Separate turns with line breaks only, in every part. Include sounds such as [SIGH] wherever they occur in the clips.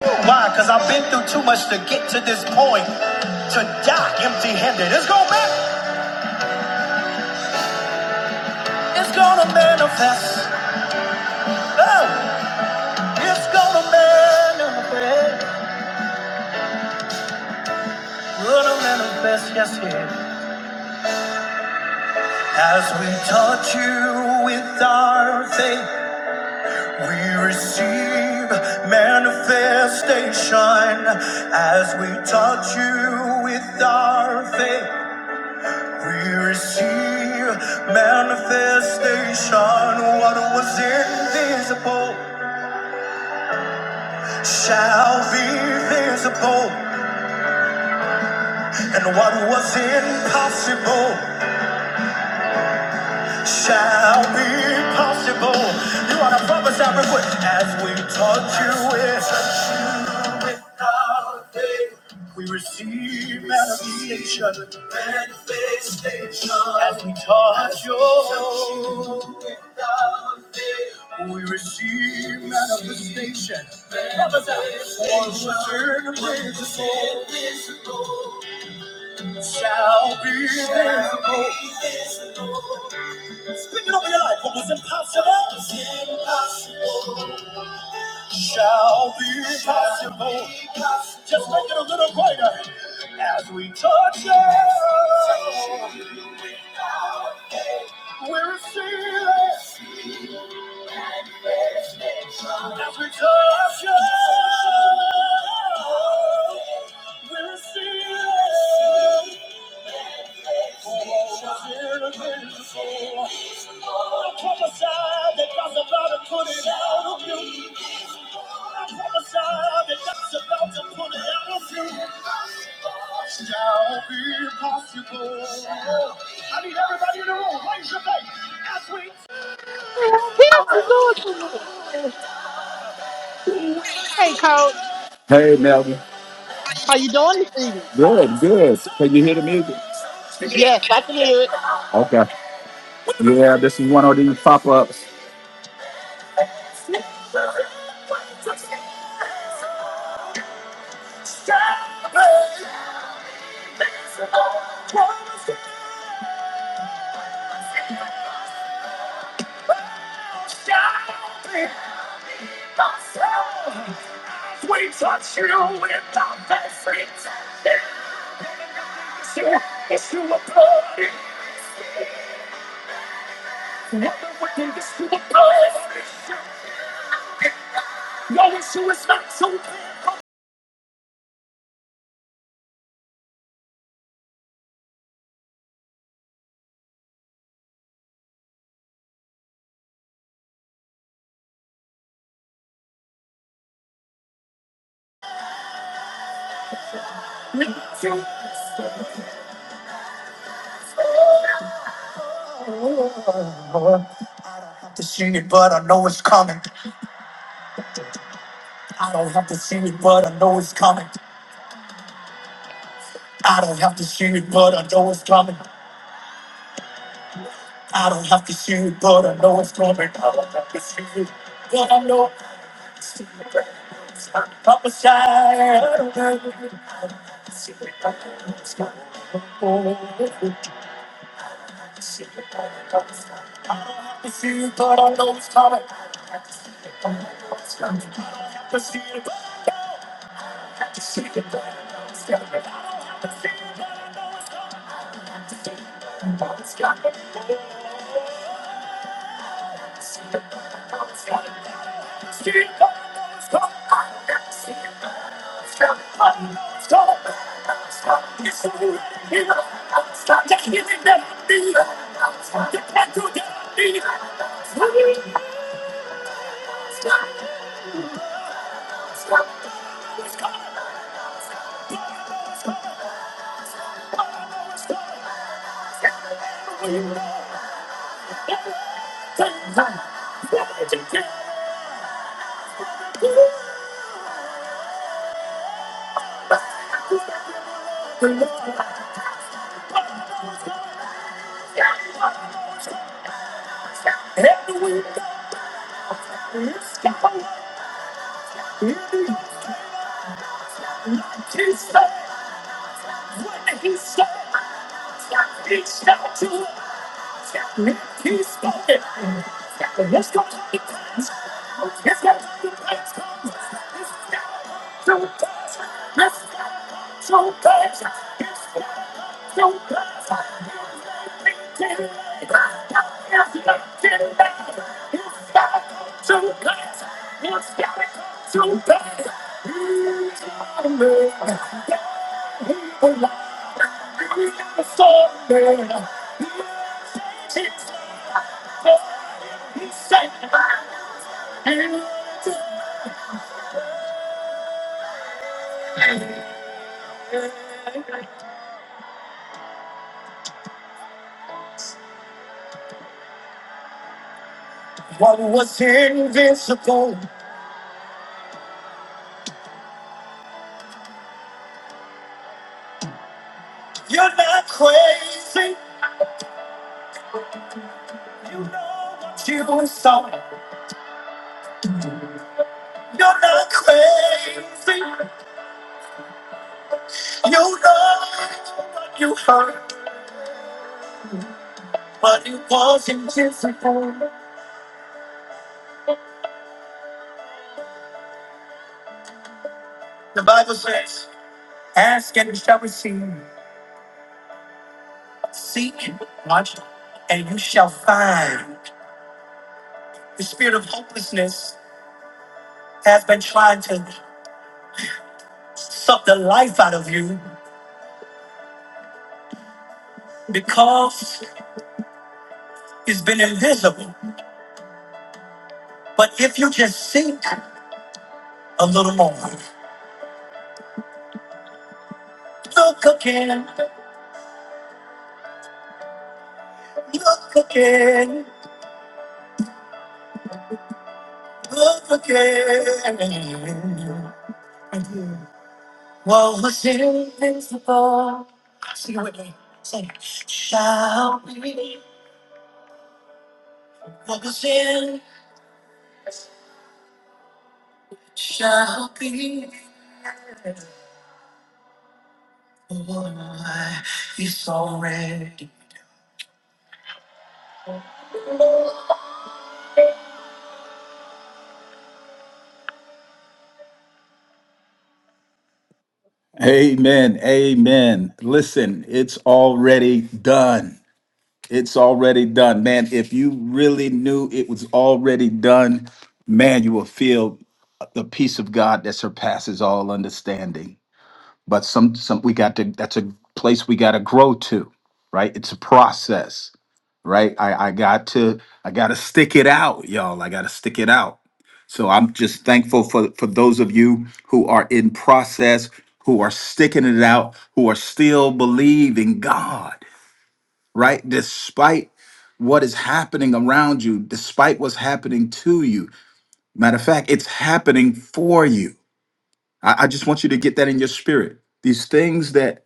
Why? Because I've been through too much to get to this point to die empty handed. It's gonna man- it's gonna manifest. Oh, it's gonna manifest. Gonna manifest, yes, yeah. As we touch you with our faith, we receive manifestation. As we touch you with our faith. We receive manifestation. What was invisible shall be visible, and what was impossible shall be possible. You are to prophesy real quick as we touch you with. faith. We receive manifestation. As we touch your shore, we receive manifestation. Once return away the soul shall be visible. Speaking of your life, what was impossible shall be possible. Just make it a little greater as we touch it. We're fearless as we touch you. We're fearless. We're I prophesy that God's about to put it out of you. I prophesy that God's about to put it out of you. Shall be possible. I need everybody in the room. Raise your faith. as we
Hey, Coach.
Hey, Melvin.
How you doing this evening?
Good, good. Can you hear the music?
Yes, I can hear it.
Okay. Yeah, this is one of these pop ups. have to see it, but I know it's coming. I don't have to see it, but I know it's coming. I don't have to see it, but I know it's coming. I don't have to see it, but I know it's coming. I don't have to see it, but I know it's coming. Papa Shire, I don't have to see it, but I know it's coming. What was invisible? You're not crazy. You saw it. You're not crazy. You know what you heard, but it was invisible. The Bible says, "Ask and you shall receive." Seek, watch, and you shall find. The spirit of hopelessness has been trying to suck the life out of you because it's been invisible. But if you just seek a little more, look again, look again, look again. What was invisible? Sing it with me. Sing. it. Shall be. What was invisible? shall be It's already. Amen. Amen. Listen, it's already done. It's already done. Man, if you really knew it was already done, man, you will feel the peace of God that surpasses all understanding. But some some we got to that's a place we gotta grow to, right? It's a process, right? I, I got to I gotta stick it out, y'all. I gotta stick it out So I'm just thankful for, for those of you who are in process, who are sticking it out, who are still believing God, right? Despite what is happening around you, despite what's happening to you. Matter of fact, it's happening for you. I, I just want you to get that in your spirit. These things that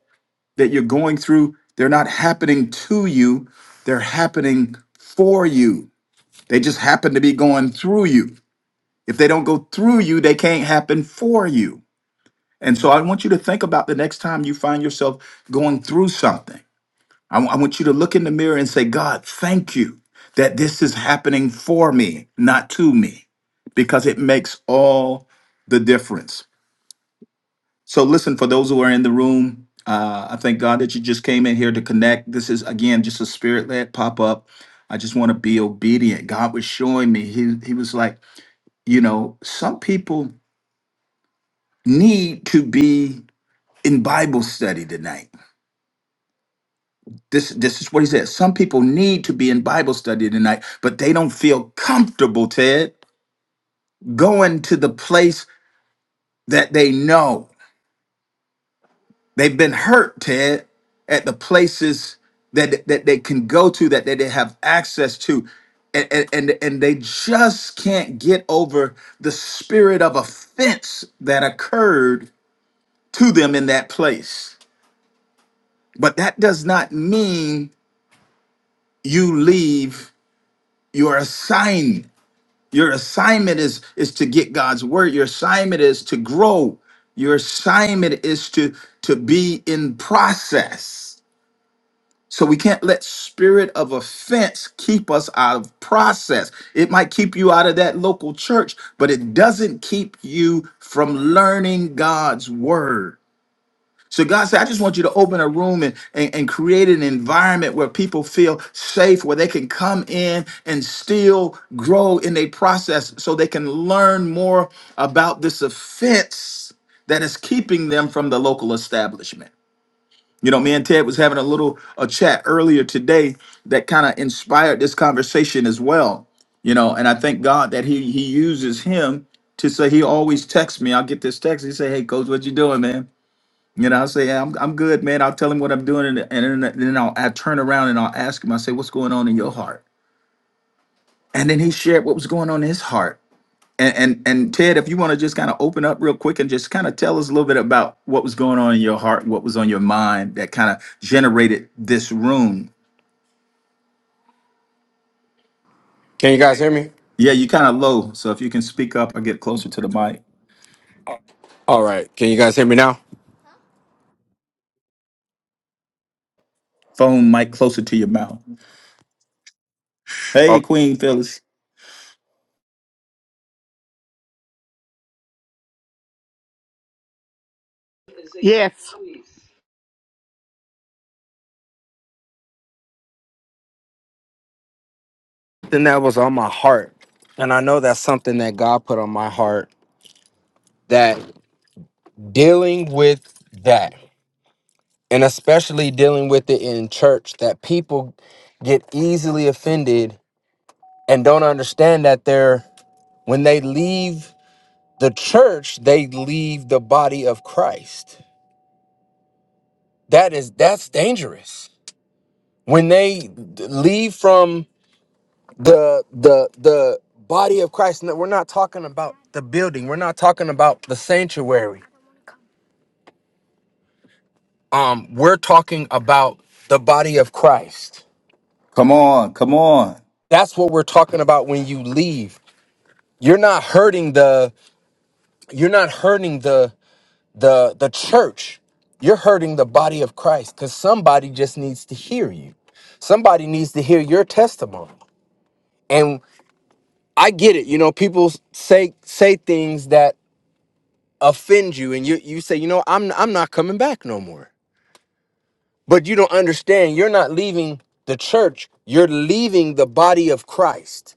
that you're going through, they're not happening to you, they're happening for you. They just happen to be going through you if they don't go through you, they can't happen for you. And so I want you to think about the next time you find yourself going through something. I w- I want you to look in the mirror and say, God, thank you that this is happening for me, not to me, because it makes all the difference. So listen, for those who are in the room, uh, I thank God that you just came in here to connect. This is, again, just a spirit led pop up. I just want to be obedient. God was showing me, he, he was like, you know, some people. need to be in Bible study tonight. This this is what he said. Some people need to be in Bible study tonight, but they don't feel comfortable, Ted, going to the place that they know. They've been hurt, Ted, at the places that that they can go to that, that they have access to. And, and and and they just can't get over the spirit of offense that occurred to them in that place. But that does not mean you leave your assignment. Your assignment is is to get God's word. Your assignment is to grow. Your assignment is to to be in process. So we can't let spirit of offense keep us out of process. It might keep you out of that local church, but it doesn't keep you from learning God's word. So God said, I just want you to open a room and, and, and create an environment where people feel safe, where they can come in and still grow in their process so they can learn more about this offense that is keeping them from the local establishment. You know, me and Ted was having a little a chat earlier today that kind of inspired this conversation as well. You know, and I thank God that he he uses him to say he always texts me. I'll get this text. He say, Hey coach, what you doing, man? You know, I'll say, yeah, I'm, I'm good, man. I'll tell him what I'm doing. And, and then, then I'll I turn around and I'll ask him, I say, what's going on in your heart? And then he shared what was going on in his heart. And, and, and Ted, if you want to just kind of open up real quick and just kind of tell us a little bit about what was going on in your heart, what was on your mind that kind of generated this room.
Can you guys hear me?
Yeah, you kind of low. So if you can speak up or get closer to the mic,
All right. Can you guys hear me now?
phone mic closer to your mouth. Hey,
Okay.
Queen Phyllis.
Yes.
Something that was on my heart, and I know that's something that God put on my heart that dealing with that, and especially dealing with it in church, that people get easily offended and don't understand that they're, when they leave the church, they leave the body of Christ. That is, that's dangerous. When they leave from the the the body of Christ. No, We're not talking about the building. We're not talking about the sanctuary. Um, we're talking about the body of Christ.
Come on, come on.
That's what we're talking about when you leave. You're not hurting the you're not hurting the the the church. You're hurting the body of Christ because somebody just needs to hear you. Somebody needs to hear your testimony. And I get it. You know, people say say things that offend you and you you say, you know, I'm I'm not coming back no more. But you don't understand, you're not leaving the church, you're leaving the body of Christ.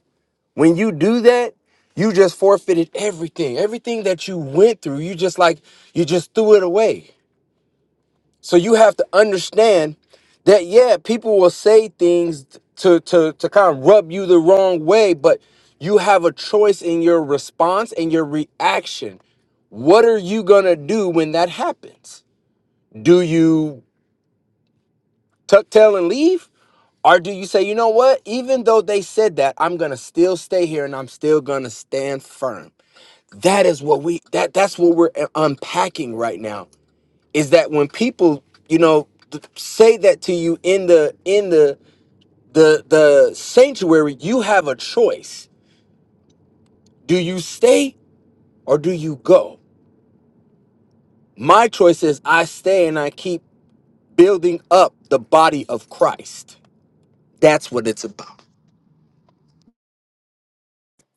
When you do that, you just forfeited everything. Everything that you went through, you just like you just threw it away. So you have to understand that yeah, people will say things to to to kind of rub you the wrong way, but you have a choice in your response and your reaction. What are you going to do when that happens? Do you tuck tail and leave? Or do you say, you know what? Even though they said that, I'm gonna still stay here and I'm still gonna stand firm. That is what we that that's what we're uh, unpacking right now. Is that when people, you know, th- say that to you in the in the the the sanctuary, you have a choice. Do you stay or do you go? My choice is I stay and I keep building up the body of Christ. That's what it's about.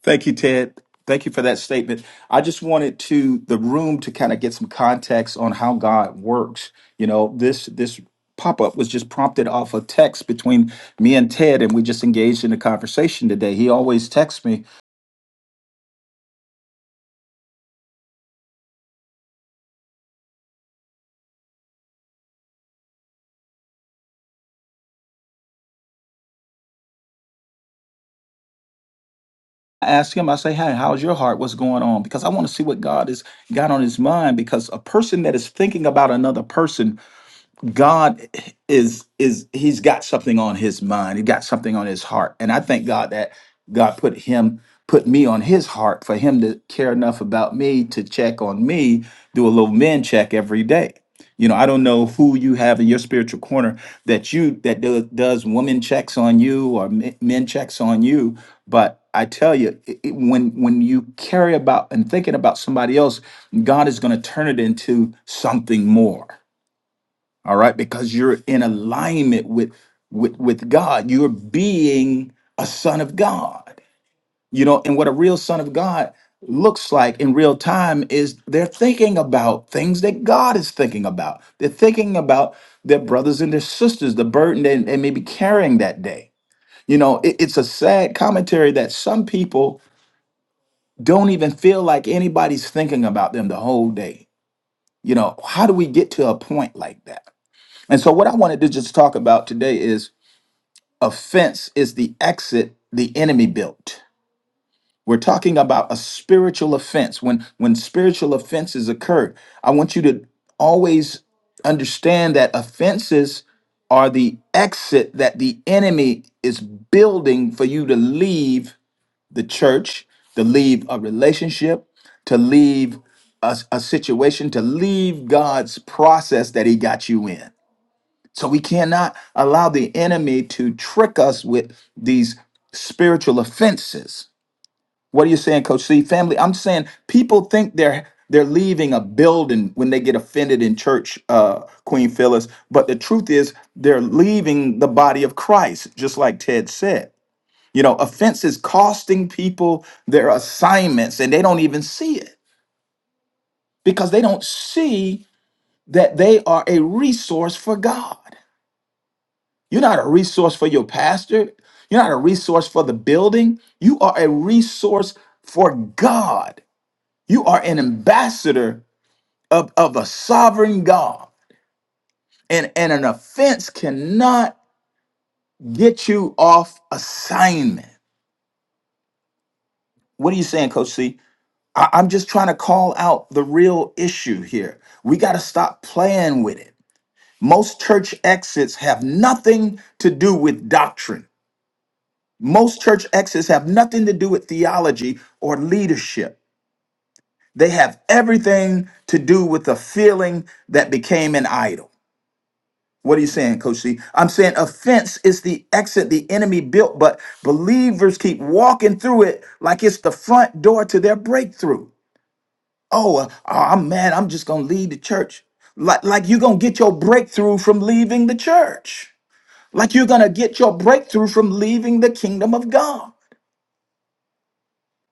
Thank you, Ted. Thank you for that statement. I just wanted to the room to kind of get some context on how God works. You know, this this pop up was just prompted off a text between me and Ted, and we just engaged in a conversation today. He always texts me. I ask him, I say, "Hey, how's your heart? What's going on?" Because I want to see what God has got on His mind. Because a person that is thinking about another person God is is he's got something on his mind. He got something on his heart. And I thank God that God put him put me on his heart for him to care enough about me to check on me, do a little men check every day. You know, I don't know who you have in your spiritual corner that you that do, does woman checks on you or men men checks on you, but I tell you, it, it- when when you carry about and thinking about somebody else, God is going to turn it into something more all right because you're in alignment with with with god you're being a son of god you know and what a real son of god looks like in real time is they're thinking about things that god is thinking about they're thinking about their brothers and their sisters the burden they, they may be carrying that day you know it- it's a sad commentary that some people don't even feel like anybody's thinking about them the whole day you know how do we get to a point like that and so, what I wanted to just talk about today is offense is the exit the enemy built. We're talking about a spiritual offense. When when spiritual offenses occur, I want you to always understand that offenses are the exit that the enemy is building for you to leave the church, to leave a relationship, to leave a, a situation, to leave God's process that He got you in. So we cannot allow the enemy to trick us with these spiritual offenses. What are you saying, Coach C? Family, I'm saying people think they're they're leaving a building when they get offended in church, uh, Queen Phyllis. But the truth is, they're leaving the body of Christ, just like Ted said. You know, offenses costing people their assignments, and they don't even see it because they don't see that they are a resource for God. You're not a resource for your pastor. You're not a resource for the building. You are a resource for God. You are an ambassador of, of a sovereign God. And, and an offense cannot get you off assignment. What are you saying, Coach C? I, I'm just trying to call out the real issue here. We got to stop playing with it. Most church exits have nothing to do with doctrine. Most church exits have nothing to do with theology or leadership. They have everything to do with the feeling that became an idol. What are you saying, Coach C? I'm saying offense is the exit the enemy built, but believers keep walking through it like it's the front door to their breakthrough. Oh, uh, uh, I'm mad. I'm just going to leave the church. Like, like you're going to get your breakthrough from leaving the church. Like you're going to get your breakthrough from leaving the kingdom of God.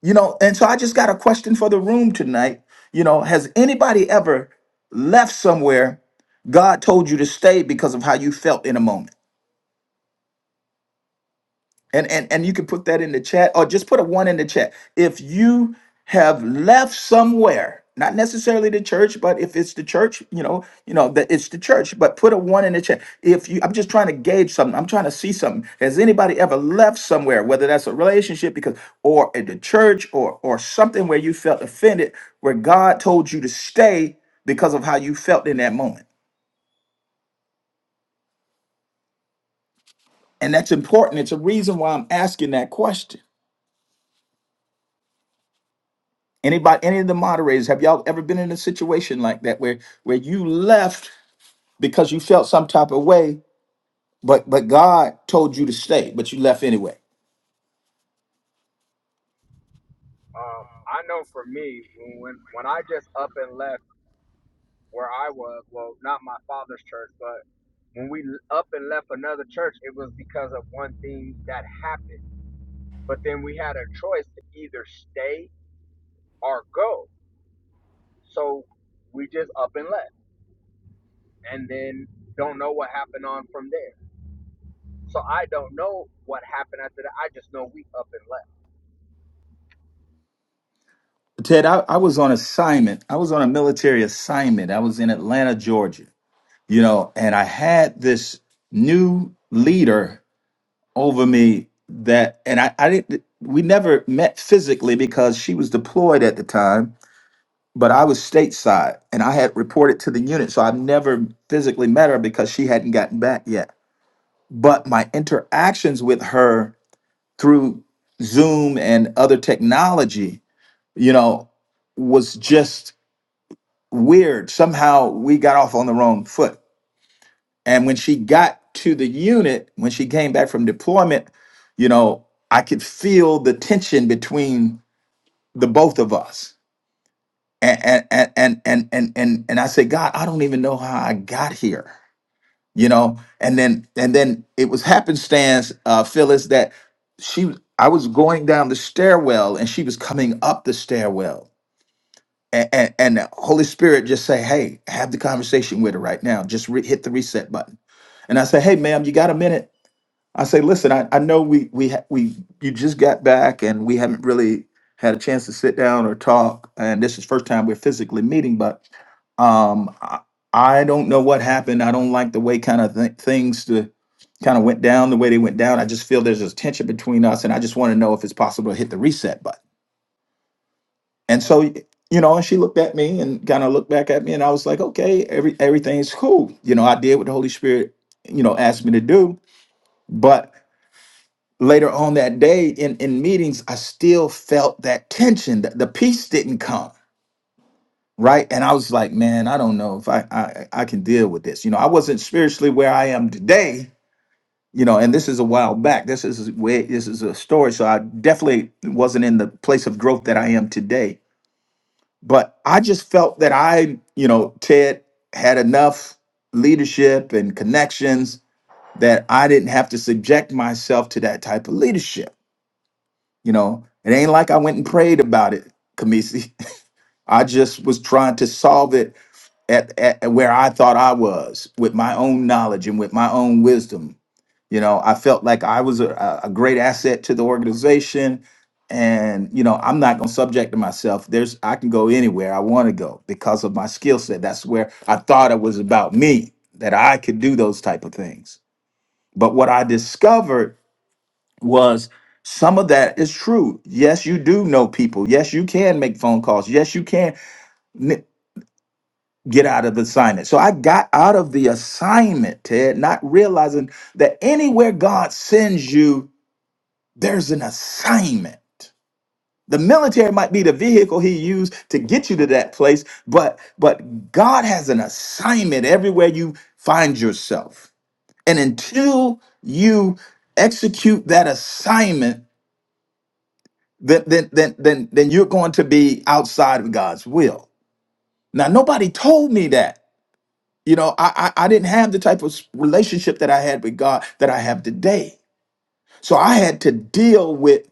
You know, and so I just got a question for the room tonight. You know, has anybody ever left somewhere God told you to stay because of how you felt in a moment? and and and you can put that in the chat or just put a one in the chat if you have left somewhere not necessarily the church but if it's the church you know you know that it's the church but put a one in the chat if you i'm just trying to gauge something i'm trying to see something has anybody ever left somewhere whether that's a relationship because or at the church or or something where you felt offended where god told you to stay because of how you felt in that moment and that's important it's a reason why i'm asking that question Anybody, any of the moderators, have y'all ever been in a situation like that where where you left because you felt some type of way, but but God told you to stay, but you left anyway?
when we up and left another church, it was because of one thing that happened. But then we had a choice to either stay or go. So we just up and left. Don't know what happened on from there. So I don't know what happened after that. I just know we up and left.
Ted, I, I was on assignment. I was on a military assignment. I was in Atlanta, Georgia, you know, and I had this new leader over me that, and I, I didn't, we never met physically because she was deployed at the time but I was stateside and I had reported to the unit. So I've never physically met her because she hadn't gotten back yet. But my interactions with her through Zoom and other technology, you know, was just weird. Somehow we got off on the wrong foot. And when she got to the unit, when she came back from deployment, you know, I could feel the tension between the both of us and and and and and and, and I said, God, I don't even know how I got here, you know. And then and then it was happenstance, uh, Phyllis, that she I was going down the stairwell and she was coming up the stairwell. And, and, and the Holy Spirit just say, "Hey, have the conversation with her right now. Just re- hit the reset button." And I say, "Hey, ma'am, you got a minute?" I say, "Listen, I, I know we we ha- we you just got back and we haven't really had a chance to sit down or talk, and this is first time we're physically meeting, but um, I, I don't know what happened. I don't like the way kind of th- things to kind of went down the way they went down. I just feel there's this tension between us, and I just want to know if it's possible to hit the reset button. And so, y- you know, and she looked at me and kind of looked back at me, and I was like, okay, every everything's cool. You know, I did what the Holy Spirit, you know, asked me to do. But later on that day in in meetings, I still felt that tension. The, the peace didn't come. right and i was like man i don't know if I, I i can deal with this you know i wasn't spiritually where i am today you know and this is a while back this is way this is a story so i definitely wasn't in the place of growth that i am today but i just felt that i you know ted had enough leadership and connections that i didn't have to subject myself to that type of leadership you know it ain't like i went and prayed about it kamisi [LAUGHS] I just was trying to solve it at, at where I thought I was with my own knowledge and with my own wisdom. You know, I felt like I was a, a great asset to the organization. And, you know, I'm not going to subject to myself. There's, I can go anywhere I want to go because of my skill set. That's where I thought it was about me, that I could do those type of things. But what I discovered was some of that is true. Yes, you do know people. Yes, you can make phone calls. Yes, you can get out of the assignment. So I got out of the assignment, Ted, not realizing that anywhere God sends you, there's an assignment. The military might be the vehicle he used to get you to that place, but but God has an assignment everywhere you find yourself. And until you execute that assignment, then then then then, then you're going to be outside of God's will. Now nobody told me that. You know, I, I I didn't have the type of relationship that I had with God that I have today. So I had to deal with,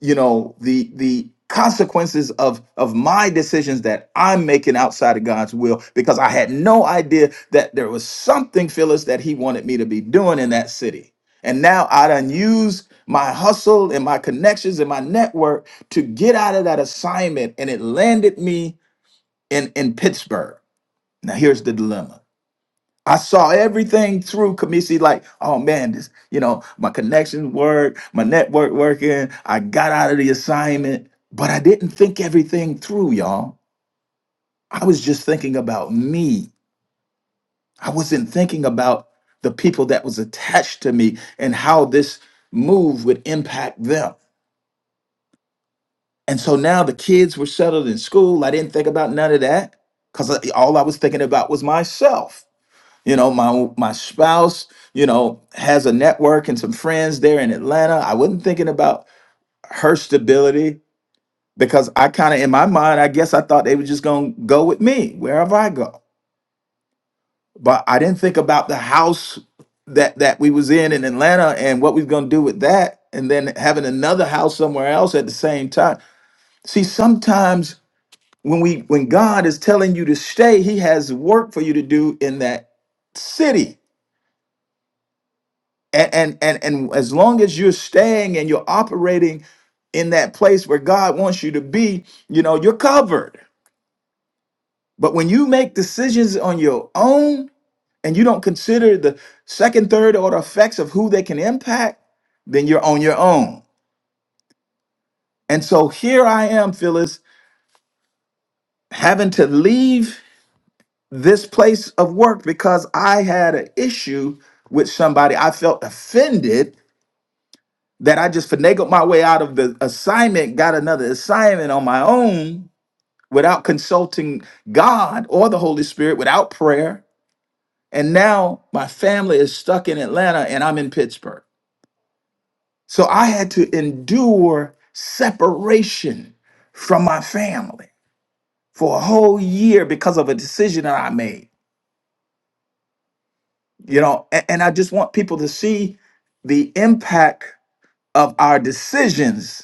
you know, the the consequences of of my decisions that I'm making outside of God's will because I had no idea that there was something Phyllis that he wanted me to be doing in that city. And now I done use my hustle and my connections and my network to get out of that assignment and it landed me in in Pittsburgh. Now here's the dilemma. I saw everything through Kamisi, like, oh man, this, you know, my connections work, my network working. I got out of the assignment, but I didn't think everything through, y'all. I was just thinking about me. I wasn't thinking about the people that was attached to me and how this move would impact them. And so now the kids were settled in school. I didn't think about none of that because all I was thinking about was myself. You know, my my spouse, you know, has a network and some friends there in Atlanta. I wasn't thinking about her stability because I kind of in my mind, I guess I thought they were just going to go with me wherever I go. But I didn't think about the house that that we was in in Atlanta and what we was going to do with that and then having another house somewhere else at the same time. See, sometimes when we when God is telling you to stay, he has work for you to do in that city and and and, and as long as you're staying and you're operating in that place where God wants you to be, you know, you're covered. But when you make decisions on your own and you don't consider the second, third order effects of who they can impact, then you're on your own. And so here I am, Phyllis, having to leave this place of work because I had an issue with somebody. I felt offended that I just finagled my way out of the assignment, got another assignment on my own without consulting God or the Holy Spirit, without prayer. And now my family is stuck in Atlanta and I'm in Pittsburgh. So I had to endure separation from my family for a whole year because of a decision that I made. You know, a- and I just want people to see the impact of our decisions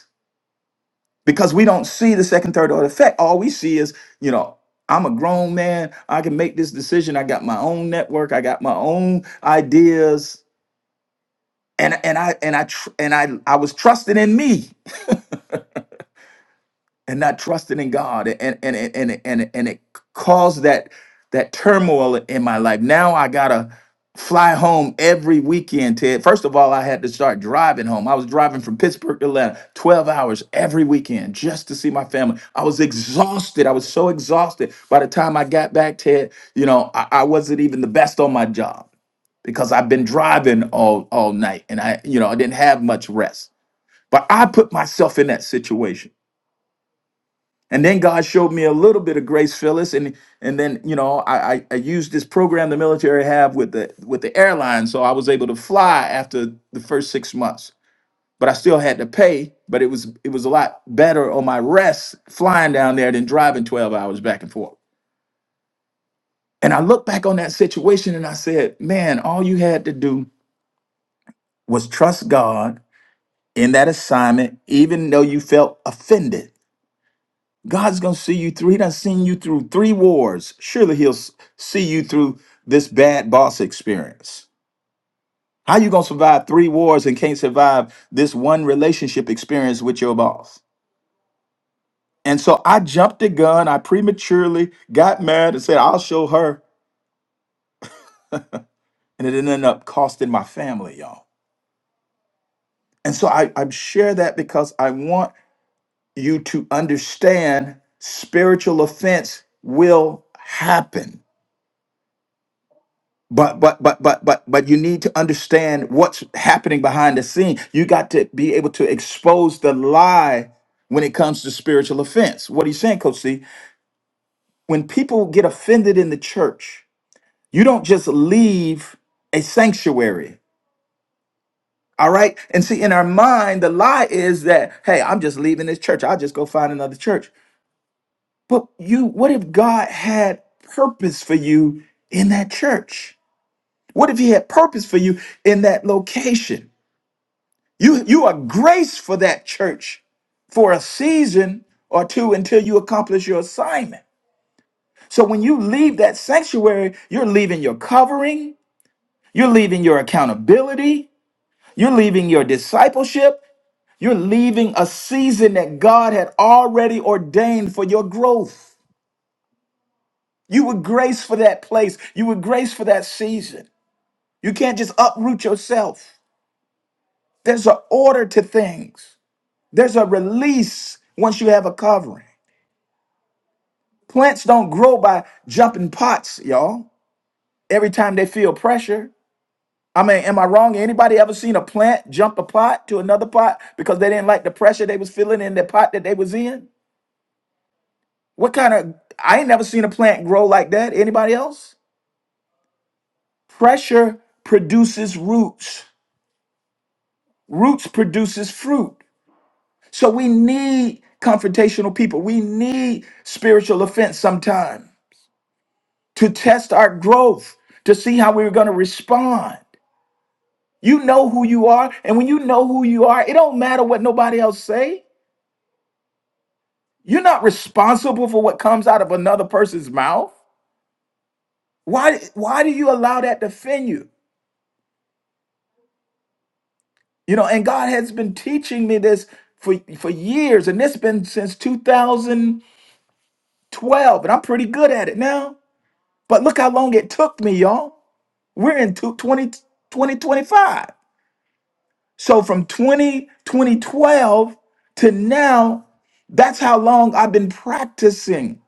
because we don't see the second, third order effect. All we see is, you know, I'm a grown man. I can make this decision. I got my own network. I got my own ideas, and and I and I tr- and I I was trusted in me. and not trusting in God and and and and and, and it caused that that turmoil in my life. Now I gotta fly home every weekend, Ted. First of all, I had to start driving home. I was driving from Pittsburgh to Atlanta 12 hours every weekend just to see my family. I was exhausted. I was so exhausted. By the time I got back, Ted, you know, I, I wasn't even the best on my job because I've been driving all all night and I, you know, I didn't have much rest. But I put myself in that situation and then God showed me a little bit of grace, Phyllis, and and then you know I, I I used this program the military have with the with the airline, so I was able to fly after the first six months. But I still had to pay, but it was it was a lot better on my rest flying down there than driving twelve hours back and forth. And I look back on that situation and I said, man, all you had to do was trust God in that assignment, even though you felt offended God's going to see you through. He done seen you through three wars. Surely he'll s- see you through this bad boss experience. How you going to survive three wars and can't survive this one relationship experience with your boss? And so I jumped the gun. I prematurely got mad and said, I'll show her. And it ended up costing my family, y'all. And so I, I share that because I want you to understand spiritual offense will happen but but but but but but you need to understand what's happening behind the scene you got to be able to expose the lie when it comes to spiritual offense what he's saying coach c when people get offended in the church you don't just leave a sanctuary all right and see in our mind the lie is that hey i'm just leaving this church i'll just go find another church but you what if god had purpose for you in that church what if he had purpose for you in that location You you are graced for that church for a season or two until you accomplish your assignment. So when you leave that sanctuary, you're leaving your covering, you're leaving your accountability, you're leaving your discipleship, you're leaving a season that God had already ordained for your growth. You were graced for that place, you were graced for that season. You can't just uproot yourself. There's an order to things. There's a release once you have a covering. Plants don't grow by jumping pots, y'all. Every time they feel pressure. I mean, am I wrong? Anybody ever seen a plant jump a pot to another pot because they didn't like the pressure they was feeling in the pot that they was in? What kind of I ain't never seen a plant grow like that. Anybody else? Pressure produces roots. Roots produces fruit. So we need confrontational people. We need spiritual offense sometime to test our growth, to see how we we're going to respond. You know who you are, and when you know who you are, it don't matter what nobody else say. You're not responsible for what comes out of another person's mouth. Why why do you allow that to offend you? You know, and God has been teaching me this for for years, and this been since 2012, and I'm pretty good at it now. But look how long it took me, y'all. We're in two- 2025. So from 20, 2012 to now, that's how long I've been practicing.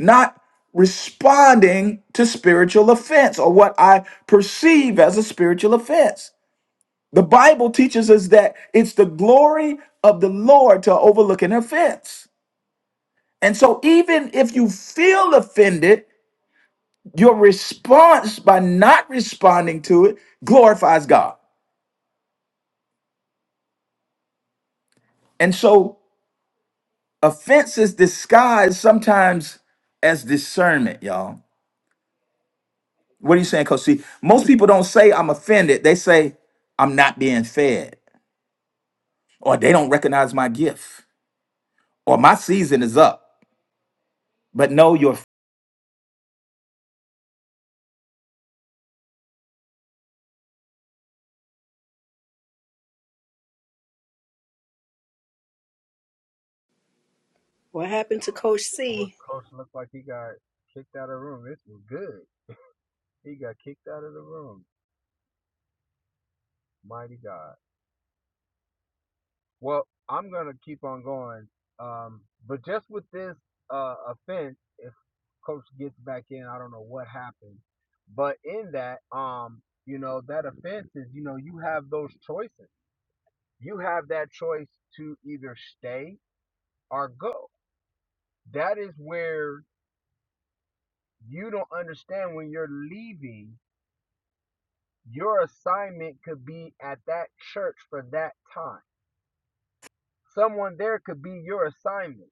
not responding to spiritual offense or what I perceive as a spiritual offense. The Bible teaches us that it's the glory of the Lord to overlook an offense. And so, even if you feel offended, your response by not responding to it glorifies God. And so, offense is disguised sometimes as discernment, y'all. What are you saying, Coach? See, most people don't say I'm offended, they say I'm not being fed. or they don't recognize my gift, or my season is up. But no, your
What happened to Coach C?
I'm gonna keep on going. Um, but just with this uh, offense, you know that offense is, you know, you have those choices. You have that choice to either stay or go. That is where You don't understand when you're leaving, your assignment could be at that church for that time. Somewhere assignment.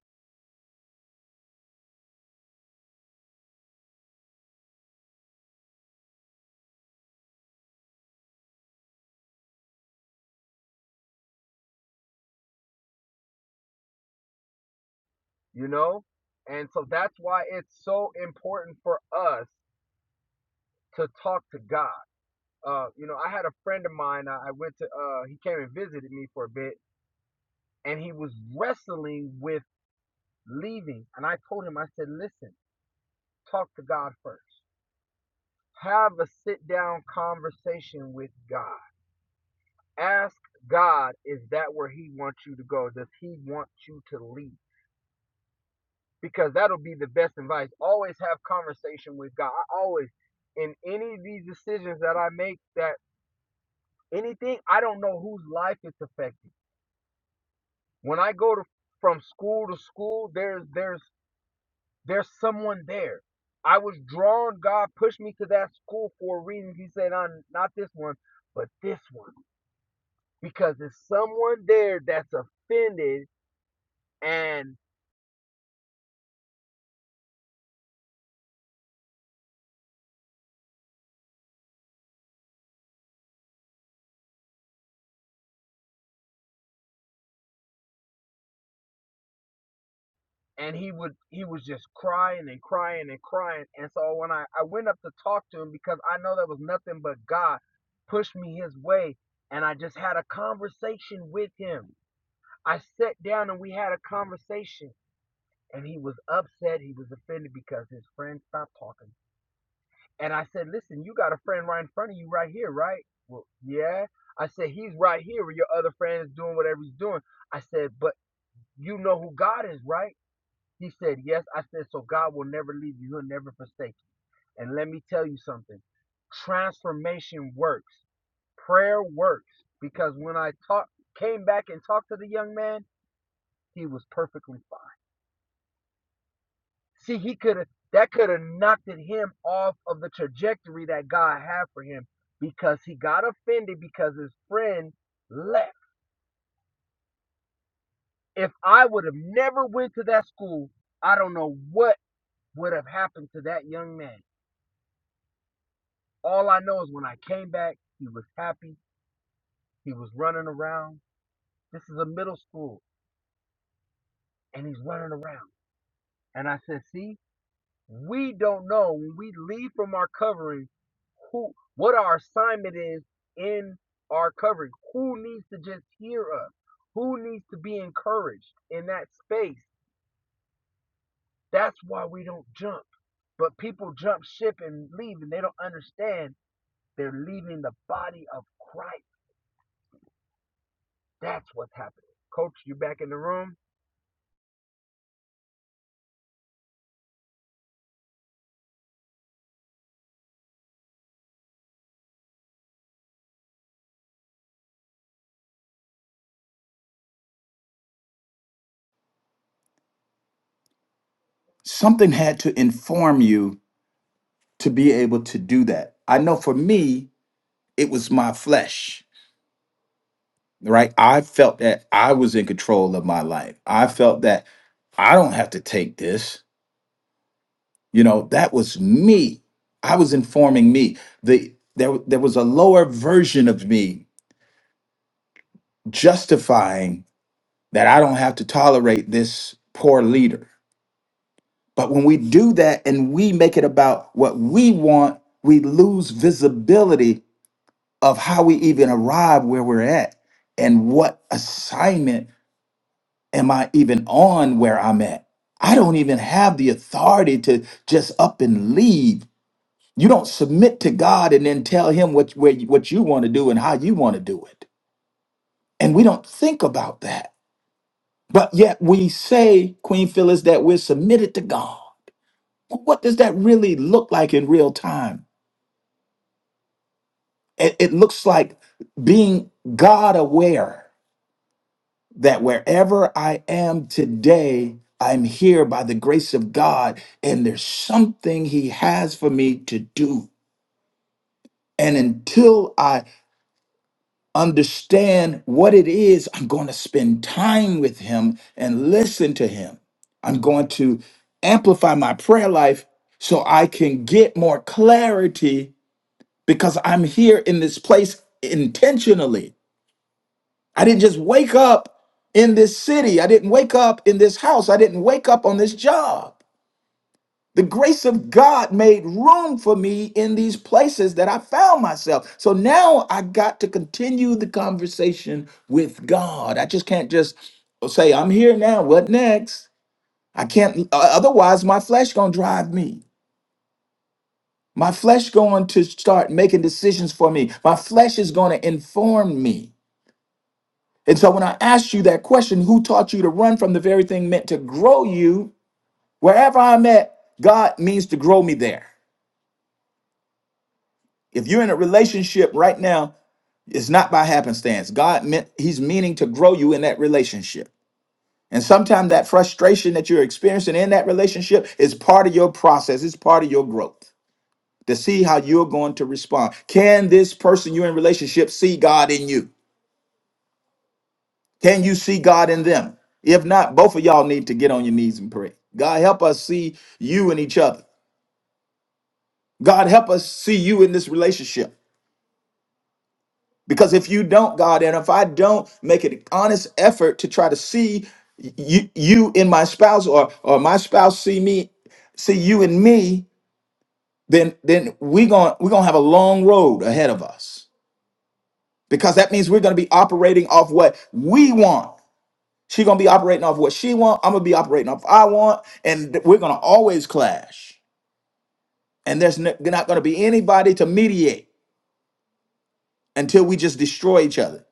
something had to inform you to be able to do that. I know for me, it was my flesh, right? I felt that I was in control of my life. I felt that I don't have to take this. You know, that was me. I was informing me. The there, there was a lower version of me justifying that I don't have to tolerate this poor leader But when we do that and we make it about what we want, we lose visibility of how we even arrive where we're at and what assignment am I even on where I'm at. I don't even have the authority to just up and leave. You don't submit to God and then tell him what, where, you- what you want to do and how you want to do it. And we don't think about that. But yet we say, Queen Phyllis, that we're submitted to God. What does that really look like in real time? it, it looks like being God aware that wherever I am today, I'm here by the grace of God, and there's something He has for me to do. And until I understand what it is, I'm going to spend time with Him and listen to Him. I'm going to amplify my prayer life so I can get more clarity because I'm here in this place intentionally I didn't just wake up in this city. I didn't wake up in this house. I didn't wake up on this job. The grace of God made room for me in these places that I found myself. So now I got to continue the conversation with God. I just can't just say, I'm here now. What next? I can't, o- otherwise, my flesh going to drive me. My flesh going to start making decisions for me. My flesh is going to inform me. And so when I asked you that question, who taught you to run from the very thing meant to grow you? Wherever I'm at, God means to grow me there. If you're in a relationship right now, it's not by happenstance. God meant He's meaning to grow you in that relationship. And sometimes that frustration that you're experiencing in that relationship is part of your process, it's part of your growth to see how you're going to respond. Can this person you're in relationship see God in you? Can you see God in them? If not, both of y'all need to get on your knees and pray. God, help us see you in each other. God, help us see you in this relationship. Because if you don't, God, and if I don't make an honest effort to try to see you, you in my spouse or, or my spouse see me, see you in me, then then we're gonna we're gonna have a long road ahead of us. Because that means we're gonna be operating off what we want She gonna be operating off what she want. I'm gonna be operating off what I want, and th- we're gonna always clash. And there's n- not gonna be anybody to mediate until we just destroy each other.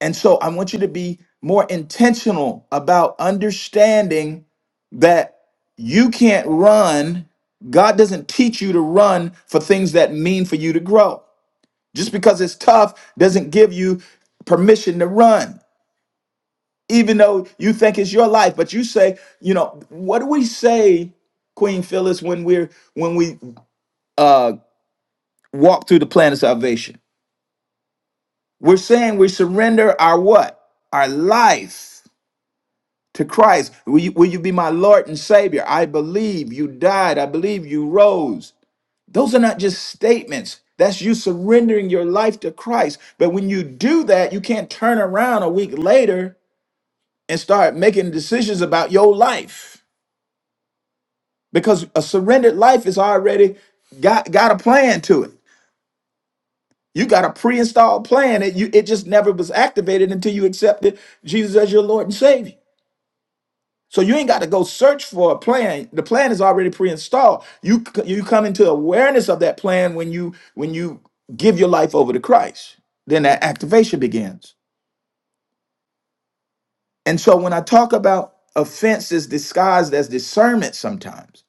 And so I want you to be more intentional about understanding that you can't run. God doesn't teach you to run for things that mean for you to grow. Just because it's tough doesn't give you permission to run. even though you think it's your life but you say you know what do we say queen phyllis when we're when we uh walk through the plan of salvation we're saying we surrender our what our life to christ will you, will you be my lord and savior i believe you died i believe you rose those are not just statements that's you surrendering your life to christ but when you do that you can't turn around a week later and start making decisions about your life because a surrendered life is already got got a plan to it. You got a pre-installed plan. It you it just never was activated until you accepted Jesus as your Lord and Savior. So you ain't got to go search for a plan. The plan is already pre-installed. You c- you come into awareness of that plan when you when you give your life over to Christ. Then that activation begins. And so when I talk about offense is disguised as discernment sometimes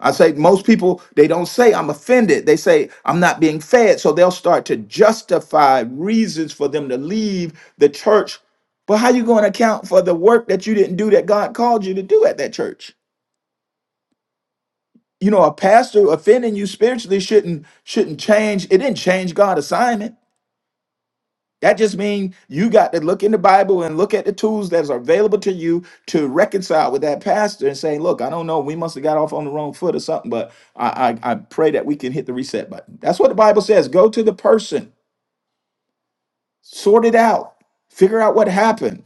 I say most people they don't say I'm offended. They say I'm not being fed. So they'll start to justify reasons for them to leave the church. But how you going to account for the work that you didn't do that God called you to do at that church? You know, a pastor offending you spiritually shouldn't shouldn't change. It didn't change God's assignment. That just means you got to look in the Bible and look at the tools that are available to you to reconcile with that pastor and say, look, I don't know, we must have got off on the wrong foot or something, but I, I, I pray that we can hit the reset button. That's what the Bible says. Go to the person, sort it out, figure out what happened.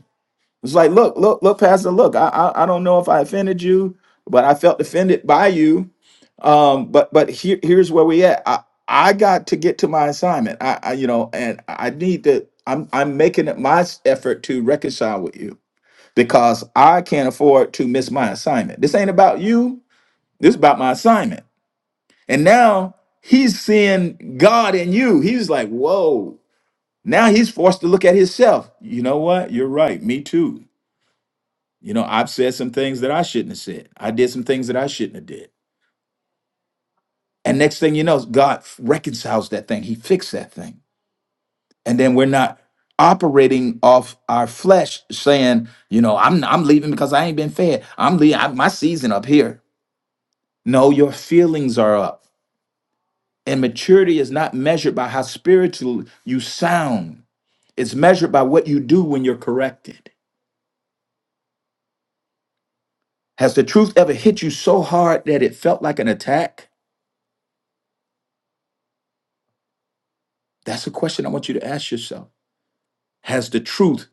It's like, look, look, look, Pastor, look, I, I, I don't know if I offended you, but I felt offended by you um, but but here here's where we at. I I got to get to my assignment. I, I you know, and I need to. I'm I'm making it my s- effort to reconcile with you because I can't afford to miss my assignment. This ain't about you. This is about my assignment. And now he's seeing God in you. He's like, whoa. Now he's forced to look at himself. You know what? You're right. Me too. You know, I've said some things that I shouldn't have said. I did some things that I shouldn't have did And next thing you know, God reconciles that thing. He fixed that thing. And then we're not operating off our flesh saying, you know, I'm I'm leaving because I ain't been fed. I'm leaving I, my season up here. No, your feelings are up. And maturity is not measured by how spiritual you sound. It's measured by what you do when you're corrected. Has the truth ever hit you so hard that it felt like an attack? That's a question I want you to ask yourself. Has the truth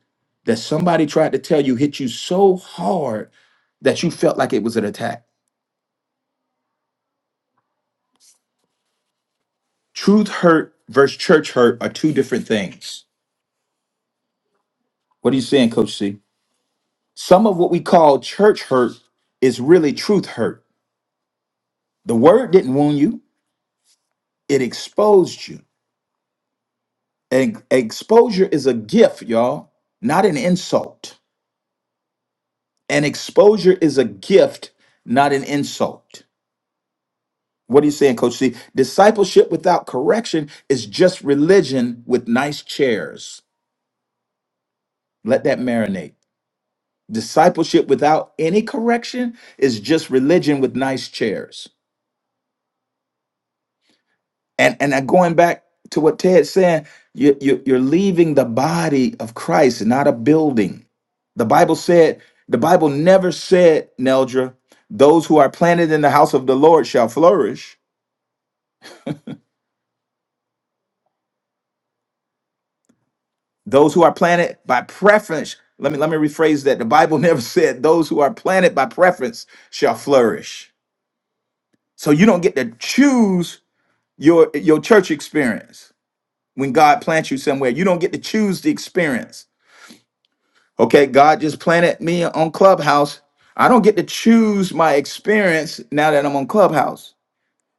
that somebody tried to tell you hit you so hard that you felt like it was an attack? Truth hurt versus church hurt are two different things. What are you saying, Coach C? Some of what we call church hurt is really truth hurt. The word didn't wound you, it exposed you. And exposure is a gift, y'all, not an insult. And exposure is a gift, not an insult. What are you saying, Coach C? Discipleship without correction is just religion with nice chairs. Let that marinate. Discipleship without any correction is just religion with nice chairs. And and i going back to what Ted's saying, you, you, you're leaving the body of Christ, not a building. The Bible said, the Bible never said, Neldra, those who are planted in the house of the Lord shall flourish. Those who are planted by preference. Let me let me rephrase that. The Bible [LAUGHS] never said those who are planted by preference shall flourish. So you don't get to choose your your church experience. When God plants you somewhere, you don't get to choose the experience. Okay, God just planted me on Clubhouse. I don't get to choose my experience now that I'm on Clubhouse.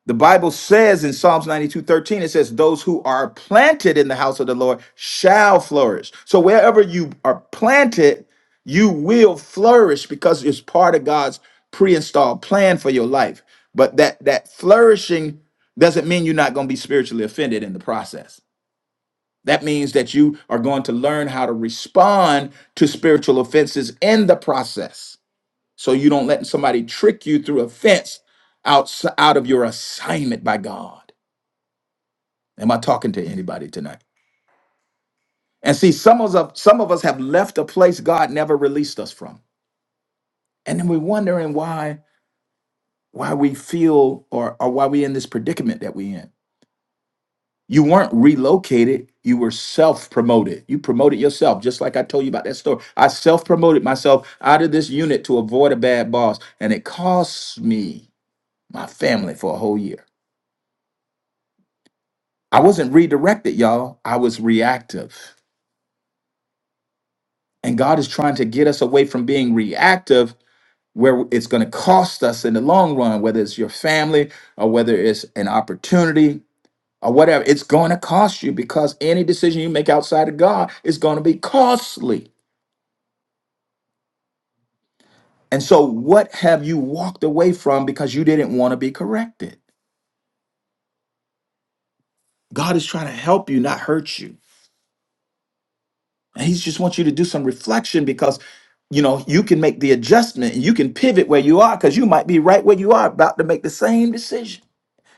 The Bible says in Psalms 92 13, it says, Those who are planted in the house of the Lord shall flourish. So wherever you are planted, you will flourish because it's part of God's pre-installed plan for your life. But that that flourishing doesn't mean you're not going to be spiritually offended in the process. That means that you are going to learn how to respond to spiritual offenses in the process so you don't let somebody trick you through a fence out, out of your assignment by God. Am I talking to anybody tonight? And see, some of us some of us have left a place God never released us from. And then we're wondering why why we feel or, or why we in this predicament that we in. You weren't relocated, you were self-promoted. You promoted yourself, just like I told you about that story. I self-promoted myself out of this unit to avoid a bad boss, and it cost me my family for a whole year. I wasn't redirected, y'all. I was reactive. And God is trying to get us away from being reactive, where it's going to cost us in the long run, whether it's your family or whether it's an opportunity or whatever. It's going to cost you because any decision you make outside of God is going to be costly. And so, what have you walked away from because you didn't want to be corrected? God is trying to help you, not hurt you. He just wants you to do some reflection because you know you can make the adjustment and you can pivot where you are because you might be right where you are about to make the same decision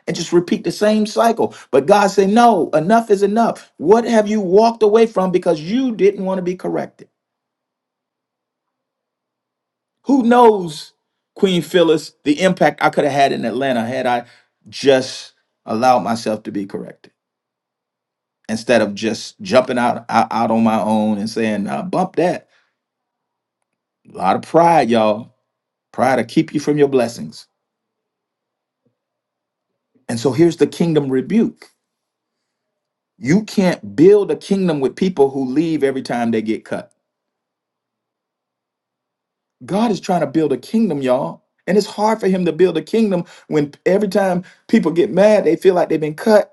and just repeat the same cycle. But God say, No, enough is enough. What have you walked away from because you didn't want to be corrected? Who knows, Queen Phyllis, the impact I could have had in Atlanta had I just allowed myself to be corrected instead of just jumping out out, out on my own and saying, uh, bump that. A lot of pride, y'all Pride to keep you from your blessings. And so here's the kingdom rebuke. You can't build a kingdom with people who leave every time they get cut. God is trying to build a kingdom, y'all. And it's hard for him to build a kingdom when every time people get mad, they feel like they've been cut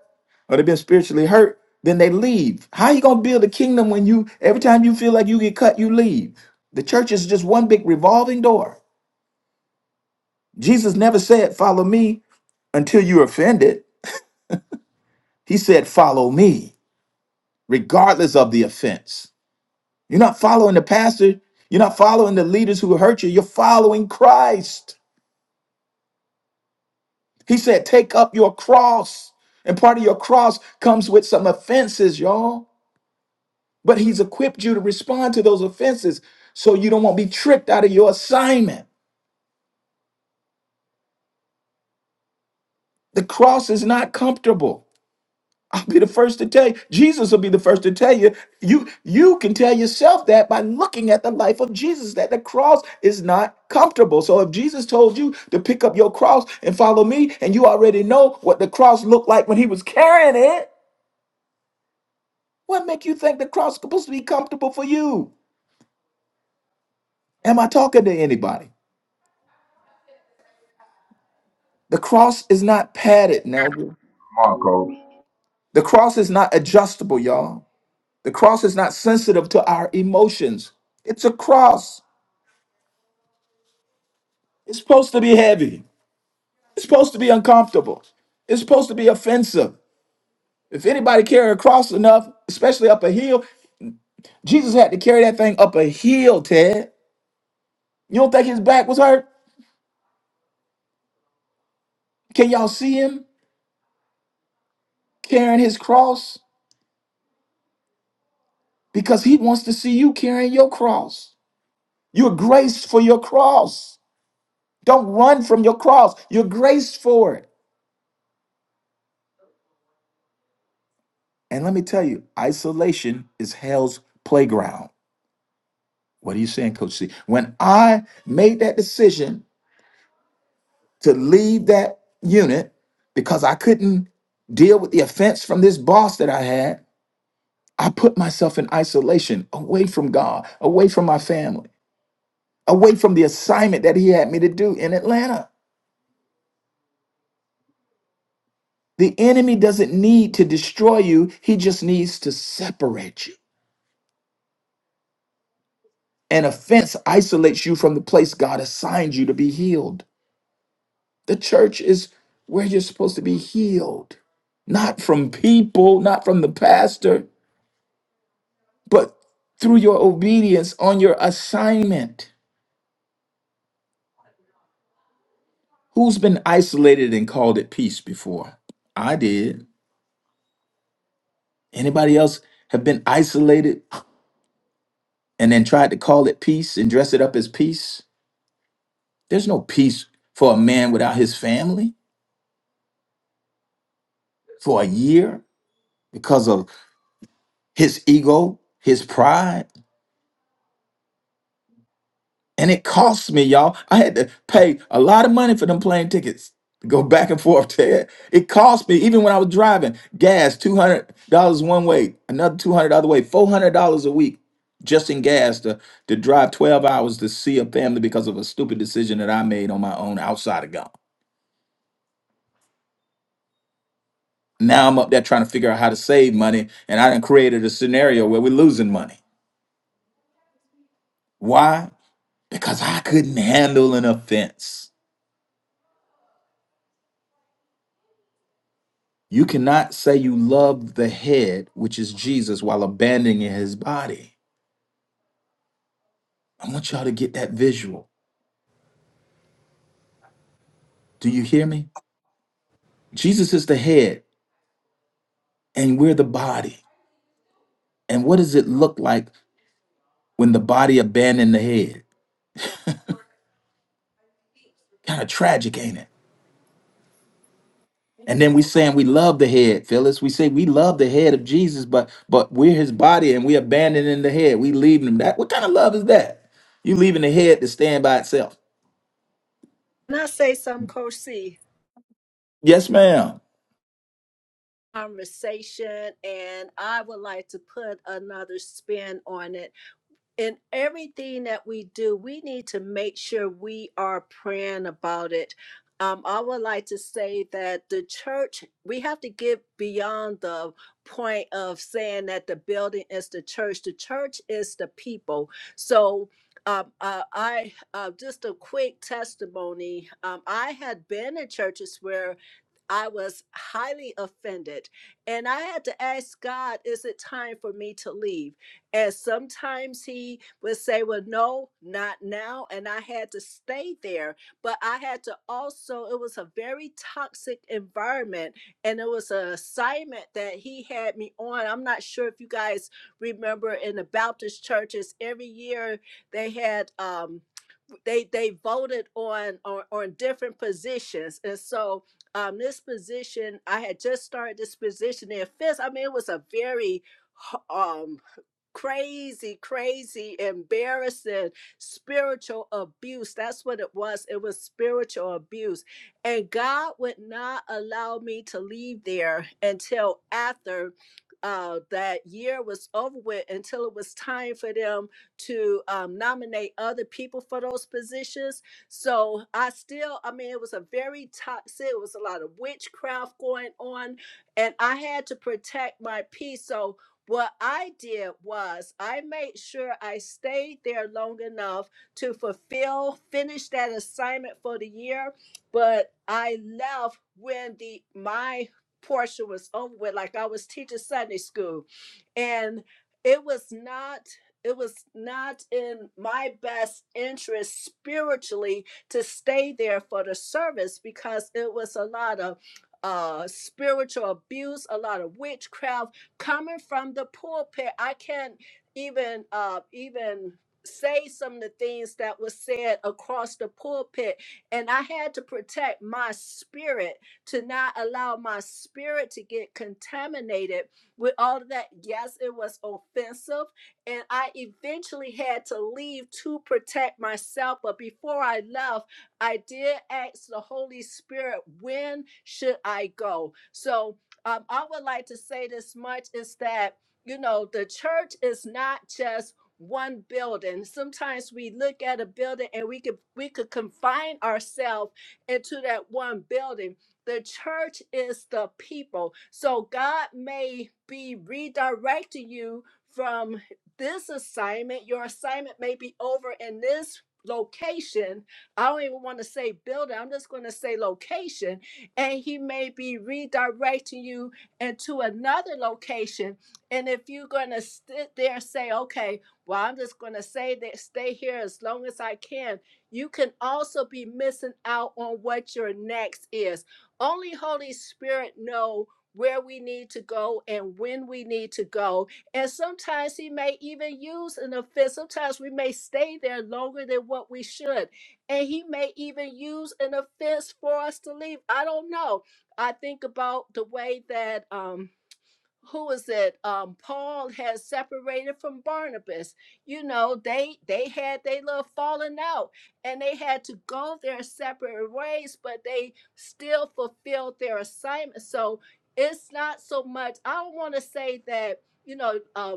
or they've been spiritually hurt, then they leave. How you going to build a kingdom when you every time you feel like you get cut, you leave? The church is just one big revolving door. Jesus never said, "Follow me" until you're offended. He said, "Follow me." regardless of the offense. You're not following the pastor, you're not following the leaders who hurt you, you're following Christ. He said, Take up your cross. And part of your cross comes with some offenses, y'all. But he's equipped you to respond to those offenses so you don't want to be tricked out of your assignment. The cross is not comfortable. I'll be the first to tell you. Jesus will be the first to tell you. You you can tell yourself that by looking at the life of Jesus that the cross is not comfortable. So if Jesus told you to pick up your cross and follow me and you already know what the cross looked like when he was carrying it, what make you think the cross is supposed to be comfortable for you? Am I talking to anybody? The cross is not padded, Nelda.
Come on, coach.
The cross is not adjustable, y'all. The cross is not sensitive to our emotions. It's a cross. It's supposed to be heavy. It's supposed to be uncomfortable. It's supposed to be offensive. If anybody carry a cross enough, especially up a hill, Jesus had to carry that thing up a hill, Ted. You don't think his back was hurt? Can y'all see him carrying his cross? Because he wants to see you carrying your cross. You're graced for your cross. Don't run from your cross. You're graced for it. And let me tell you, isolation is hell's playground. What are you saying, Coach C? When I made that decision to leave that unit because I couldn't deal with the offense from this boss that I had. I put myself in isolation, away from God, away from my family, away from the assignment that He had me to do in Atlanta. The enemy doesn't need to destroy you, he just needs to separate you. An offense isolates you from the place God assigned you to be healed. The church is where you're supposed to be healed, not from people, not from the pastor. but through your obedience on your assignment. Who's been isolated and called it peace before? I did. Anybody else have been isolated and then tried to call it peace and dress it up as peace? There's no peace for a man without his family for a year because of his ego, his pride. And it cost me, y'all. I had to pay a lot of money for them plane tickets to go [LAUGHS] back and forth to it. It cost me, even when I was driving, gas, $200 one way, another 200 other way, $400 a week just in gas to, to drive 12 hours to see a family because of a stupid decision that I made on my own outside of God. Now I'm up there trying to figure out how to save money, and I done created a scenario where we're losing money. Why? Because I couldn't handle an offense. You cannot say you love the head, which is Jesus, while abandoning his body. I want y'all to get that visual. Do you hear me? Jesus is the head, and we're the body. And what does it look like when the body abandoned the head? Kind of tragic, ain't it? And then we saying we love the head, Phyllis. We say we love the head of Jesus, but but we're his body and we abandoning the head. We leaving him that. What kind of love is that? You leaving the head to stand by itself.
Can I say something, Coach C?
Yes, ma'am.
Conversation, and I would like to put another spin on it. in everything that we do, we need to make sure we are praying about it. Um, I would like to say that the church, we have to get beyond the point of saying that the building is the church. The church is the people. So, um, uh, I uh, just a quick testimony. Um, I had been in churches where I was highly offended, and I had to ask God, "Is it time for me to leave?" And sometimes he would say, Well, no, not now. And I had to stay there. But I had to also, it was a very toxic environment. And it was an assignment that he had me on. I'm not sure if you guys remember in the Baptist churches, every year they had um they they voted on on, on different positions. And so um this position, I had just started this position in fist. I mean, it was a very um crazy, crazy, embarrassing spiritual abuse. That's what it was. It was spiritual abuse. And God would not allow me to leave there until after. Uh, that year was over with until it was time for them to um, nominate other people for those positions. So I still, I mean, it was a very toxic, it was a lot of witchcraft going on, and I had to protect my peace. So what I did was I made sure I stayed there long enough to fulfill, finish that assignment for the year, but I left when the my portion was over with. Like I was teaching Sunday school. And it was not it was not in my best interest spiritually to stay there for the service because it was a lot of uh spiritual abuse a lot of witchcraft coming from the pulpit i can't even uh even say some of the things that was said across the pulpit and i had to protect my spirit to not allow my spirit to get contaminated with all of that yes it was offensive and i eventually had to leave to protect myself but before i left I did ask the Holy Spirit, when should I go? So um, I would like to say this much is that, you know, the church is not just one building. Sometimes we look at a building and we could we could confine ourselves into that one building. The church is the people. So God may be redirecting you from this assignment. Your assignment may be over in this location. I don't even want to say building. I'm just going to say location and he may be redirecting you into another location. And if you're going to sit there and say, okay, well, I'm just going to say that stay here as long as I can, you can also be missing out on what your next is. Only Holy Spirit knows where we need to go and when we need to go. And sometimes he may even use an offense. Sometimes we may stay there longer than what we should and he may even use an offense for us to leave. I don't know. I think about the way that um who is it? Um Paul has separated from Barnabas. You know, they they had they little falling out and they had to go their separate ways, but they still fulfilled their assignment. So it's not so much I don't want to say that you know, uh,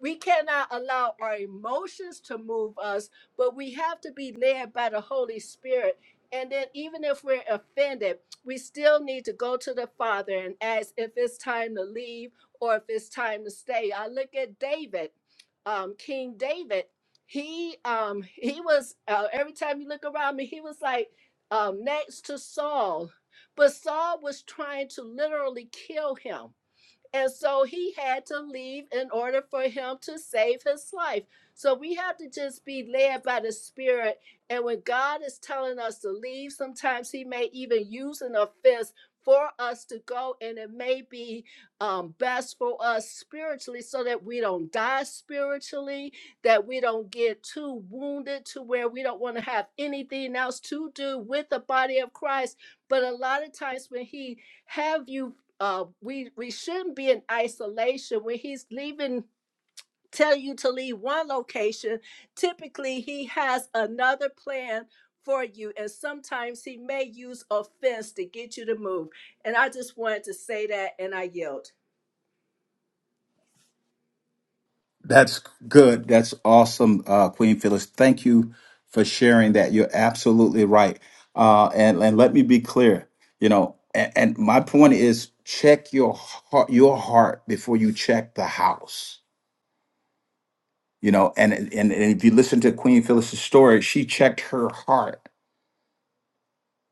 we cannot allow our emotions to move us, but we have to be led by the Holy Spirit. And then, even if we're offended, we still need to go to the Father and ask if it's time to leave or if it's time to stay. I look at David, um, King David. He um, he was uh, every time you look around me, he was like um, next to Saul, but Saul was trying to literally kill him and so he had to leave in order for him to save his life. So we have to just be led by the Spirit. And when God is telling us to leave, sometimes he may even use an offense for us to go. And it may be um, best for us spiritually so that we don't die spiritually, that we don't get too wounded to where we don't want to have anything else to do with the body of Christ. But a lot of times when he have you uh, we we shouldn't be in isolation when he's leaving tell you to leave one location typically he has another plan for you and sometimes he may use offense to get you to move and i just wanted to say that and i yield
That's good. That's awesome, uh, Queen Phyllis. Thank you for sharing that. You're absolutely right. Uh, and and let me be clear. You know, and, and my point is, check your heart, your heart before you check the house. You know, and and, and if you listen to Queen Phyllis's story, she checked her heart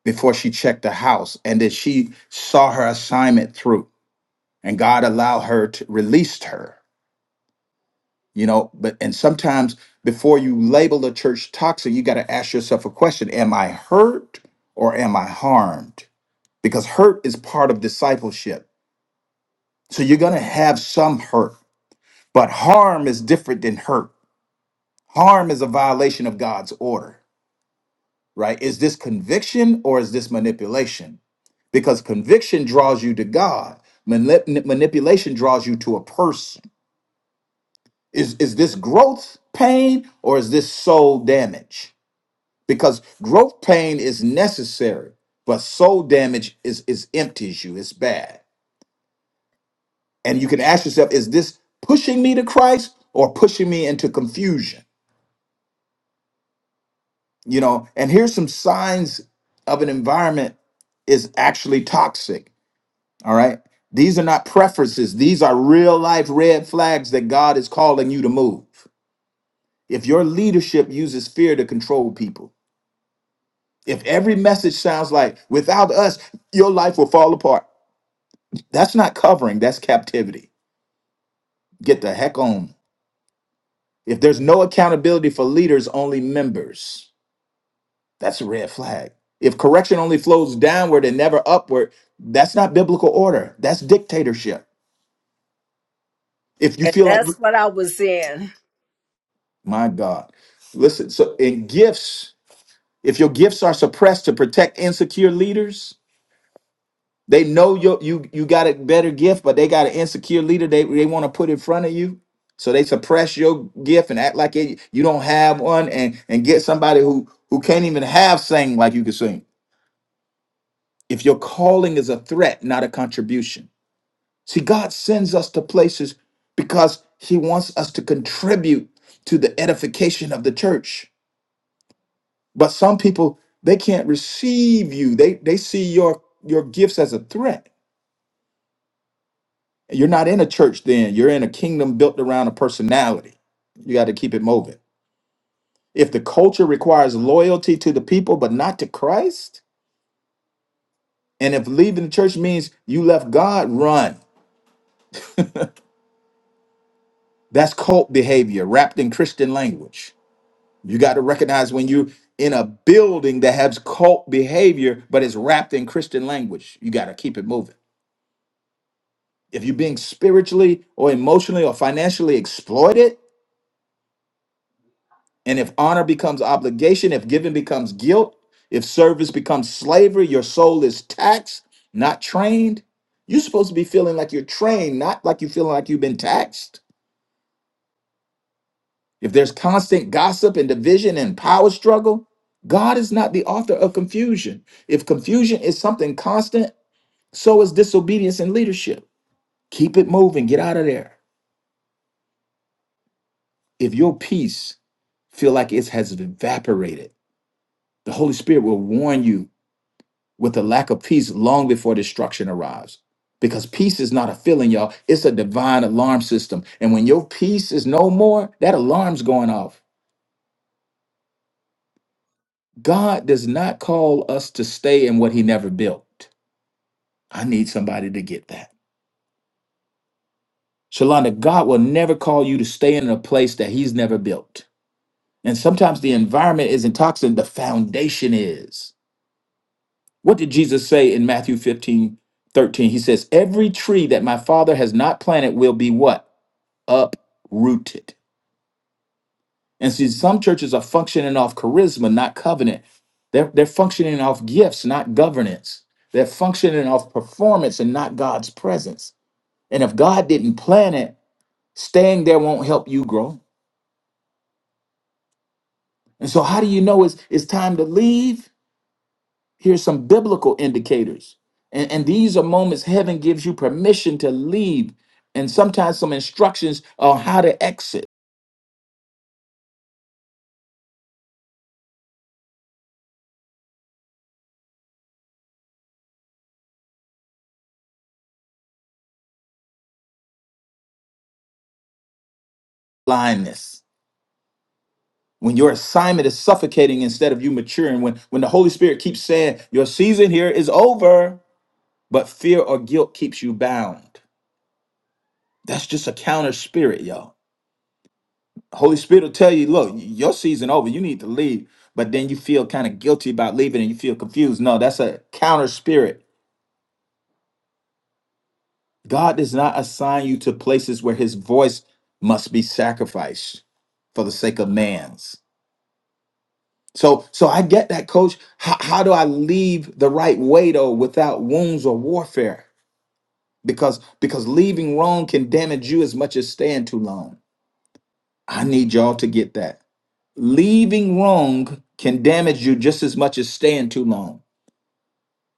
before she checked the house, and then she saw her assignment through, and God allowed her to released her you know but and sometimes before you label a church toxic you got to ask yourself a question am i hurt or am i harmed because hurt is part of discipleship so you're going to have some hurt but harm is different than hurt harm is a violation of god's order right is this conviction or is this manipulation because conviction draws you to god Manip- manipulation draws you to a person is is this growth pain or is this soul damage because growth pain is necessary, but soul damage is is empties you. It's bad, and you can ask yourself: Is this pushing me to Christ or pushing me into confusion? You know, and here's some signs of an environment is actually toxic. All right, these are not preferences; these are real life red flags that God is calling you to move. If your leadership uses fear to control people, if every message sounds like "Without us, your life will fall apart." That's not covering, that's captivity. Get the heck on. If there's no accountability for leaders, only members, that's a red flag. If correction only flows downward and never upward, that's not biblical order. That's dictatorship. If you
and
feel like,
that's what i was in
my God, listen, so in gifts, if your gifts are suppressed to protect insecure leaders, They know you you you got a better gift, but they got an insecure leader. They they want to put in front of you, so they suppress your gift and act like it, you don't have one, and and get somebody who who can't even have sing like you can sing. If your calling is a threat, not a contribution. See, God sends us to places because He wants us to contribute to the edification of the church. But some people they can't receive you. They they see your your gifts as a threat You're not in a church then. You're in a kingdom built around a personality. You got to keep it moving. If the culture requires loyalty to the people but not to Christ, and if leaving the church means you left God, run. That's cult behavior wrapped in Christian language. You got to recognize when you're in a building that has cult behavior but it's wrapped in Christian language. You got to keep it moving. If you're being spiritually or emotionally or financially exploited, And if honor becomes obligation, if giving becomes guilt, if service becomes slavery, your soul is taxed, not trained. You're supposed to be feeling like you're trained, not like you're feeling like you've been taxed. If there's constant gossip and division and power struggle, God is not the author of confusion. If confusion is something constant, so is disobedience and leadership. Keep it moving, get out of there. If your peace feel like it has evaporated, the Holy Spirit will warn you with a lack of peace long before destruction arrives. Because peace is not a feeling, y'all. It's a divine alarm system. And when your peace is no more, that alarm's going off. God does not call us to stay in what he never built. I need somebody to get that. Shalonda, God will never call you to stay in a place that he's never built. And sometimes the environment isn't toxic, the foundation is. What did Jesus say in Matthew 15 13? He says, Every tree that my father has not planted will be what? uprooted. And see, some churches are functioning off charisma, not covenant. They're, they're functioning off gifts, not governance. They're functioning off performance and not God's presence. And if God didn't plan it, staying there won't help you grow. And so, how do you know it's, it's time to leave? Here's some biblical indicators. And, and these are moments heaven gives you permission to leave, and sometimes some instructions on how to exit blindness. when your assignment is suffocating instead of you maturing, when when the Holy Spirit keeps saying your season here is over, but fear or guilt keeps you bound. That's just a counter spirit, y'all. Holy Spirit will tell you, look, your season over, you need to leave, but then you feel kind of guilty about leaving and you feel confused. No, that's a counter spirit. God does not assign you to places where his voice must be sacrificed for the sake of man's. So, so I get that, coach. How, how do I leave the right way though, without wounds or warfare? Because because leaving wrong can damage you as much as staying too long. I need y'all to get that. Leaving wrong can damage you just as much as staying too long.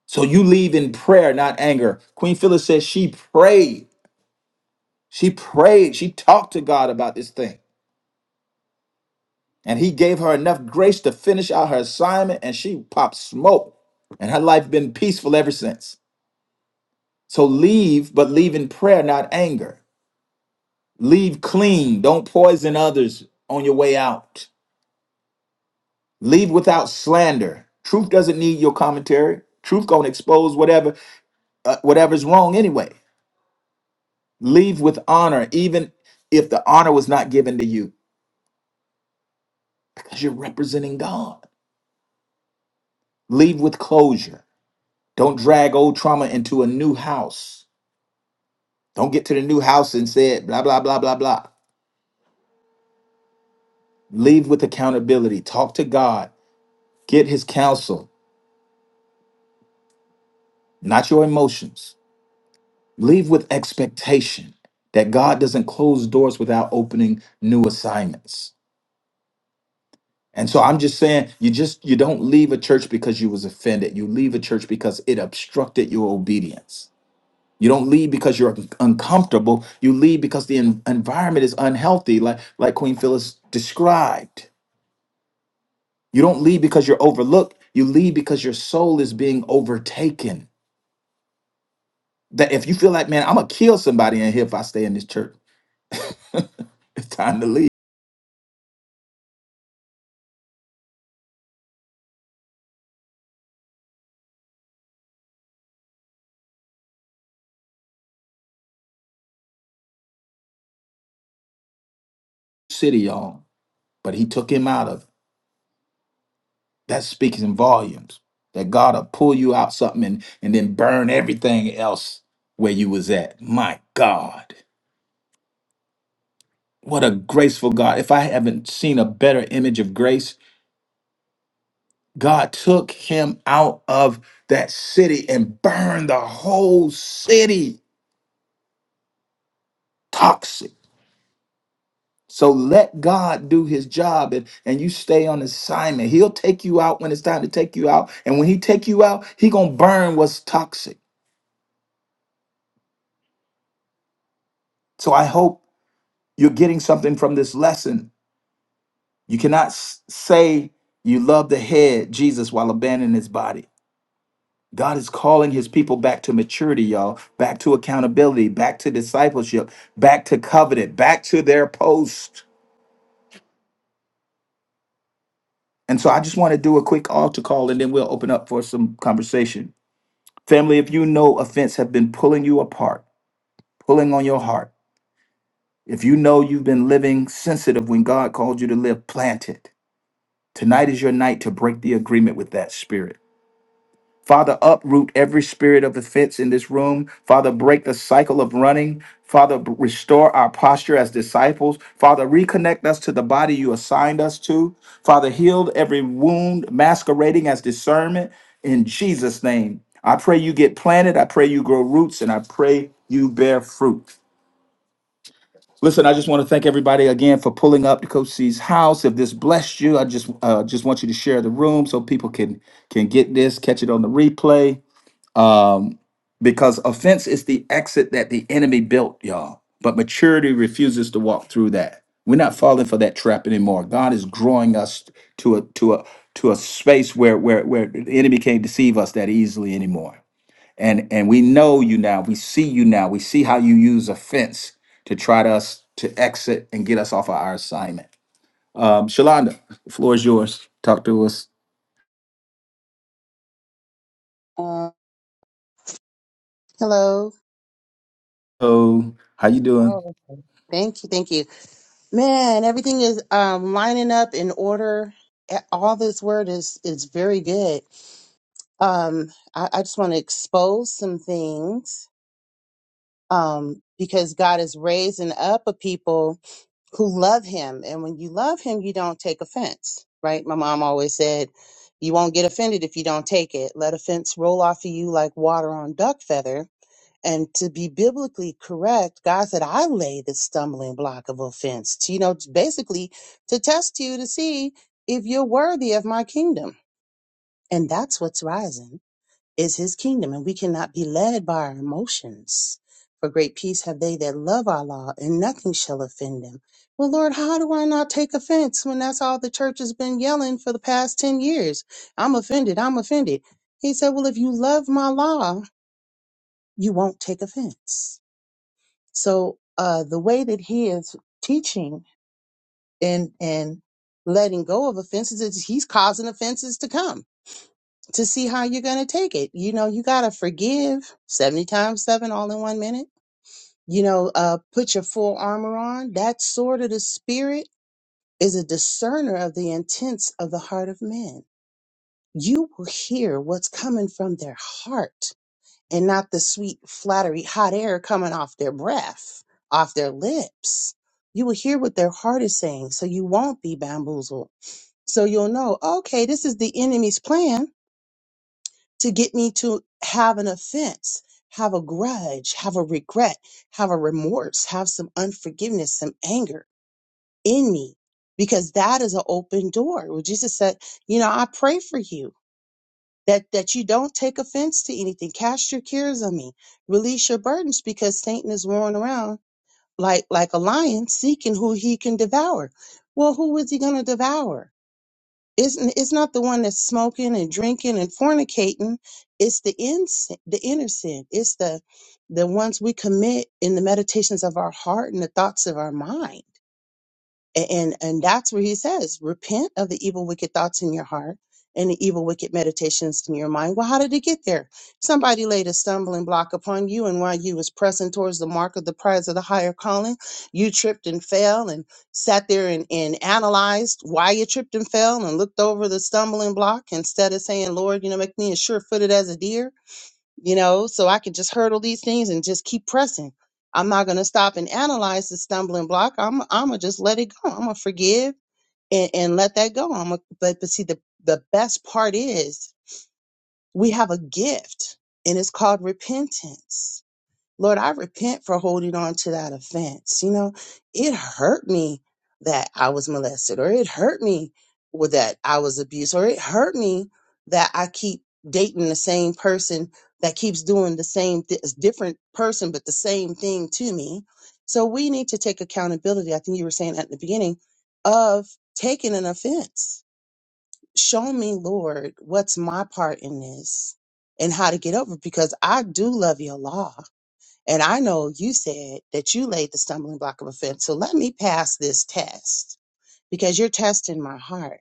So you leave in prayer, not anger. Queen Phyllis says she prayed. She prayed. She talked to God about this thing. And he gave her enough grace to finish out her assignment and she popped smoke. And her life been peaceful ever since. So leave, but leave in prayer, not anger. Leave clean. Don't poison others on your way out. Leave without slander. Truth doesn't need your commentary. Truth gonna expose whatever uh, whatever's wrong anyway. Leave with honor, even if the honor was not given to you, because you're representing God. Leave with closure. Don't drag old trauma into a new house. Don't get to the new house and say it, blah blah blah blah blah. Leave with accountability. Talk to God. Get His counsel not your emotions. Leave with expectation that God doesn't close doors without opening new assignments. And so I'm just saying, you just you don't leave a church because you was offended. You leave a church because it obstructed your obedience. You don't leave because you're un- uncomfortable. You leave because the en- environment is unhealthy, like like Queen Phyllis described. You don't leave because you're overlooked. You leave because your soul is being overtaken. That if you feel like, man, I'm gonna kill somebody in here if I stay in this church, [LAUGHS] it's time to leave. city, y'all, but he took him out of it. That speaks in volumes. That God will pull you out something and, and then burn everything else where you was at. My God. What a graceful God. If I haven't seen a better image of grace, God took him out of that city and burned the whole city toxic. So let God do his job and, and you stay on assignment. He'll take you out when it's time to take you out. And when he take you out, he gonna burn what's toxic. So I hope you're getting something from this lesson. You cannot s- say you love the head, Jesus, while abandoning his body. God is calling his people back to maturity, y'all, back to accountability, back to discipleship, back to covenant, back to their post. And so I just want to do a quick altar call and then we'll open up for some conversation. Family, if you know offense have been pulling you apart, pulling on your heart, if you know you've been living sensitive when God called you to live, plant it Tonight is your night to break the agreement with that spirit. Father, uproot every spirit of offense in this room. Father, break the cycle of running. Father, b- restore our posture as disciples. Father, reconnect us to the body you assigned us to. Father, heal every wound masquerading as discernment in Jesus' name. I pray you get planted. I pray you grow roots, and I pray you bear fruit. Listen, I just want to thank everybody again for pulling up to Coach C's house. If this blessed you, I just uh, just want you to share the room so people can can get this, catch it on the replay. Um, because offense is the exit that the enemy built, y'all. But maturity refuses to walk through that. We're not falling for that trap anymore. God is growing us to a to a to a space where where where the enemy can't deceive us that easily anymore and and we know you now we see you now we see how you use offense to try to us to exit and get us off of our assignment um shalonda the floor is yours talk to us
Uh, hello.
oh how you doing
Oh, okay. thank you, thank you. Man, everything is um, lining up in order. A- All this word is is very good. Um, I, I just want to expose some things um, because God is raising up a people who love Him, and when you love Him, you don't take offense, right? My mom always said, "You won't get offended if you don't take it. Let offense roll off of you like water on duck feather." And to be biblically correct, God said, I lay the stumbling block of offense, to, you know, to basically to test you to see if you're worthy of my kingdom. And that's what's rising is his kingdom. And we cannot be led by our emotions. For great peace have they that love our law, and nothing shall offend them. Well, Lord, how do I not take offense when that's all the church has been yelling for the past 10 years? I'm offended. I'm offended. He said, Well, if you love my law, you won't take offense so uh, the way that he is teaching and and letting go of offenses is he's causing offenses to come to see how you're going to take it. You know, you got to forgive 70 times 7 all in 1 minute. You know, uh put your full armor on. That sword of the spirit is a discerner of the intents of the heart of men. You will hear what's coming from their heart and not the sweet flattery, hot air coming off their breath, off their lips. You will hear what their heart is saying, so you won't be bamboozled. So you'll know, okay, this is the enemy's plan to get me to have an offense, have a grudge, have a regret, have a remorse, have some unforgiveness, some anger in me, because that is an open door. Well, Jesus said, you know, I pray for you that that you don't take offense to anything cast your cares on me release your burdens because satan is roaring around like like a lion seeking who he can devour well who is he going to devour isn't it's not the one that's smoking and drinking and fornicating it's the in the inner sin it's the the ones we commit in the meditations of our heart and the thoughts of our mind a- and and that's where he says repent of the evil wicked thoughts in your heart and the evil wicked meditations in your mind well how did it get there somebody laid a stumbling block upon you and while you was pressing towards the mark of the prize of the higher calling you tripped and fell and sat there and, and analyzed why you tripped and fell and looked over the stumbling block instead of saying lord you know make me as sure-footed as a deer you know, so I can just hurdle these things and just keep pressing. I'm not gonna stop and analyze the stumbling block. I'm I'm gonna just let it go. I'm gonna forgive and, and let that go. I'm gonna, but but see the the best part is we have a gift and it's called repentance Lord, I repent for holding on to that offense. You know, it hurt me that I was molested, or it hurt me with that I was abused, or it hurt me that I keep dating the same person that keeps doing the same th- different person but the same thing to me. So we need to take accountability. I think you were saying at the beginning of taking an offense. Show me, Lord, what's my part in this and how to get over it, because I do love you a lot and I know you said that you laid the stumbling block of offense. So let me pass this test because you're testing my heart.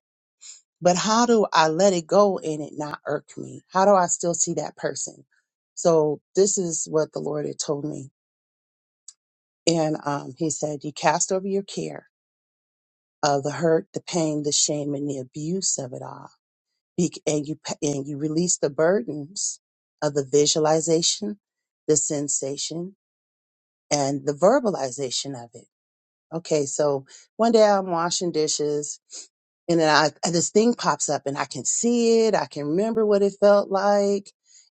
But how do I let it go and it not irk me? How do I still see that person? So this is what the Lord had told me. And um, he said, You cast over your care of the hurt, the pain, the shame, and the abuse of it all. Be- And you, pa- and you release the burdens of the visualization, the sensation, and the verbalization of it Okay, so one day I'm washing dishes and then I and this thing pops up and I can see it, I can remember what it felt like.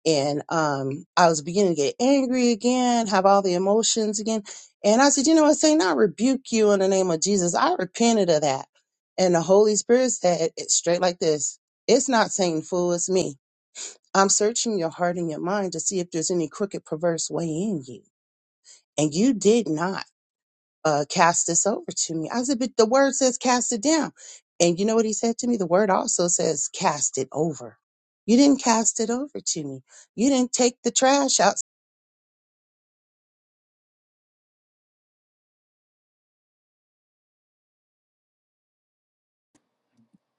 And um I was beginning to get angry again, have all the emotions again. And I said, you know what, Satan, I rebuke you in the name of Jesus. I repented of that. And the Holy Spirit said it straight like this. It's not Satan, fool, it's me. I'm searching your heart and your mind to see if there's any crooked, perverse way in you. And you did not uh, cast this over to me. I said, but the word says cast it down. And you know what he said to me? The word also says cast it over. You didn't cast it over to me. You didn't take the trash out. [LAUGHS]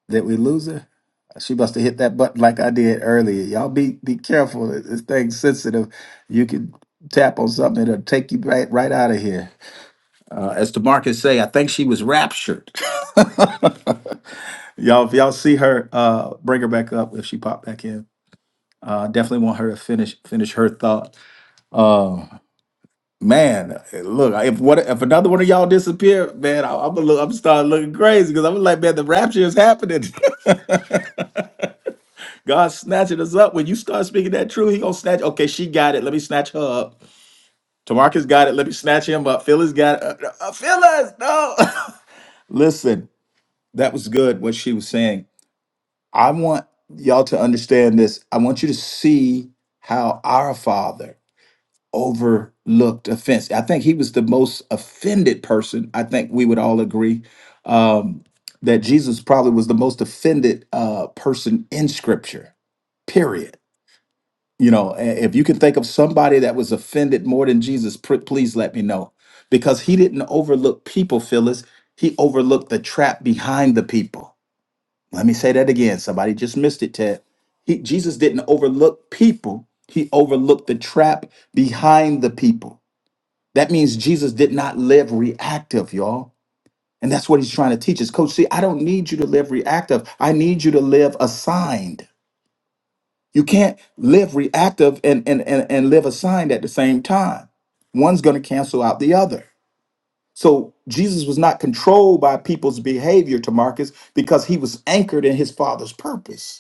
did we lose her she must have hit that button like i did earlier y'all be be careful this thing's sensitive you can tap on something it'll take you right right out of here uh, as DeMarcus say i think she was raptured [LAUGHS] y'all if y'all see her uh bring her back up if she popped back in Uh, definitely want her to finish finish her thought. Uh, man, look, if what if another one of y'all disappear, man, I, I'm gonna look, I'm starting looking crazy because I'm like, man, the rapture is happening. [LAUGHS] God's snatching us up. When you start speaking that truth, He gonna snatch. Okay, she got it. Let me snatch her up. Tamarcus got it. Let me snatch him up. Phyllis got it. Uh, uh, uh, Phyllis, no. [LAUGHS] Listen, that was good what she was saying. I want y'all to understand this. I want you to see how our Father overlooked offense. I think he was the most offended person. I think we would all agree um, that Jesus probably was the most offended uh, person in Scripture. Period. You know, a- if you can think of somebody that was offended more than Jesus, pr- please let me know, because he didn't overlook people, Phyllis. He overlooked the trap behind the people. Let me say that again. Somebody just missed it, Ted. He, Jesus didn't overlook people. He overlooked the trap behind the people that means Jesus did not live reactive, y'all. And that's what he's trying to teach us. Coach, see, I don't need you to live reactive. I need you to live assigned. You can't live reactive and, and, and, and live assigned at the same time. One's going to cancel out the other. So Jesus was not controlled by people's behavior to Marcus because he was anchored in his father's purpose.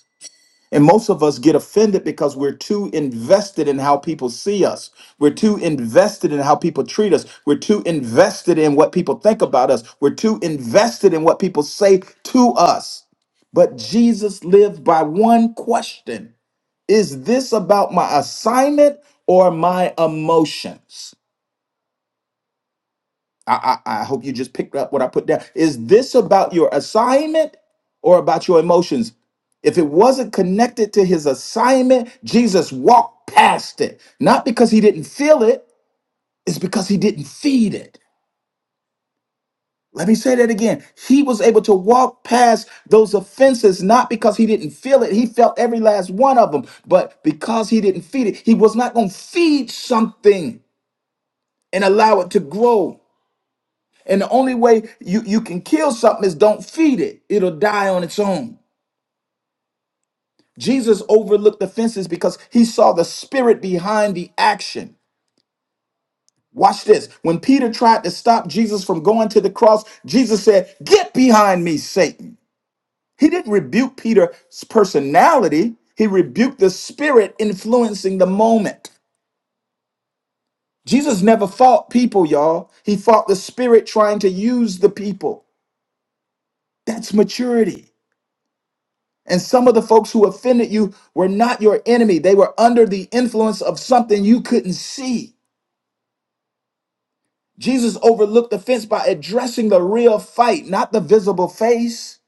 And most of us get offended because we're too invested in how people see us. We're too invested in how people treat us. We're too invested in what people think about us. We're too invested in what people say to us. But Jesus lived by one question Is this about my assignment or my emotions? I, I, I hope you just picked up what I put down. Is this about your assignment or about your emotions? If it wasn't connected to his assignment, Jesus walked past it. Not because he didn't feel it, it's because he didn't feed it. Let me say that again. He was able to walk past those offenses not because he didn't feel it. He felt every last one of them, but because he didn't feed it. He was not going to feed something and allow it to grow. And the only way you, you can kill something is don't feed it, it'll die on its own. Jesus overlooked offenses because he saw the spirit behind the action. Watch this. When Peter tried to stop Jesus from going to the cross, Jesus said, Get behind me, Satan. He didn't rebuke Peter's personality, he rebuked the spirit influencing the moment. Jesus never fought people, y'all. He fought the spirit trying to use the people. That's maturity. And some of the folks who offended you were not your enemy. They were under the influence of something you couldn't see. Jesus overlooked offense by addressing the real fight, not the visible face.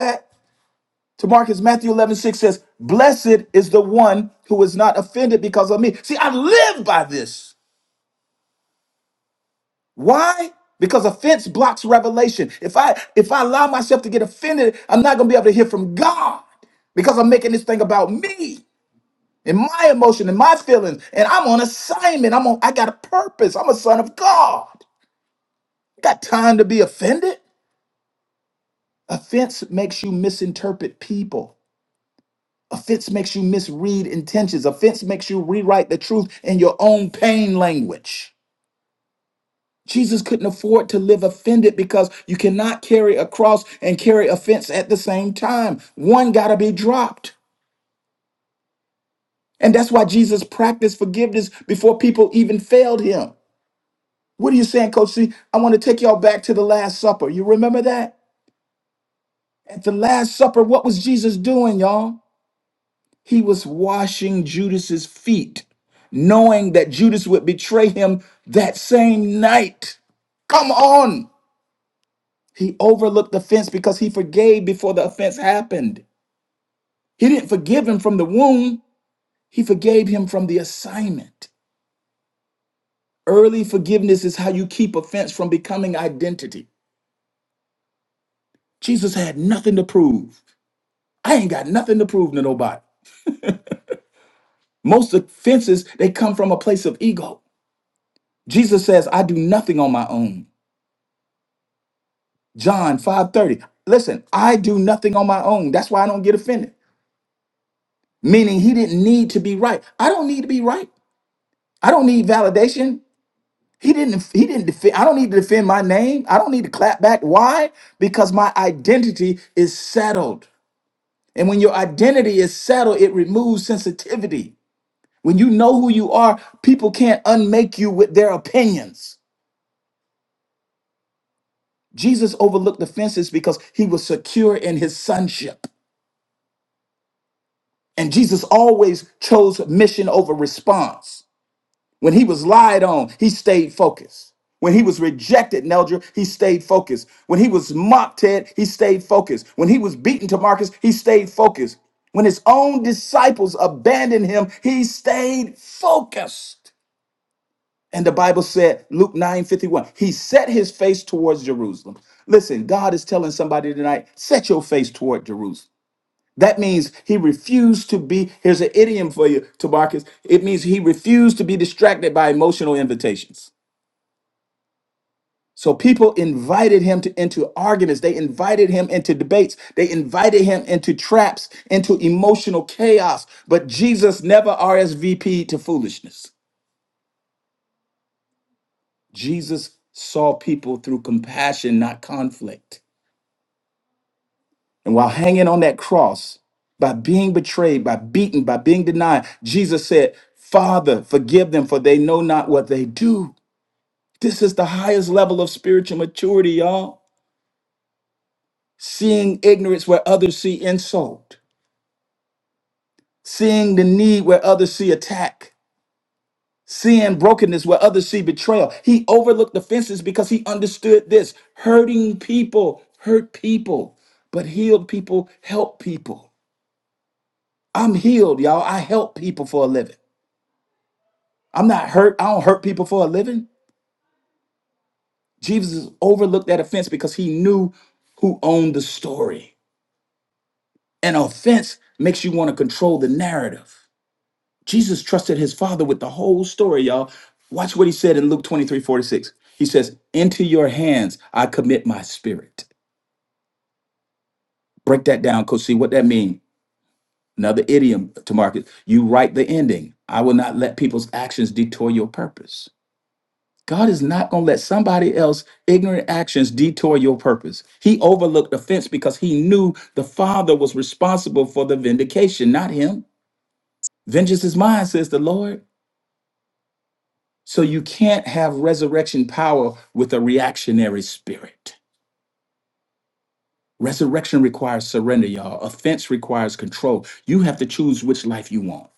That- To Marcus, Matthew 11 6 says, Blessed is the one who is not offended because of me. See, I live by this. Why? Because offense blocks revelation. If I if I allow myself to get offended, I'm not gonna be able to hear from God because I'm making this thing about me. and my emotion and my feelings. And I'm on assignment. I'm on, I got a purpose. I'm a son of God. I got time to be offended. Offense makes you misinterpret people. Offense makes you misread intentions. Offense makes you rewrite the truth in your own pain language. Jesus couldn't afford to live offended because you cannot carry a cross and carry offense at the same time. One got to be dropped. And that's why Jesus practiced forgiveness before people even failed him. What are you saying, Coach C? I want to take y'all back to the Last Supper. You remember that? At the Last Supper, what was Jesus doing, y'all? He was washing Judas's feet, knowing that Judas would betray him that same night. Come on. He overlooked offense because he forgave before the offense happened. He didn't forgive him from the wound, he forgave him from the assignment. Early forgiveness is how you keep offense from becoming identity. Jesus had nothing to prove. I ain't got nothing to prove to nobody. Most offenses, they come from a place of ego. Jesus says, I do nothing on my own. John 5:30. Listen, I do nothing on my own. That's why I don't get offended. Meaning he didn't need to be right. I don't need to be right. I don't need validation. He didn't he didn't defend I don't need to defend my name. I don't need to clap back. Why? Because my identity is settled. And when your identity is settled, it removes sensitivity. When you know who you are, people can't unmake you with their opinions. Jesus overlooked the fences because he was secure in his sonship. And Jesus always chose mission over response. When he was lied on, he stayed focused. When he was rejected, Neldra, he stayed focused. When he was mocked, Ted, he stayed focused. When he was beaten to Marcus, he stayed focused. When his own disciples abandoned him, he stayed focused. And the Bible said, Luke 9 51. he set his face towards Jerusalem. Listen, God is telling somebody tonight, set your face toward Jerusalem. That means he refused to be, here's an idiom for you, Tabarkus. It means he refused to be distracted by emotional invitations. So people invited him to into arguments. They invited him into debates. They invited him into traps, into emotional chaos. But Jesus never RSVP'd to foolishness. Jesus saw people through compassion, not conflict. And while hanging on that cross, by being betrayed, by beaten, by being denied, Jesus said, Father, forgive them, for they know not what they do. This is the highest level of spiritual maturity, y'all. Seeing ignorance where others see insult, seeing the need where others see attack, seeing brokenness where others see betrayal. He overlooked offenses because he understood this hurting people hurt people, but healed people help people. I'm healed, y'all. I help people for a living. I'm not hurt. I don't hurt people for a living. Jesus overlooked that offense because he knew who owned the story. An offense makes you want to control the narrative. Jesus trusted his father with the whole story, y'all. Watch what he said in Luke 23, 46. He says, Into your hands I commit my spirit. Break that down, Coach C. What that mean? Another idiom to market. You write the ending. I will not let people's actions detour your purpose. God is not going to let somebody else ignorant actions detour your purpose. He overlooked offense because he knew the father was responsible for the vindication, not him. Vengeance is mine, says the Lord. So you can't have resurrection power with a reactionary spirit. Resurrection requires surrender, y'all. Offense requires control. You have to choose which life you want.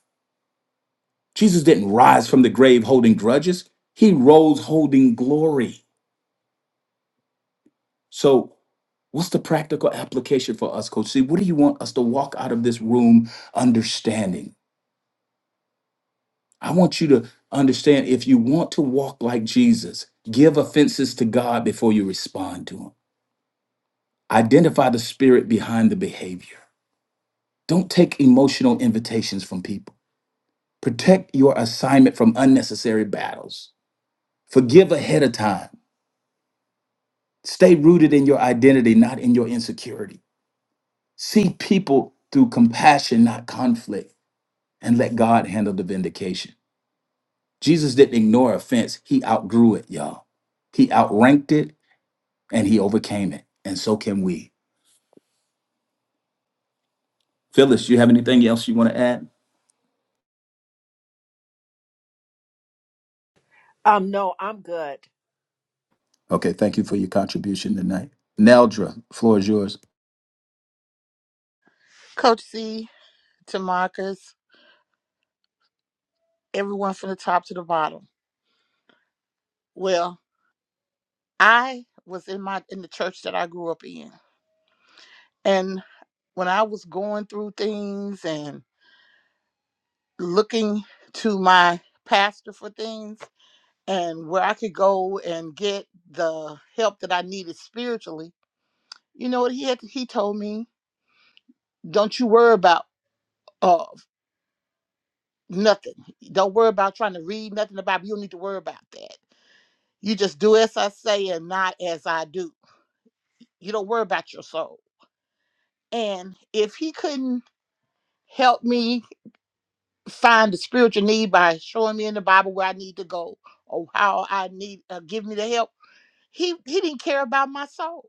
Jesus didn't rise from the grave holding grudges, he rose holding glory. So, what's the practical application for us, Coach C? What do you want us to walk out of this room understanding? I want you to understand if you want to walk like Jesus, give offenses to God before you respond to Him Identify the spirit behind the behavior. Don't take emotional invitations from people. Protect your assignment from unnecessary battles. Forgive ahead of time. Stay rooted in your identity, not in your insecurity. See people through compassion, not conflict, and let God handle the vindication. Jesus didn't ignore offense, he outgrew it, y'all. He outranked it and he overcame it. And so can we. Phyllis, you have anything else you want to add?
Um, no, I'm good.
Okay, thank you for your contribution tonight. Neldra, floor is yours.
Coach C to Marcus, everyone from the top to the bottom. Well, I was in my in the church that I grew up in. And when I was going through things and looking to my pastor for things and where I could go and get the help that I needed spiritually, you know what he had he told me? Don't you worry about uh Nothing. Don't worry about trying to read nothing about it. You don't need to worry about that. You just do as I say and not as I do. You don't worry about your soul. And if he couldn't help me find the spiritual need by showing me in the Bible where I need to go or how I need uh, give me the help, he he didn't care about my soul.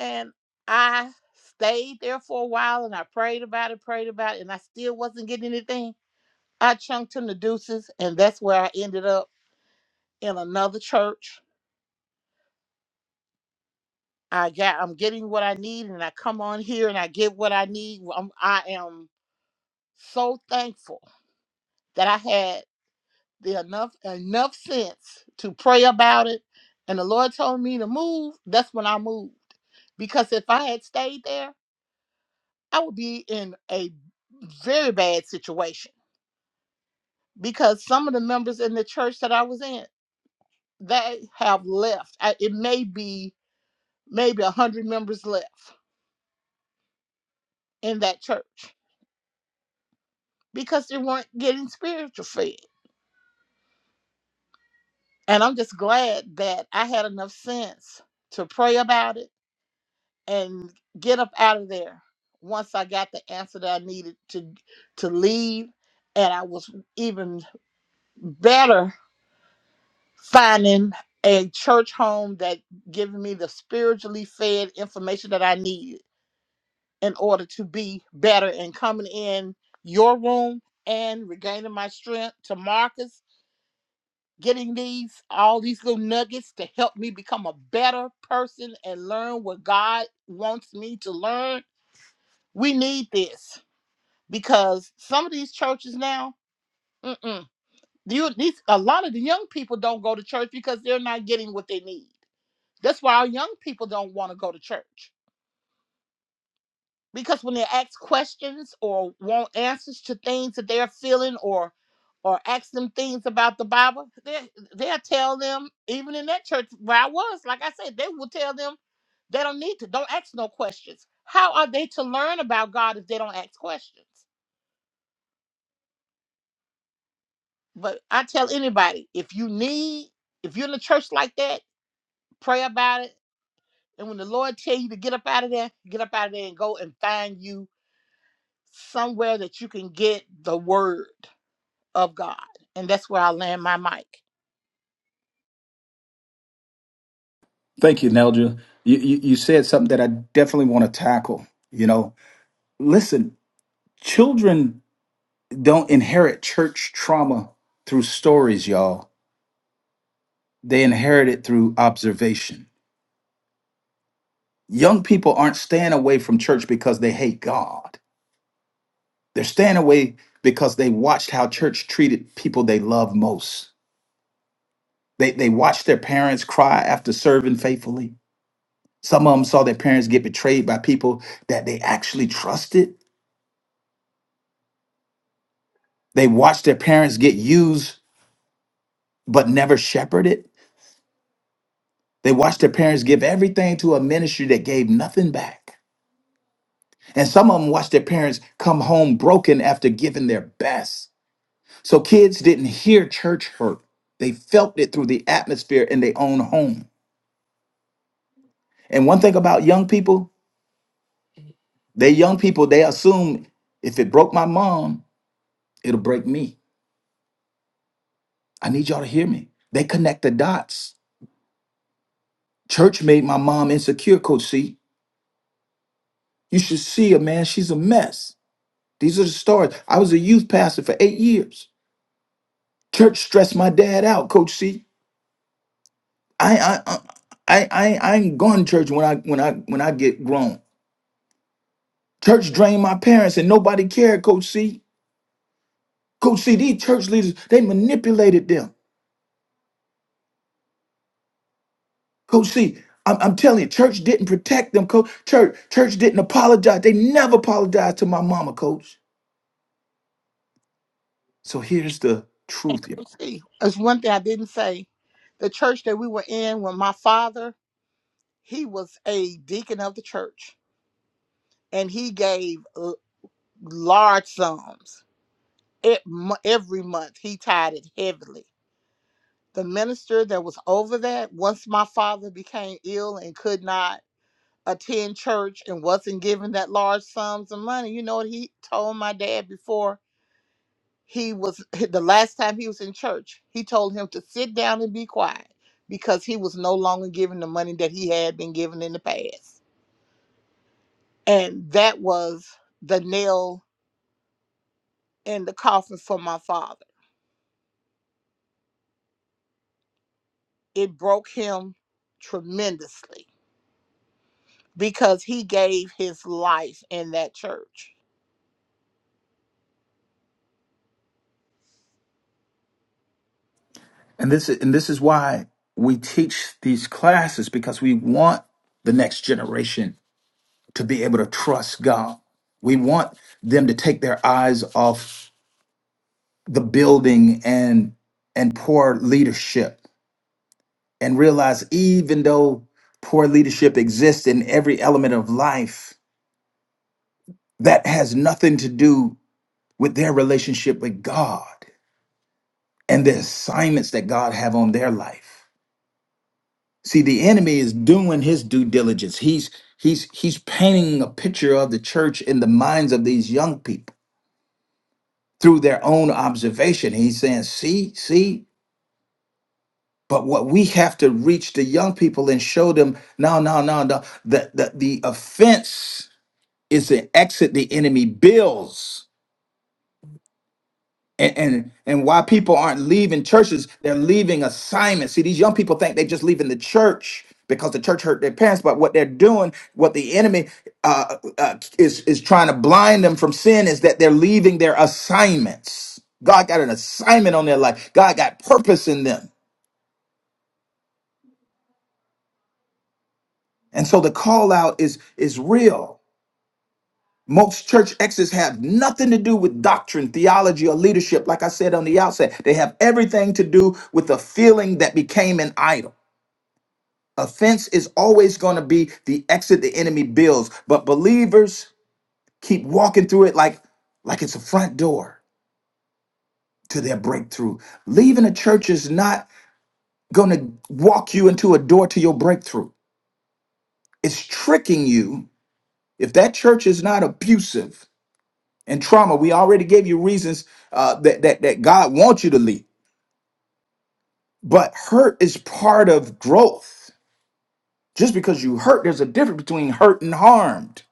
And I stayed there for a while and I prayed about it, prayed about it, and I still wasn't getting anything. I chunked him the deuces, and that's where I ended up in another church I got I'm getting what I need and I come on here and I get what I need. Well, I'm, I am so thankful that I had the enough enough sense to pray about it and the Lord told me to move, that's when I moved. Because if I had stayed there, I would be in a very bad situation because some of the members in the church that I was in, they have left. I, it may be maybe 100 members left in that church because they weren't getting spiritual fed. And I'm just glad that I had enough sense to pray about it and get up out of there once I got the answer that I needed to to leave. And I was even better finding a church home that giving me the spiritually fed information that I needed in order to be better and coming in your room and regaining my strength to Marcus getting these all these little nuggets to help me become a better person and learn what God wants me to learn. We need this because some of these churches now, mm-mm, you, these, a lot of the young people don't go to church because they're not getting what they need. That's why our young people don't want to go to church because when they're asked questions or want answers to things that they're feeling or or ask them things about the Bible, they they'll tell them, even in that church where I was, like I said, they will tell them they don't need to, don't ask no questions. How are they to learn about God if they don't ask questions? But I tell anybody, if you need, if you're in a church like that, pray about it. And when the Lord tell you to get up out of there, get up out of there and go and find you somewhere that you can get the word of God. And that's where I land my mic.
Thank you, Neldra. You, you, you said something that I definitely want to tackle. You know, listen, children don't inherit church trauma through stories, y'all. They inherit it through observation. Young people aren't staying away from church because they hate God. They're staying away because they watched how church treated people they love most. They, they watched their parents cry after serving faithfully. Some of them saw their parents get betrayed by people that they actually trusted. They watched their parents get used but never shepherded. They watched their parents give everything to a ministry that gave nothing back. And some of them watched their parents come home broken after giving their best. So kids didn't hear church hurt, they felt it through the atmosphere in their own home. And one thing about young people, they young people, they assume if it broke my mom, it'll break me. I need y'all to hear me. They connect the dots. Church made my mom insecure, Coach C. You should see her, man. She's a mess. These are the stories. I was a youth pastor for eight years. Church stressed my dad out, Coach C. I I I I, I I ain't going to church when I when I when I get grown. Church drained my parents and nobody cared, Coach C. Coach C, these church leaders, they manipulated them. Coach C, I'm, I'm telling you, church didn't protect them, Coach. Church, church didn't apologize. They never apologized to my mama, Coach. So here's the
And
truth, y'all.
Coach C, there's one thing I didn't say. The church that we were in when my father, he was a deacon of the church and he gave l- large sums. It, mo- every month he tied it heavily. The minister that was over that, once my father became ill and could not attend church and wasn't given that large sums of money, you know what he told my dad before? he was the last time he was in church he told him to sit down and be quiet because he was no longer giving the money that he had been given in the past and that was the nail in the coffin for my father it broke him tremendously because he gave his life in that church
And this and this is why we teach these classes because we want the next generation to be able to trust God. We want them to take their eyes off the building and and poor leadership and realize even though poor leadership exists in every element of life, that has nothing to do with their relationship with God and the assignments that God have on their life. See, the enemy is doing his due diligence. He's he's he's painting a picture of the church in the minds of these young people through their own observation. He's saying, "See, see." But what we have to reach the young people and show them, no, no, no, no. That the, the offense is the exit the enemy builds and, and and why people aren't leaving churches they're leaving assignments see these young people think they just leaving the church because the church hurt their parents but what they're doing what the enemy uh, uh, is is trying to blind them from sin is that they're leaving their assignments god got an assignment on their life god got purpose in them and so the call out is is real most church exits have nothing to do with doctrine, theology, or leadership. Like I said on the outset, they have everything to do with the feeling that became an idol. Offense is always going to be the exit the enemy builds, but believers keep walking through it like like it's a front door to their breakthrough. Leaving a church is not going to walk you into a door to your breakthrough. It's tricking you. If that church is not abusive and trauma, we already gave you reasons uh, that, that that God wants you to leave. But hurt is part of growth. Just because you hurt, there's a difference between hurt and harmed.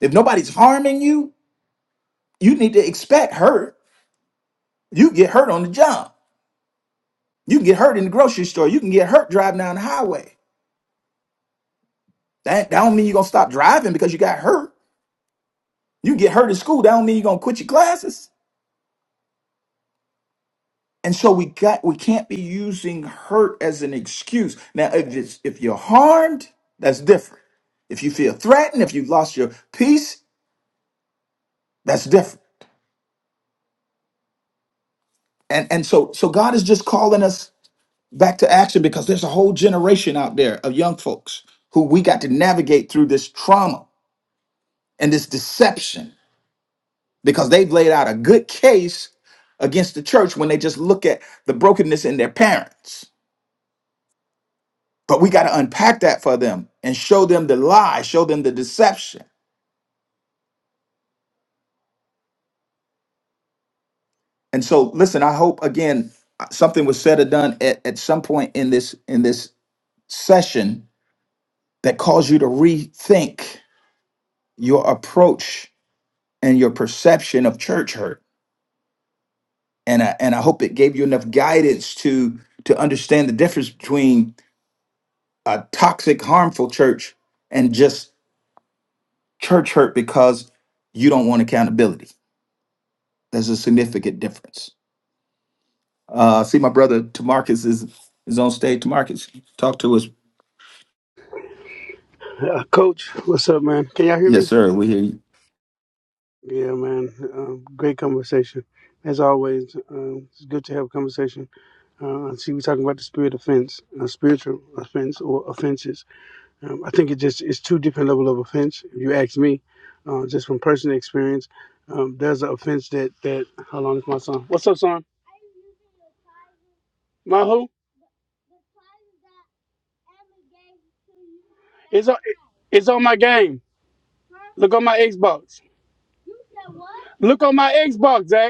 If nobody's harming you, You need to expect hurt. You get hurt on the job. You can get hurt in the grocery store. You can get hurt driving down the highway. That, that don't mean you're gonna stop driving because you got hurt. You get hurt in school. That don't mean you're gonna quit your classes. And so we got we can't be using hurt as an excuse. Now, if it's if you're harmed, that's different. If you feel threatened, if you've lost your peace, that's different. And and so so God is just calling us back to action because there's a whole generation out there of young folks who we got to navigate through this trauma and this deception because they've laid out a good case against the church when they just look at the brokenness in their parents. But we got to unpack that for them and show them the lie, show them the deception. And so listen, I hope again something was said or done at, at some point in this in this session that caused you to rethink your approach and your perception of church hurt. And I, and I hope it gave you enough guidance to to understand the difference between a toxic, harmful church and just church hurt because you don't want accountability. There's a significant difference. Uh, I see, my brother Tamarcus is is on stage. Tamarcus, talk to us.
Uh, Coach, what's up, man? Can y'all hear
Yes,
me?
sir. We hear you.
Yeah, man. Um, great conversation. As always, um, it's good to have a conversation. Uh, I see, we're talking about the spirit offense, uh, spiritual offense or offenses. Um, I think it just it's two different level of offense. If you ask me, uh, just from personal experience, um, there's an offense that that. How long is my song? What's up, son? My who? It's on. It's on my game. Look on my Xbox. Look on my Xbox, Zach.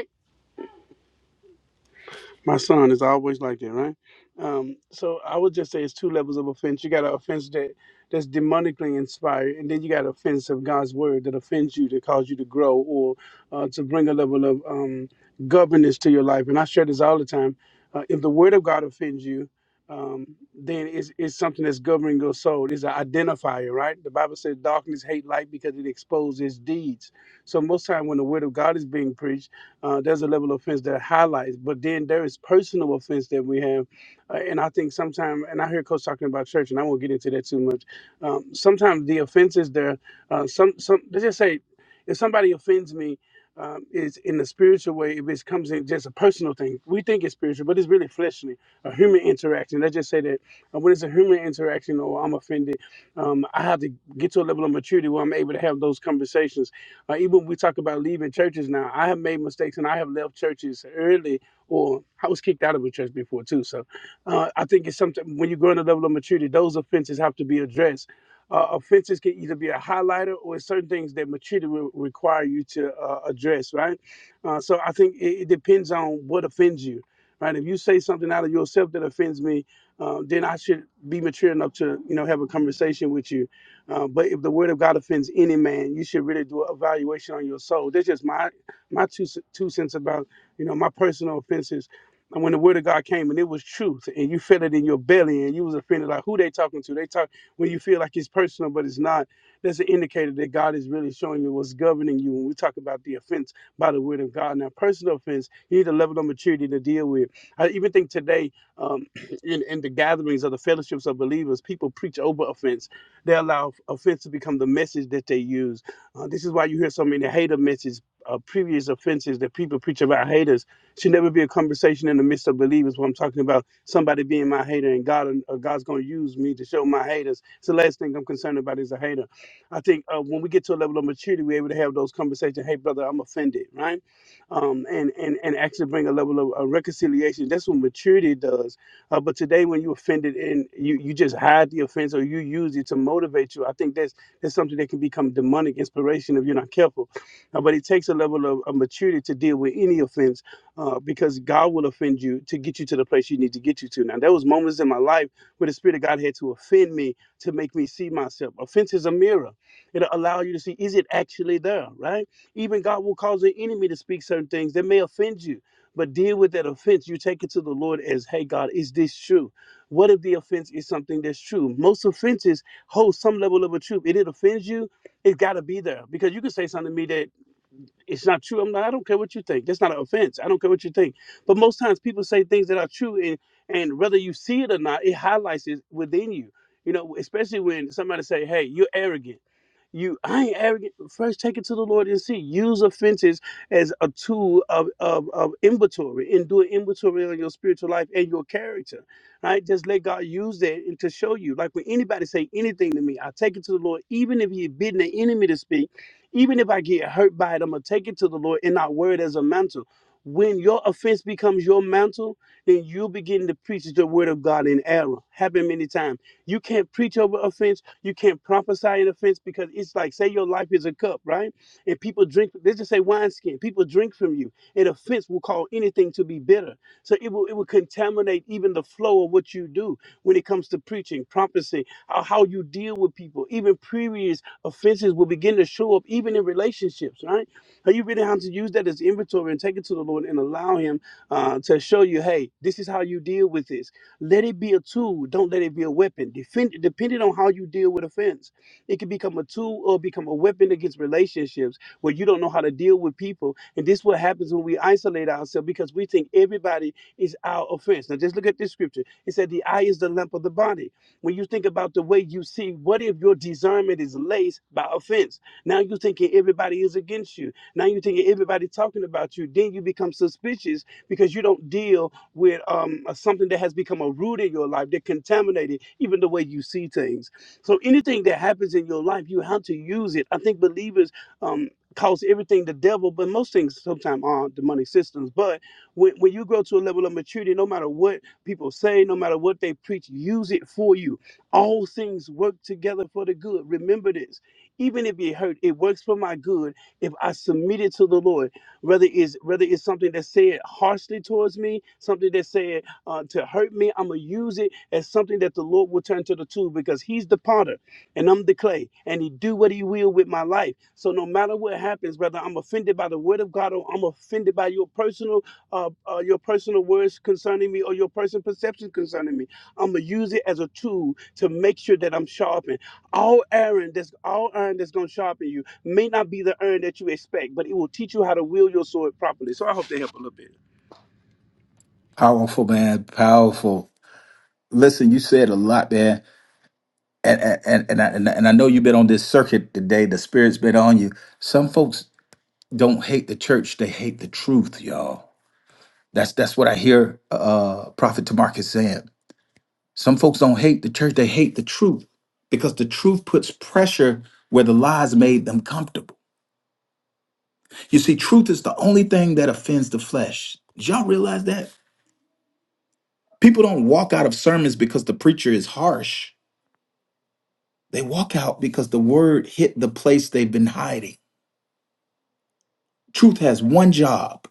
My son is always like that, right? Um, so I would just say it's two levels of offense. You got an offense that that's demonically inspired, and then you got offense of God's word that offends you, that cause you to grow or uh, to bring a level of um, governance to your life. And I share this all the time. Uh, if the word of God offends you, um, then it's, it's something that's governing your soul. It's an identifier, right? The Bible says darkness hate light because it exposes deeds. So most time when the word of God is being preached uh, there's a level of offense that highlights, but then there is personal offense that we have, uh, and I think sometimes, and I hear Coach talking about church, and I won't get into that too much. Um, sometimes the offenses there, uh, some some let's just say, if somebody offends me, um, is in the spiritual way, it becomes in just a personal thing. We think it's spiritual, but it's really fleshly, a human interaction. Let's just say that uh, when it's a human interaction or I'm offended, um, I have to get to a level of maturity where I'm able to have those conversations like even when we talk about leaving churches now, I have made mistakes and I have left churches early, or I was kicked out of a church before too. So uh, I think it's something when you grow in a level of maturity, those offenses have to be addressed. Uh, offenses can either be a highlighter or certain things that maturity will require you to uh, address, right? Uh, so I think it, it depends on what offends you, right? If you say something out of yourself that offends me, uh, then I should be mature enough to, you know, have a conversation with you uh, but if the word of God offends any man, you should really do an evaluation on your soul. That's just my my two two cents about you know my personal offenses. And when the word of God came and it was truth, and you felt it in your belly, and you was offended, like who they talking to? They talk when you feel like it's personal, but it's not. That's an indicator that God is really showing you what's governing you. When we talk about the offense by the word of God, now personal offense, you need a level of maturity to deal with. I even think today, um, [CLEARS THROAT] in in the gatherings of the fellowships of believers, people preach over offense they allow offense to become the message that they use. Uh, this is why you hear so many hater messages, uh, previous offenses that people preach about haters. Should never be a conversation in the midst of believers. What I'm talking about, somebody being my hater, and God, uh, God's going to use me to show my haters. It's the last thing I'm concerned about is a hater. I think uh, when we get to a level of maturity, we're able to have those conversations. Hey, brother, I'm offended, right? Um, and and and actually bring a level of uh, reconciliation. That's what maturity does uh, but today, when you offended and you, you just hide the offense or you use it to motivate you, I think that's that's something that can become demonic inspiration if you're not careful. Uh, but it takes a level of, of maturity to deal with any offense uh, because God will offend you to get you to the place you need to get you to. Now, there was moments in my life where the Spirit of God had to offend me to make me see myself. Offense is a mirror. It'll allow you to see, is it actually there, right? Even God will cause the enemy to speak certain things that may offend you but deal with that offense. You take it to the Lord as, hey, God, is this true? What if the offense is something that's true? Most offenses hold some level of a truth. If it offends you, it's got to be there because you can say something to me that it's not true. I'm not, I don't care what you think. That's not an offense. I don't care what you think. But most times people say things that are true, and, and whether you see it or not, it highlights it within you. You know, especially when somebody say, hey, you're arrogant you, I ain't arrogant. First, take it to the Lord and see. Use offenses as a tool of, of, of inventory and do an inventory on your spiritual life and your character, right? Just let God use that and to show you. Like when anybody say anything to me, I take it to the Lord, even if He's bidding the enemy to speak, even if I get hurt by it, I'm gonna take it to the Lord and not wear it as a mantle. When your offense becomes your mantle, then you begin to preach the word of God in error. Happened many times. You can't preach over offense you can't prophesy an offense because it's like, say your life is a cup, right? And people drink, let's just say wineskin, people drink from you. An offense will call anything to be bitter. So it will, it will contaminate even the flow of what you do when it comes to preaching, prophecy, how how you deal with people. Even previous offenses will begin to show up, even in relationships, right? So you really have to use that as inventory and take it to the Lord and allow Him uh, to show you, hey, this is how you deal with this let it be a tool. Don't let it be a weapon. Defend, depending on how you deal with offense, it can become a tool or become a weapon against relationships where you don't know how to deal with people. And this is what happens when we isolate ourselves because we think everybody is our offense. Now just look at this scripture. It said the eye is the lamp of the body. When you think about the way you see, what if your discernment is laced by offense? Now you're thinking everybody is against you. Now you're thinking everybody talking about you. Then you become suspicious because you don't deal with um, uh, something that has become a root in your life that contaminated even the way you see things. So anything that happens in your life, you have to use it. I think believers um, calls everything the devil, but most things sometimes are demonic systems. But when, when you grow to a level of maturity, no matter what people say, no matter what they preach, use it for you. All things work together for the good. Remember this. Even if it hurt, it works for my good if I submit it to the Lord whether it's whether it's something that said harshly towards me, something that said uh, to hurt me, I'm gonna use it as something that the Lord will turn to the tool because He's the potter and I'm the clay, and He do what He will with my life. So no matter what happens, whether I'm offended by the word of God or I'm offended by your personal uh, uh, your personal words concerning me or your personal perception concerning me, I'm gonna use it as a tool to make sure that I'm sharpened. All iron that's all iron that's gonna sharpen you may not be the earn that you expect, but it will teach you how to wield your sword properly. So I hope they help a little bit.
Powerful, man. Powerful. Listen, you said a lot, man. And and and I, and I and I know you've been on this circuit today. The spirit's been on you. Some folks don't hate the church; they hate the truth, y'all. That's that's what I hear uh, Prophet Tamarcus saying Some folks don't hate the church, they hate the truth because the truth puts pressure where the lies made them comfortable. You see, truth is the only thing that offends the flesh. Did y'all realize that? People don't walk out of sermons because the preacher is harsh. They walk out because the word hit the place they've been hiding. Truth has one job,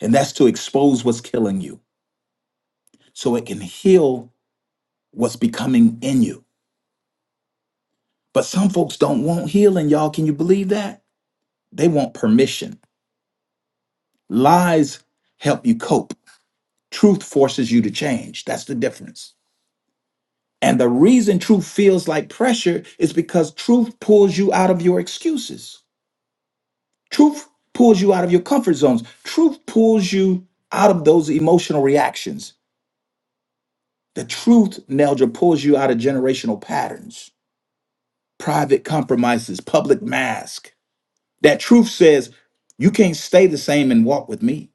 and that's to expose what's killing you so it can heal what's becoming in you. But some folks don't want healing, y'all. Can you believe that? They want permission. Lies help you cope. Truth forces you to change. That's the difference. And the reason truth feels like pressure is because truth pulls you out of your excuses. Truth pulls you out of your comfort zones. Truth pulls you out of those emotional reactions. The truth, Neldra, pulls you out of generational patterns, private compromises, public mask. That truth says, you can't stay the same and walk with me.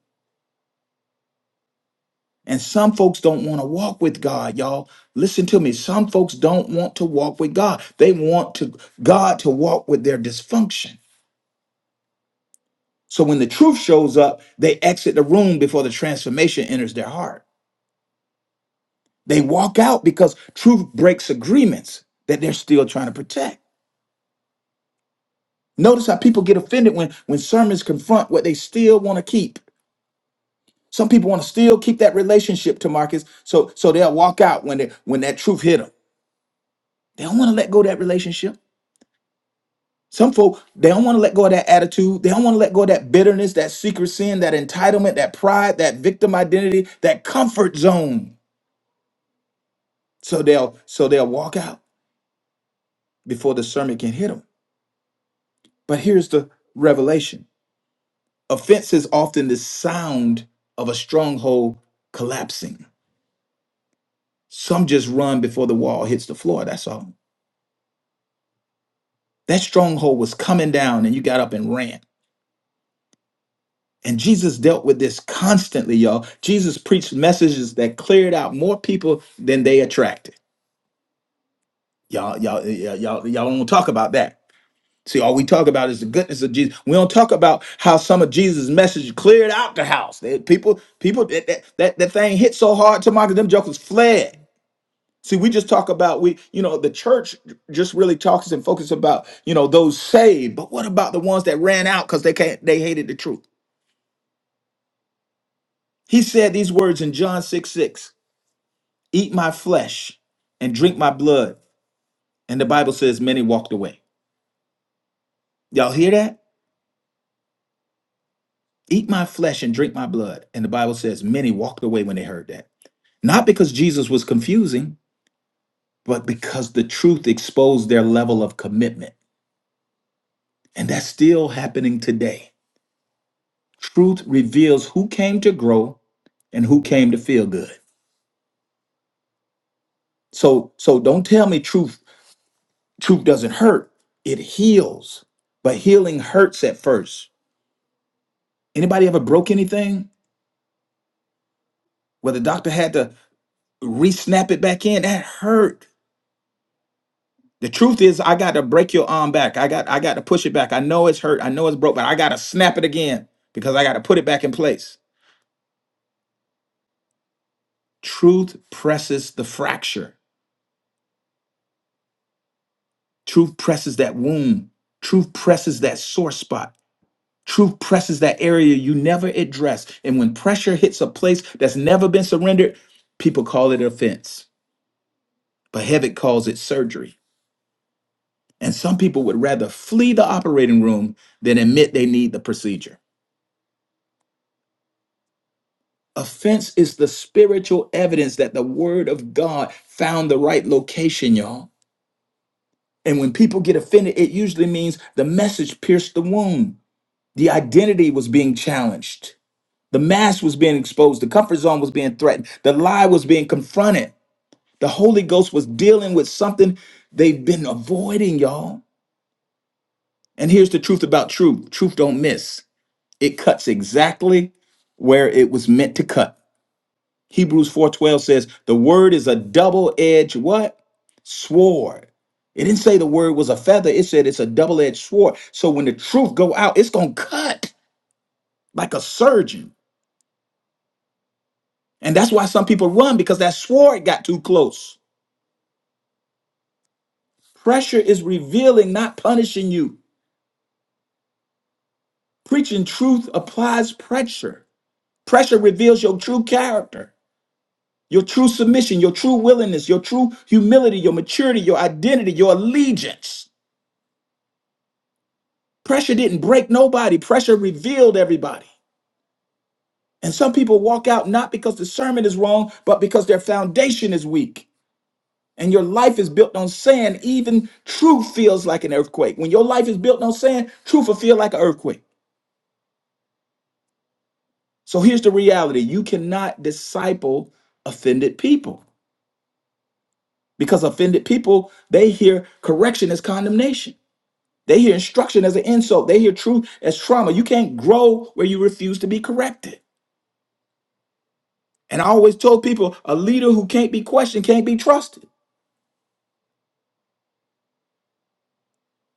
And some folks don't want to walk with God, y'all. Listen to me. Some folks don't want to walk with God. They want to God to walk with their dysfunction. So when the truth shows up, they exit the room before the transformation enters their heart. They walk out because truth breaks agreements that they're still trying to protect. Notice how people get offended when when sermons confront what they still want to keep. Some people want to still keep that relationship to Marcus, so so they'll walk out when they when that truth hit them. They don't want to let go of that relationship. Some folk, they don't want to let go of that attitude. They don't want to let go of that bitterness, that secret sin, that entitlement, that pride, that victim identity, that comfort zone. So they'll so they'll walk out before the sermon can hit them. But here's the revelation. Offense is often the sound of a stronghold collapsing. Some just run before the wall hits the floor. That's all. That stronghold was coming down and you got up and ran. And Jesus dealt with this constantly, y'all. Jesus preached messages that cleared out more people than they attracted. Y'all, y'all, y'all, y'all, y'all don't talk about that. See, all we talk about is the goodness of Jesus. We don't talk about how some of Jesus' message cleared out the house. They- people, people, that that, that that thing hit so hard, tomorrow them jokers fled. See, we just talk about we, you know, the church just really talks and focuses about, you know, those saved. But what about the ones that ran out because they can't they hated the truth? He said these words in John 6 6. eat my flesh and drink my blood. And the Bible says many walked away. Y'all hear that? Eat my flesh and drink my blood. And the Bible says many walked away when they heard that. Not because Jesus was confusing, but because the truth exposed their level of commitment. And that's still happening today. Truth reveals who came to grow and who came to feel good. So so don't tell me truth truth doesn't hurt. It heals. But healing hurts at first. Anybody ever broke anything? where the doctor had to re-snap it back in that hurt the truth is i got to break your arm back i got i got to push it back i know it's hurt i know it's broke but i got to snap it again because i got to put it back in place truth presses the fracture truth presses that wound truth presses that sore spot truth presses that area you never address and when pressure hits a place that's never been surrendered people call it offense but heaven calls it surgery And some people would rather flee the operating room than admit they need the procedure. Offense is the spiritual evidence that the word of God found the right location, y'all. And when people get offended, it usually means the message pierced the wound. The identity was being challenged. The mask was being exposed. The comfort zone was being threatened. The lie was being confronted. The Holy Ghost was dealing with something they've been avoiding, y'all. And here's the truth about truth truth don't miss. It cuts exactly where it was meant to cut. Hebrews 4:12 says, "The word is a double-edged what? Sword." It didn't say the word was a feather. It said it's a double-edged sword. So when the truth go out, it's going to cut like a surgeon. And that's why some people run because that sword got too close. Pressure is revealing, not punishing you. Preaching truth applies pressure. Pressure reveals your true character. Your true submission, your true willingness, your true humility, your maturity, your identity, your allegiance. Pressure didn't break nobody, pressure revealed everybody. And some people walk out not because the sermon is wrong, but because their foundation is weak. And your life is built on sand, even truth feels like an earthquake. When your life is built on sand, truth will feel like an earthquake. So here's the reality you cannot disciple offended people because offended people, they hear correction as condemnation. They hear instruction as an insult. They hear truth as trauma. You can't grow where you refuse to be corrected. And I always told people a leader who can't be questioned can't be trusted.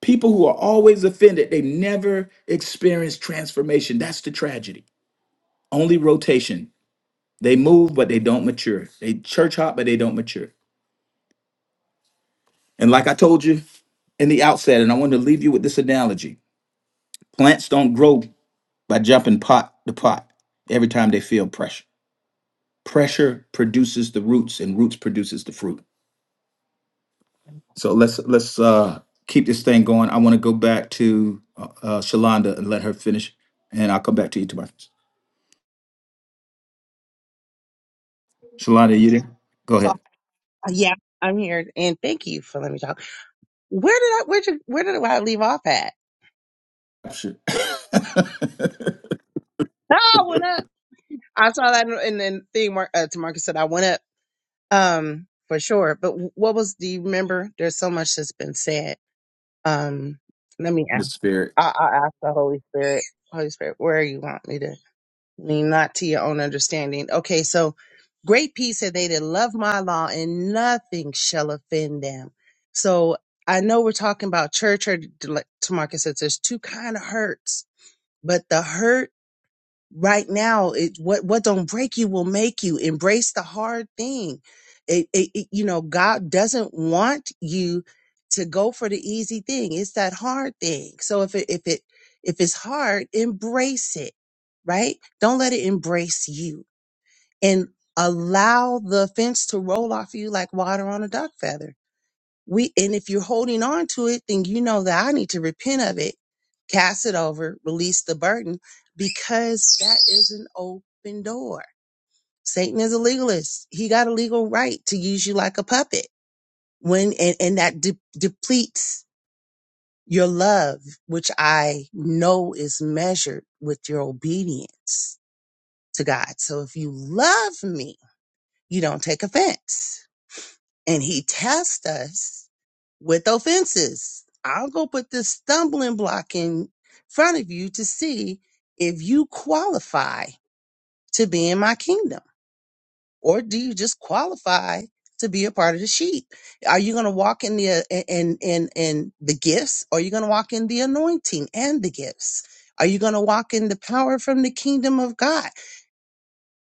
People who are always offended, they never experience transformation. That's the tragedy. Only rotation. They move, but they don't mature. They church hop, but they don't mature. And like I told you in the outset, and I wanted to leave you with this analogy plants don't grow by jumping pot to pot every time they feel pressure. pressure produces the roots and roots produces the fruit so let's let's uh keep this thing going i want to go back to uh, uh shalonda and let her finish and i'll come back to you tomorrow shalonda you there go
So,
ahead
yeah, I'm here. And thank you for letting me talk. Where did I, where did, where did I leave off at?
Sure. [LAUGHS] the
Oh, I went up. I saw that and then thing Mar- uh, to Marcus said, I went up, um, for sure. But what was, do you remember? There's so much that's been said. Um, let me ask.
spirit.
I, I ask the Holy Spirit, Holy Spirit, where you want me to lean not to your own understanding. Okay, so great peace are they that love my law, and nothing shall offend them. So I know we're talking about church hurt. Like Tamarcus says, there's two kind of hurts, but the hurt right now it what what don't break you will make you embrace the hard thing it, it, it- you know god doesn't want you to go for the easy thing it's that hard thing so if it if it if it's hard embrace it right don't let it embrace you and allow the fence to roll off you like water on a duck feather we and if you're holding on to it then you know that i need to repent of it cast it over release the burden because that is an open door satan is a legalist he got a legal right to use you like a puppet when and, and that de- depletes your love which i know is measured with your obedience to god so if you love me you don't take offense and he tests us with offenses. I'll go put this stumbling block in front of you to see if you qualify to be in my kingdom, or do you just qualify to be a part of the sheep? Are you going to walk in the uh, in in in the gifts, or are you going to walk in the anointing and the gifts? Are you going to walk in the power from the kingdom of God?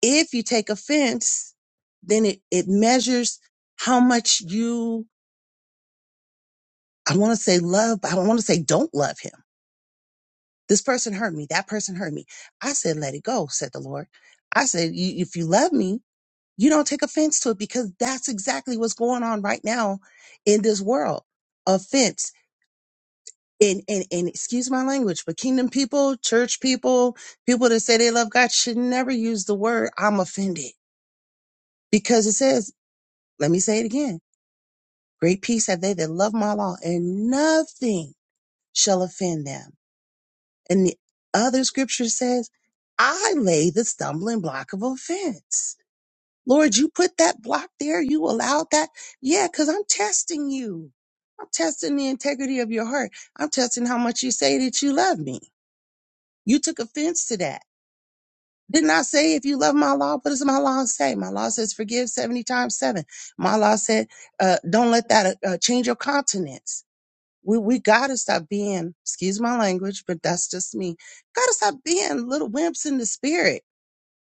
If you take offense, then it, it measures how much you I want to say love, but I don't want to say don't love him. This person hurt me. That person hurt me. I said, let it go, said the Lord. I said, "You- if you love me, you don't take offense to it because that's exactly what's going on right now in this world. Offense. And, and, and excuse my language, but kingdom people, church people, people that say they love God should never use the word I'm offended because it says, let me say it again. Great peace have they that love my law and nothing shall offend them. And the other scripture says, I lay the stumbling block of offense. Lord, you put that block there. You allowed that. Yeah, because I'm testing you. I'm testing the integrity of your heart. I'm testing how much you say that you love me. You took offense to that. Didn't I say if you love my law, what does my law say? My law says forgive 70 times seven. My law said, uh, don't let that uh, uh, change your countenance. We we gotta stop being, excuse my language, but that's just me. Gotta stop being little wimps in the spirit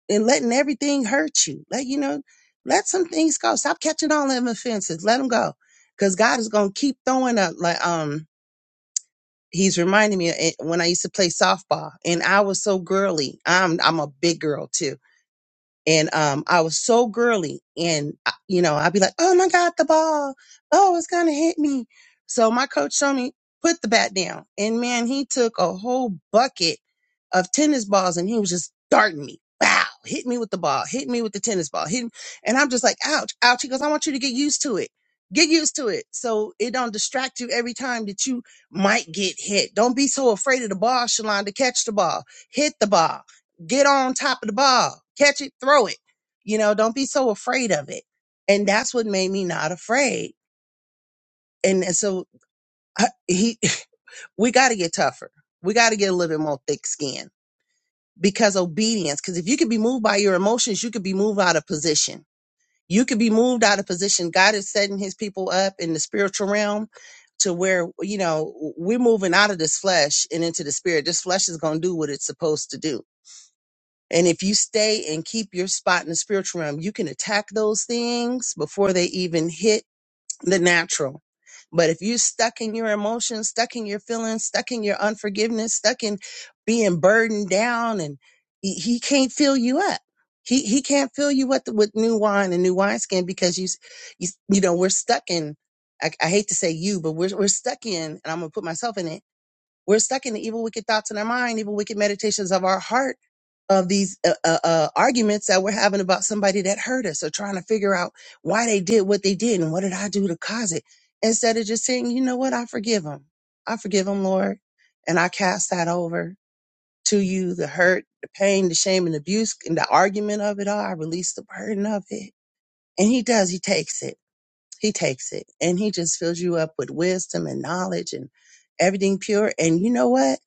and letting everything hurt you. Let you know, let some things go. Stop catching all them offenses. Let them go, because God is gonna keep throwing up. Like um, He's reminding me of it when I used to play softball, and I was so girly. I'm I'm a big girl too and um, I was so girly, and I- you know, I'd be like, "Oh my God, the ball! Oh, it's gonna hit me!" So my coach showed me put the bat down, and man, he took a whole bucket of tennis balls, and he was just darting me. Wow! Hit me with the ball. Hit me with the tennis ball. Hit, and I'm just like, "Ouch, ouch!" He goes, "I want you to get used to it. Get used to it, so it don't distract you every time that you might get hit. Don't be so afraid of the ball, Shalonda. Catch the ball. Hit the ball." get on top of the ball, catch it, throw it. You know, don't be so afraid of it. And that's what made me not afraid. And, and so uh, he, [LAUGHS] we got to get tougher. We got to get a little bit more thick skin because obedience. Because if you could be moved by your emotions, you could be moved out of position. You could be moved out of position. God is setting His people up in the spiritual realm to where you know we're moving out of this flesh and into the spirit. This flesh is going to do what it's supposed to do And if you stay and keep your spot in the spiritual realm, you can attack those things before they even hit the natural. But if you're stuck in your emotions, stuck in your feelings, stuck in your unforgiveness, stuck in being burdened down, and he, he can't fill you up. He he can't fill you up with new wine and new wineskin because you, s- you s- you know we're stuck in. I, I hate to say you, but we're we're stuck in, and I'm gonna put myself in it we're stuck in the evil, wicked thoughts in our mind, evil, wicked meditations of our heart, of these uh, uh, uh, arguments that we're having about somebody that hurt us, or trying to figure out why they did what they did and what did I do to cause it. Instead of just saying, you know what, I forgive them. I forgive them, Lord, and I cast that over to you. The hurt, the pain, the shame, and abuse, and the argument of it all. I release the burden of it, and He does. He takes it. He takes it and he just fills you up with wisdom and knowledge and everything pure. And you know what?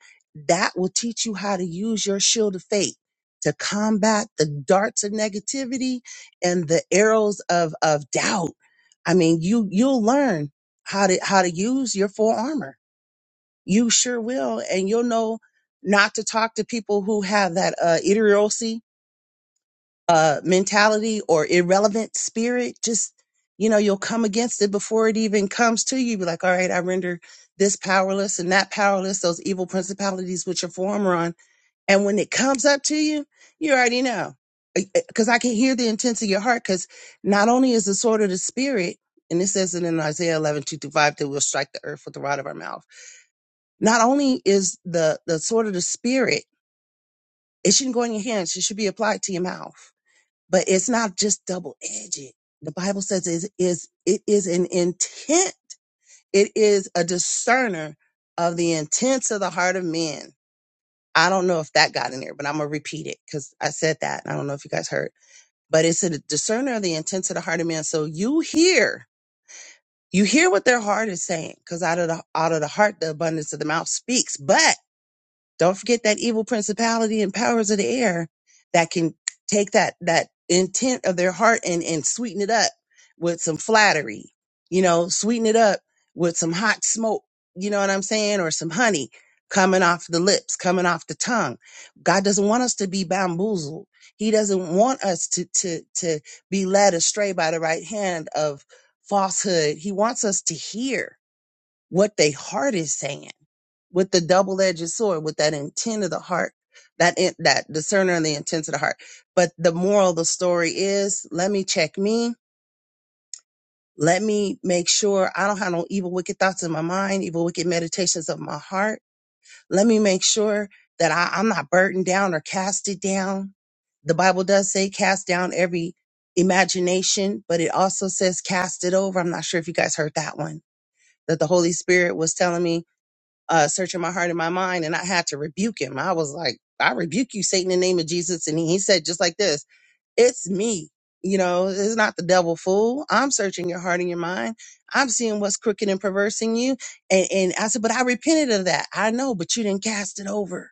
That will teach you how to use your shield of faith to combat the darts of negativity and the arrows of, of doubt. I mean, you, you'll learn how to, how to use your full armor. You sure will. And you'll know not to talk to people who have that, uh, idiocy uh mentality or irrelevant spirit just you know you'll come against it before it even comes to you be like all right i render this powerless and that powerless those evil principalities which are former on and when it comes up to you you already know because i can hear the intents of your heart because not only is the sword of the spirit and it says it in isaiah 11 2 through 5 that we'll strike the earth with the rod of our mouth not only is the the sword of the spirit it shouldn't go in your hands it should be applied to your mouth but it's not just double edged. The Bible says it is it is an intent. It is a discerner of the intents of the heart of men. I don't know if that got in there, but I'm gonna repeat it because I said that. and I don't know if you guys heard, but it's a discerner of the intents of the heart of men. So you hear, you hear what their heart is saying, because out of the out of the heart, the abundance of the mouth speaks. But don't forget that evil principality and powers of the air that can take that that intent of their heart and and sweeten it up with some flattery. You know, sweeten it up with some hot smoke, you know what I'm saying, or some honey coming off the lips, coming off the tongue. God doesn't want us to be bamboozled. He doesn't want us to to to be led astray by the right hand of falsehood. He wants us to hear what they heart is saying with the double-edged sword, with that intent of the heart, that in, that discerner and the intent of the heart. But the moral of the story is, let me check me. Let me make sure I don't have no evil, wicked thoughts in my mind, evil, wicked meditations of my heart. Let me make sure that I, I'm not burdened down or casted down. The Bible does say cast down every imagination, but it also says cast it over. I'm not sure if you guys heard that one that the Holy Spirit was telling me uh, searching my heart and my mind, and I had to rebuke him. I was like, I rebuke you, Satan, in the name of Jesus. And he said, just like this, it's me. You know, it's not the devil fool. I'm searching your heart and your mind. I'm seeing what's crooked and perverse in you. And, and I said, but I repented of that. I know, but you didn't cast it over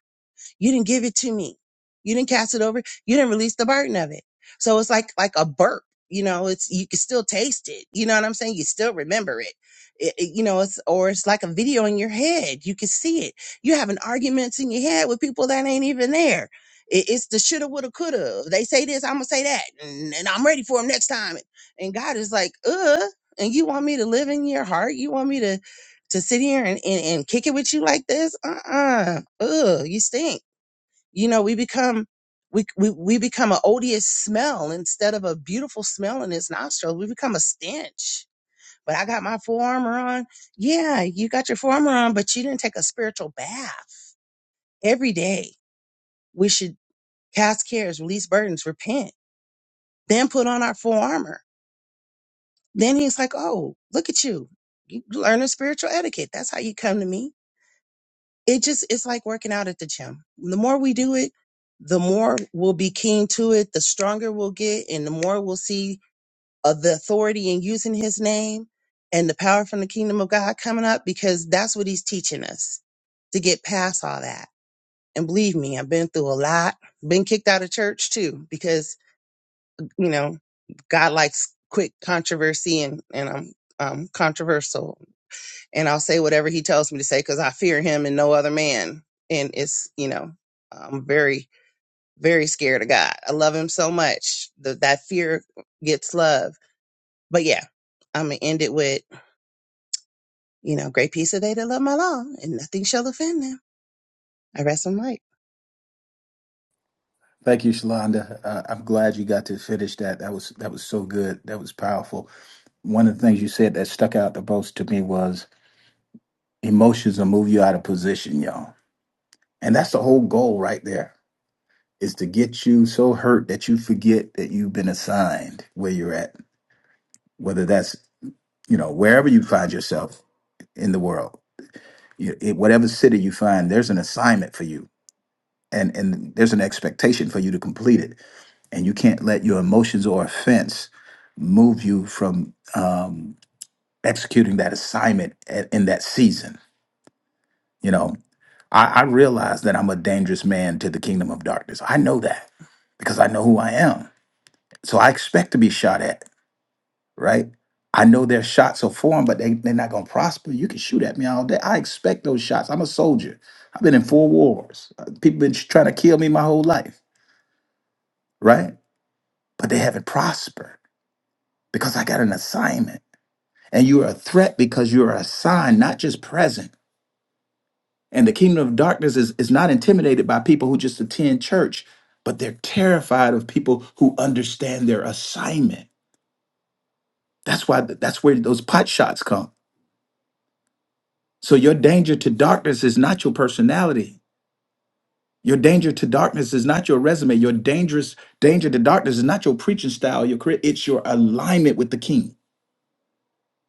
you didn't give it to me. You didn't cast it over. You didn't release the burden of it. So it's like like a burp. You know, it's you can still taste it. You know what I'm saying? You still remember it. It- it- You know, it's or it's like a video in your head. You can see it. You're having arguments in your head with people that ain't even there. It, it's the shoulda, woulda, coulda. They say this, I'm gonna say that, and, and I'm ready for them next time. And God is like, uh, and you want me to live in your heart? You want me to to sit here and, and, and kick it with you like this? Uh-uh. Ugh, you stink you know we become we, we we become an odious smell instead of a beautiful smell in his nostrils we become a stench but i got my full armor on yeah you got your full armor on but you didn't take a spiritual bath every day we should cast cares release burdens repent then put on our full armor then he's like oh look at you you learn learning spiritual etiquette that's how you come to me it just it's like working out at the gym. The more we do it, the more we'll be keen to it, the stronger we'll get, and the more we'll see uh, the authority in using His name and the power from the kingdom of God coming up because that's what He's teaching us to get past all that. And believe me, I've been through a lot, been kicked out of church too because you know God likes quick controversy and and I'm um, controversial and I'll say whatever he tells me to say because I fear him and no other man. And it's, you know, I'm very, very scared of God. I love him so much. The, that fear gets love. But yeah, I'm going to end it with, you know, great peace of they that love my law and nothing shall offend them. I rest my mic.
Thank you, Shalonda. Uh, I'm glad you got to finish that. That was that was so good. That was powerful. One of the things you said that stuck out the most to me was emotions will move you out of position, y'all. And that's the whole goal right there. is to get you so hurt that you forget that you've been assigned where you're at, whether that's, you know, wherever you find yourself in the world, you, in whatever city you find, there's an assignment for you and, and there's an expectation for you to complete it. And you can't let your emotions or offense move you from um, executing that assignment a- in that season. You know, I, I realize that I'm a dangerous man to the kingdom of darkness. I know that because I know who I am. So I expect to be shot at. right? I know their shots are foreign, but they, they're not going to prosper. You can shoot at me all day. I expect those shots. I'm a soldier. I've been in four wars. Uh, People been trying to kill me my whole life, right? But they haven't prospered because I got an assignment. And you're a threat because you're assigned, not just present. And the kingdom of darkness is, is not intimidated by people who just attend church, but they're terrified of people who understand their assignment. That's why that's where those pot shots come So your danger to darkness is not your personality. Your danger to darkness is not your resume. Your dangerous danger to darkness is not your preaching style, your career. It's your alignment with the king.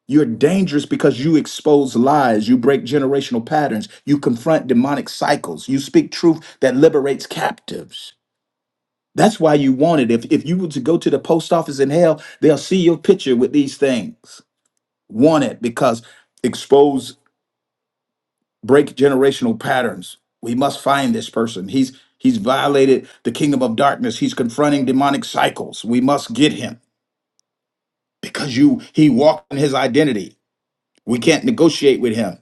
You're dangerous because you expose lies, you break generational patterns, you confront demonic cycles, you speak truth that liberates captives. That's why you want it. If, if you were to go to the post office in hell, they'll see your picture with these things. Want it because expose break generational patterns. We must find this person. He's he's violated the kingdom of darkness. He's confronting demonic cycles. We must get him because you he walked in his identity. We can't negotiate with him.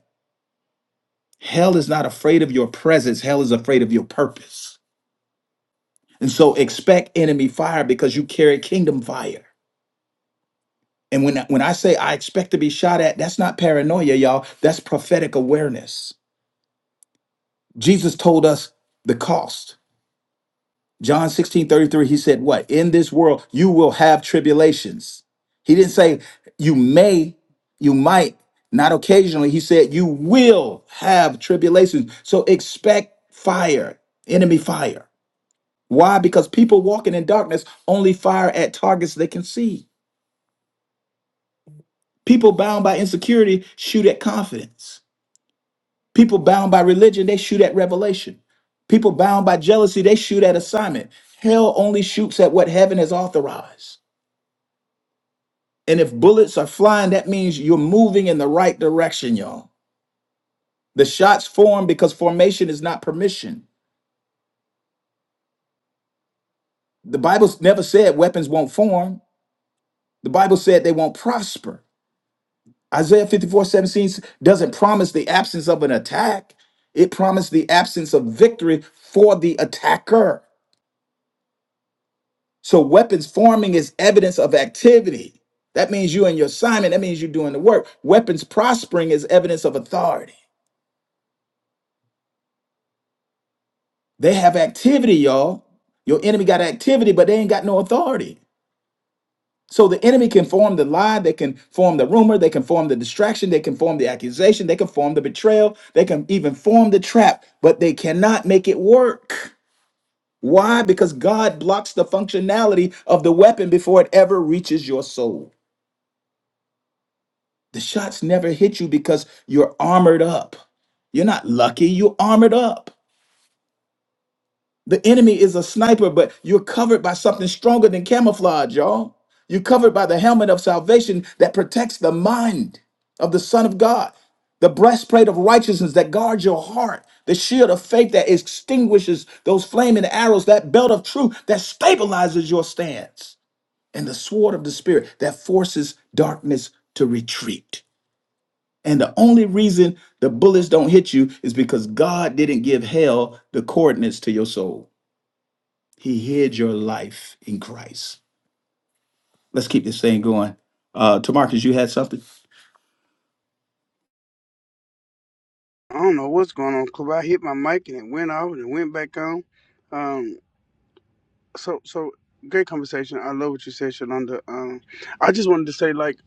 Hell is not afraid of your presence. Hell is afraid of your purpose. And so expect enemy fire because you carry kingdom fire. And when when I say I expect to be shot at, that's not paranoia, y'all. That's prophetic awareness. Jesus told us the cost. John 16 33. he said, What? In this world, you will have tribulations. He didn't say you may, you might, not occasionally. He said, You will have tribulations. So expect fire, enemy fire. Why? Because people walking in darkness only fire at targets they can see. People bound by insecurity shoot at confidence. People bound by religion, they shoot at revelation. People bound by jealousy, they shoot at assignment. Hell only shoots at what heaven has authorized. And if bullets are flying, that means you're moving in the right direction, y'all. The shots form because formation is not permission. The Bible never said weapons won't form. The Bible said they won't prosper. Isaiah 54:17 doesn't promise the absence of an attack, it promised the absence of victory for the attacker. So, weapons forming is evidence of activity. That means you and your assignment, that means you're doing the work. Weapons prospering is evidence of authority. They have activity, y'all. Your enemy got activity, but they ain't got no authority. So the enemy can form the lie, they can form the rumor, they can form the distraction, they can form the accusation, they can form the betrayal, they can even form the trap, but they cannot make it work. Why? Because God blocks the functionality of the weapon before it ever reaches your soul. The shots never hit you because you're armored up. You're not lucky, you're armored up. The enemy is a sniper, but you're covered by something stronger than camouflage, y'all. You're covered by the helmet of salvation that protects the mind of the Son of God, the breastplate of righteousness that guards your heart, the shield of faith that extinguishes those flaming arrows, that belt of truth that stabilizes your stance, and the sword of the Spirit that forces darkness to retreat. And the only reason the bullets don't hit you is because God didn't give hell the coordinates to your soul. He hid your life in Christ. Let's keep this thing going. Uh, Tamarcus, you had something?
I don't know what's going on, Club. I hit my mic and it went off and it went back on. Um, so so great conversation. I love what you said, Shalonda. Um, I just wanted to say like.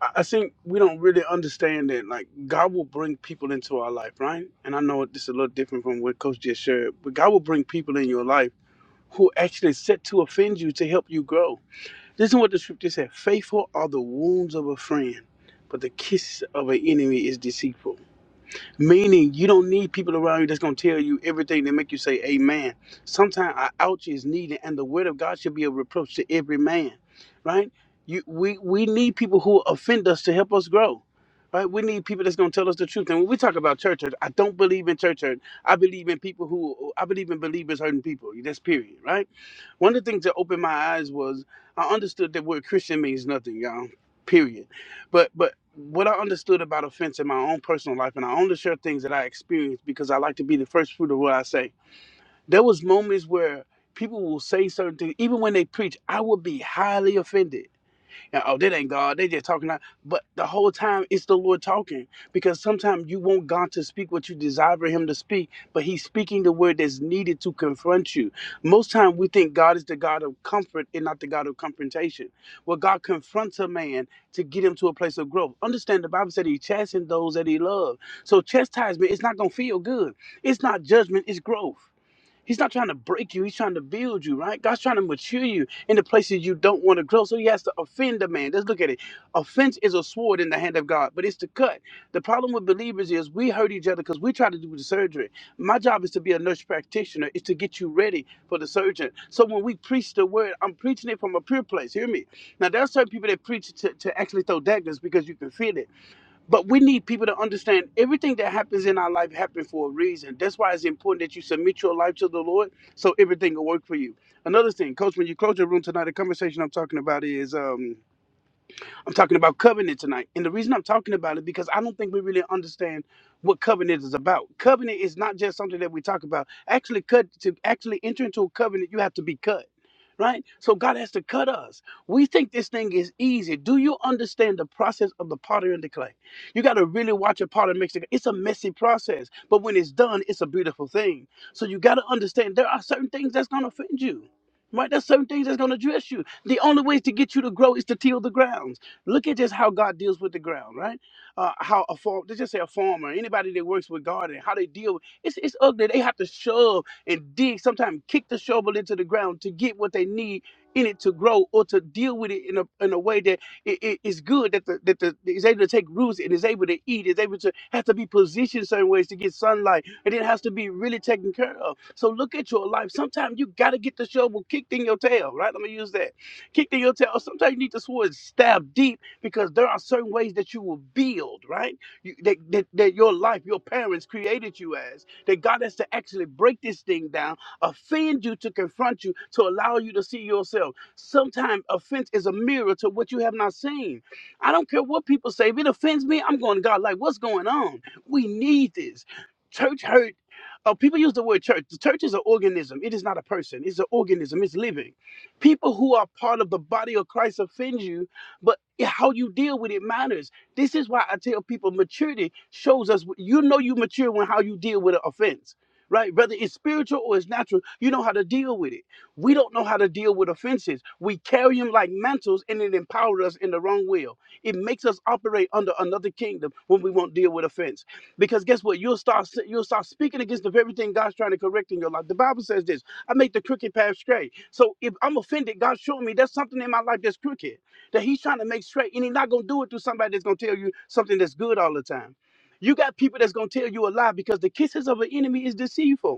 I I think we don't really understand that. Like God will bring people into our life, right? And I know this is a little different from what Coach just shared, but God will bring people in your life who actually set to offend you to help you grow. This is what the scripture said: "Faithful are the wounds of a friend, but the kiss of an enemy is deceitful." Meaning you don't need people around you that's gonna tell you everything that make you say amen. Sometimes our ouch is needed and the word of God should be a reproach to every man. Right? You we we need people who offend us to help us grow. Right? We need people that's gonna tell us the truth. And when we talk about church hurt, I don't believe in church hurt. I believe in people who I believe in believers hurting people. That's period, right? One of the things that opened my eyes was I understood that word Christian means nothing, y'all. Period. But but what I understood about offense in my own personal life, and I only share things that I experienced because I like to be the first fruit of what I say. There was moments where people will say certain things, even when they preach, I would be highly offended and oh, that ain't God. They just talking out. But the whole time it's the Lord talking. Because sometimes you want God to speak what you desire for him to speak, but he's speaking the word that's needed to confront you. Most time we think God is the God of comfort and not the God of confrontation. Well, God confronts a man to get him to a place of growth. Understand the Bible said he chastened those that he loved. So chastisement, it's not gonna feel good. It's not judgment, it's growth. He's not trying to break you. He's trying to build you, right? God's trying to mature you in the places you don't want to grow. So he has to offend a man. Let's look at it. Offense is a sword in the hand of God, but it's to cut. The problem with believers is we hurt each other because we try to do the surgery. My job is to be a nurse practitioner, is to get you ready for the surgeon. So when we preach the word, I'm preaching it from a pure place. Hear me. Now, there are certain people that preach to, to actually throw daggers because you can feel it. But we need people to understand everything that happens in our life happened for a reason. That's why it's important that you submit your life to the Lord so everything will work for you. Another thing, coach, when you close your room tonight, the conversation I'm talking about is um I'm talking about covenant tonight. And the reason I'm talking about it because I don't think we really understand what covenant is about. Covenant is not just something that we talk about. Actually cut to actually enter into a covenant, you have to be cut. Right? So God has to cut us. We think this thing is easy. Do you understand the process of the potter and the clay? You got to really watch a potter mix it. It's a messy process, but when it's done, it's a beautiful thing. So you got to understand there are certain things that's going to offend you. Right? There's certain things that's going to dress you. The only ways to get you to grow is to till the ground. Look at just how God deals with the ground, right? Uh, how a farm, let's just say a farmer, anybody that works with gardening, how they deal with it's it's ugly. They have to shove and dig, sometimes kick the shovel into the ground to get what they need in it to grow or to deal with it in a in a way that it, it- it's good that the that the is able to take roots and is able to eat, is able to have to be positioned certain ways to get sunlight, and it has to be really taken care of. So look at your life. Sometimes you gotta get the shovel kicked in your tail, right? Let me use that. Kicked in your tail. Sometimes you need the sword stabbed deep because there are certain ways that you will build, right? You, that, that, that your life, your parents created you as, that God has to actually break this thing down, offend you to confront you, to allow you to see yourself. Sometimes offense is a mirror to what you have not seen. I don't care what people say. If it offends me, I'm going to God, like, what's going on? We need this. Church hurt. Uh, people use the word church. The church is an organism. It is not a person. It's an organism. It's living. People who are part of the body of Christ offend you but yeah, how you deal with it matters. This is why I tell people maturity shows us you know you mature when how you deal with an offense. Right, whether it's spiritual or it's natural, you know how to deal with it. We don't know how to deal with offenses. We carry them like mantles, and it empowers us in the wrong will. It makes us operate under another kingdom when we won't deal with offense. Because guess what? You'll start you'll start speaking against the very thing God's trying to correct in your life. The Bible says this: "I make the crooked path straight." So if I'm offended, God's showing me there's something in my life that's crooked that he's trying to make straight. And he's not going to do it through somebody that's going to tell you something that's good all the time. You got people that's going to tell you a lie because the kisses of an enemy is deceitful.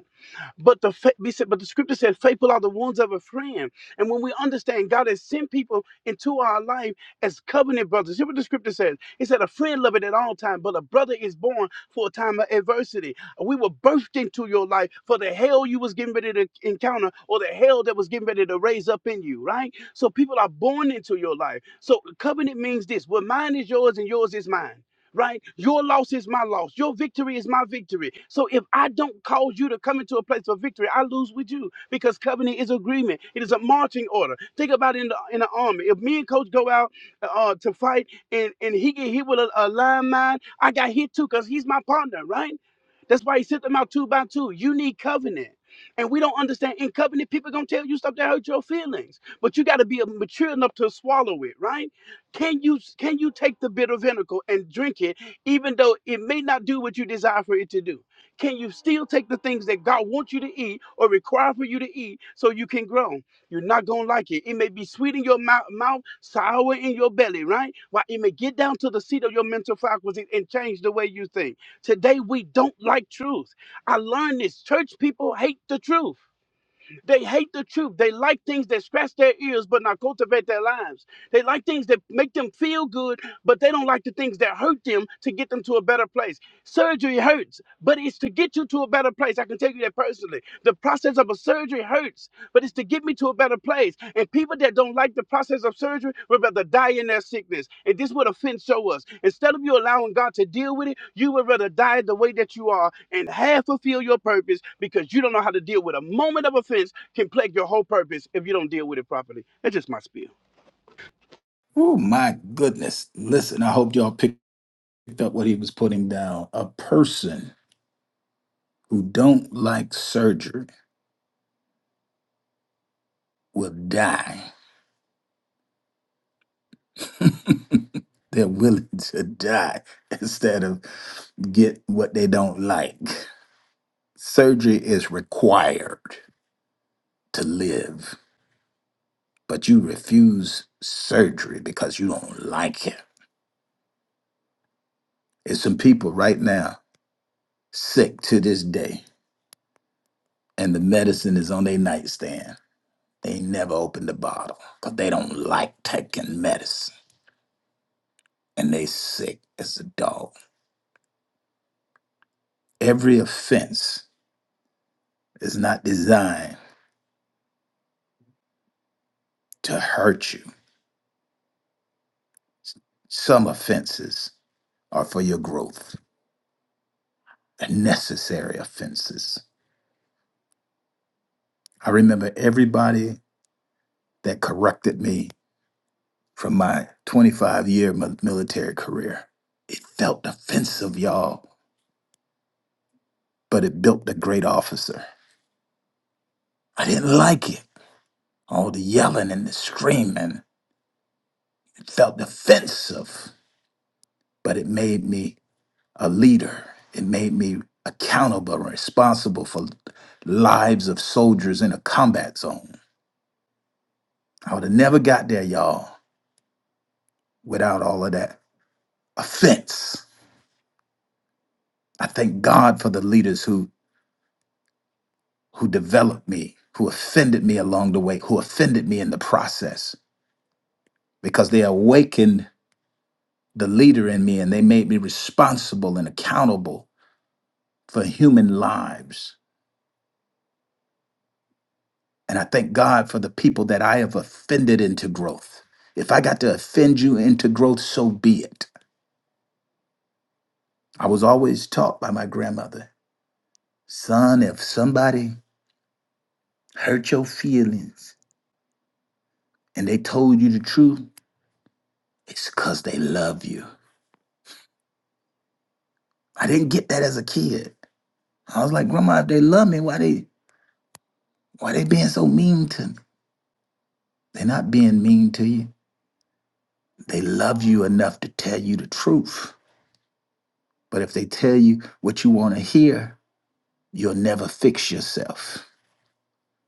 But the fa- we said, but the scripture said, "Faithful are the wounds of a friend." And when we understand God has sent people into our life as covenant brothers, hear what the scripture says. It said, "A friend loveth at all times, but a brother is born for a time of adversity." We were birthed into your life for the hell you was getting ready to encounter, or the hell that was getting ready to raise up in you, right? So people are born into your life. So covenant means this: "Well, mine is yours, and yours is mine." right? Your loss is my loss. Your victory is my victory. So if I don't cause you to come into a place of victory, I lose with you because covenant is agreement. It is a marching order. Think about it in the in the army. If me and coach go out uh, uh, to fight and and he get hit with a, a line mine, I got hit too because he's my partner, right? That's why he sent them out two by two. You need covenant. And we don't understand in covenant, people gonna tell you stuff that hurt your feelings. But you gotta be mature enough to swallow it, right? Can you can you take the bitter vinegar and drink it, even though it may not do what you desire for it to do? Can you still take the things that God wants you to eat or require for you to eat so you can grow? You're not gonna like it. It may be sweet in your mouth, mouth sour in your belly, right? Why it may get down to the seat of your mental faculty and change the way you think. Today we don't like truth. I learned this. Church people hate the truth. They hate the truth. They like things that scratch their ears but not cultivate their lives. They like things that make them feel good, but they don't like the things that hurt them to get them to a better place. Surgery hurts, but it's to get you to a better place. I can tell you that personally. The process of a surgery hurts, but it's to get me to a better place. And people that don't like the process of surgery would rather die in their sickness. And this is what offense show us. Instead of you allowing God to deal with it, you would rather die the way that you are and half fulfill your purpose because you don't know how to deal with a moment of offense can plague your whole purpose if you don't deal with it properly. That's just my spiel.
Oh, my goodness. Listen, I hope y'all picked up what he was putting down. A person who don't like surgery will die. [LAUGHS] They're willing to die [LAUGHS] instead of get what they don't like. Surgery is required to live, but you refuse surgery because you don't like it. It's some people right now sick to this day, and the medicine is on their nightstand. They never open the bottle because they don't like taking medicine, and they sick as a dog. Every offense is not designed to hurt you. Some offenses are for your growth. They're necessary offenses. I remember everybody that corrected me from my 25 year military career. It felt offensive, y'all, but it built a great officer. I didn't like it. All the yelling and the screaming. It felt defensive, but it made me a leader. It made me accountable and responsible for lives of soldiers in a combat zone. I would have never got there, y'all, without all of that offense. I thank God for the leaders who who developed me, who offended me along the way, who offended me in the process, because they awakened the leader in me and they made me responsible and accountable for human lives. And I thank God for the people that I have offended into growth. If I got to offend you into growth, so be it. I was always taught by my grandmother, son, if somebody hurt your feelings and they told you the truth, it's because they love you. I didn't get that as a kid. I was like, Grandma, if they love me, why they why they being so mean to me? They're not being mean to you. They love you enough to tell you the truth. But if they tell you what you want to hear, You'll never fix yourself.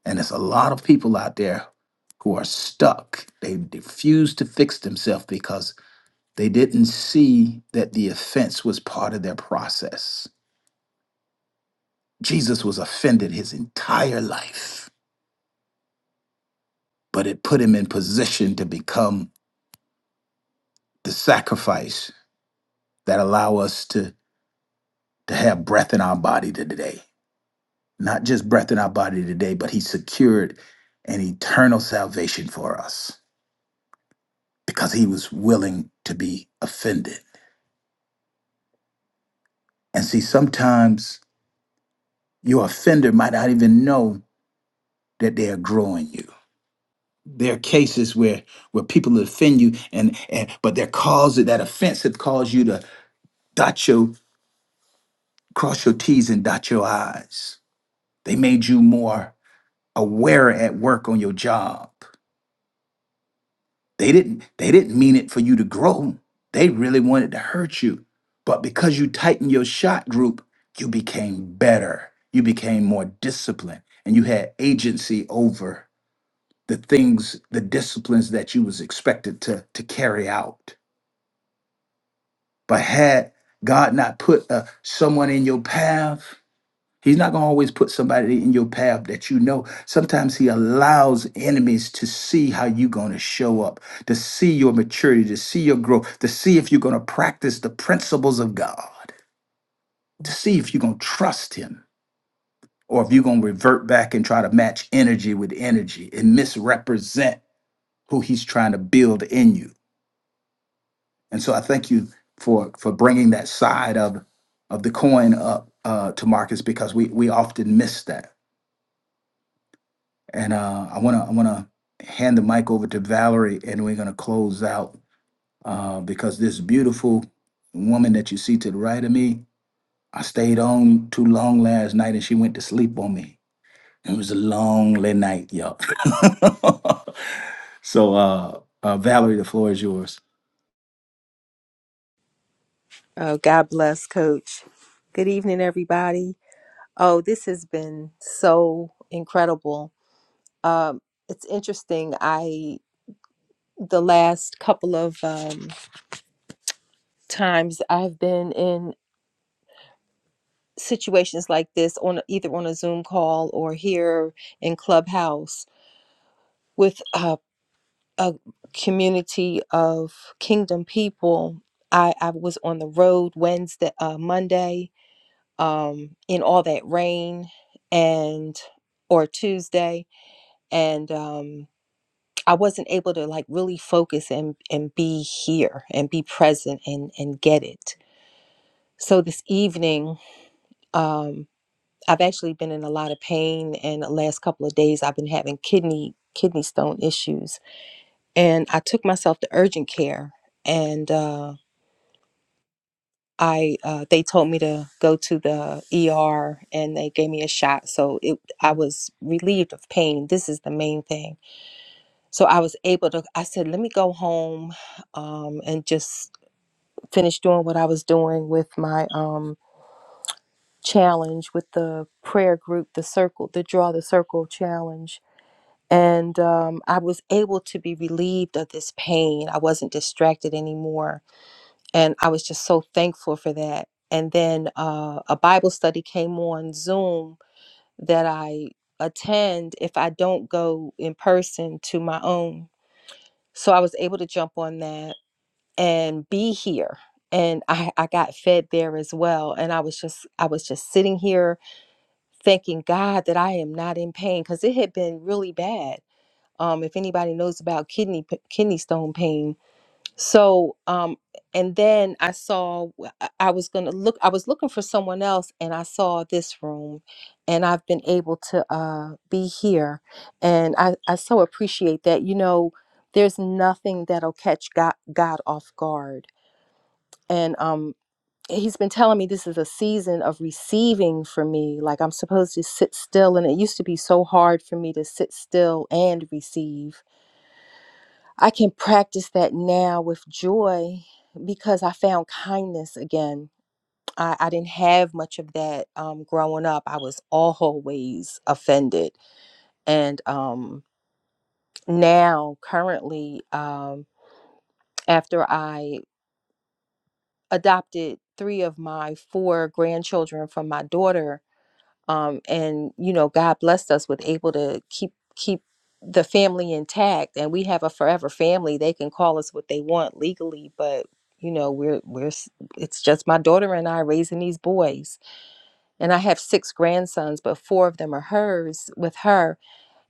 And there's a lot of people out there who are stuck. They refuse to fix themselves because they didn't see that the offense was part of their process. Jesus was offended his entire life, but it put him in position to become the sacrifice that allow us to, to have breath in our body today. Not just breath in our body today, but he secured an eternal salvation for us. because he was willing to be offended. And see, sometimes your offender might not even know that they are growing you. There are cases where where people offend you, and, and but their cause that offense have caused you to dot your cross your T's and dot your I's. They made you more aware at work on your job. They didn't they didn't mean it for you to grow. They really wanted to hurt you. But because you tightened your shot group, you became better. You became more disciplined and you had agency over the things, the disciplines that you was expected to to carry out. But had God not put uh, someone in your path, He's not going to always put somebody in your path that you know. Sometimes he allows enemies to see how you're going to show up, to see your maturity, to see your growth, to see if you're going to practice the principles of God, to see if you're going to trust him or if you're going to revert back and try to match energy with energy and misrepresent who he's trying to build in you. And so I thank you for for bringing that side of of the coin up uh, to Marcus because we we often miss that And uh, I want to I want to hand the mic over to Valerie, and we're going to close out uh, because this beautiful woman that you see to the right of me, I stayed on too long last night, and she went to sleep on me. It was a long late night, y'all. [LAUGHS] so, uh, uh, Valerie, the floor is yours.
Oh, God bless, Coach. Good evening, everybody. Oh, this has been so incredible. Um, it's interesting. I the last couple of um, times I've been in situations like this on either on a Zoom call or here in Clubhouse with a, a community of Kingdom people. I, I was on the road Wednesday, uh, Monday, um, in all that rain and or Tuesday and um, I wasn't able to like really focus and and be here and be present and and get it. So this evening um, I've actually been in a lot of pain and the last couple of days I've been having kidney kidney stone issues and I took myself to urgent care and Uh, I uh, they told me to go to the ER and they gave me a shot, so it I was relieved of pain. This is the main thing. So I was able to. I said, let me go home, um, and just finish doing what I was doing with my um challenge with the prayer group, the circle, the draw the circle challenge. And um, I was able to be relieved of this pain. I wasn't distracted anymore and I was just so thankful for that. And then uh, a Bible study came on Zoom that I attend if I don't go in person to my own. So I was able to jump on that and be here. And I, I got fed there as well. And I was just I was just sitting here thanking God that I am not in pain because it had been really bad. Um, if anybody knows about kidney p- kidney stone pain, so, um, and then I saw I I was gonna look. I was looking for someone else, and I saw this room, and I've been able to uh, be here, and I I so appreciate that. You know, there's nothing that'll catch God God off guard, and um, He's been telling me this is a season of receiving for me. Like I'm supposed to sit still, and it used to be so hard for me to sit still and receive I can practice that now with joy because I found kindness again. I, I didn't have much of that um, growing up. I was always offended. And um, now, currently, um, after I adopted three of my four grandchildren from my daughter, um, and you know god blessed us with able to keep keep the family intact and we have a forever family they can call us what they want legally but you know we're we're s- it's just my daughter and i raising these boys and i have six grandsons but four of them are hers with her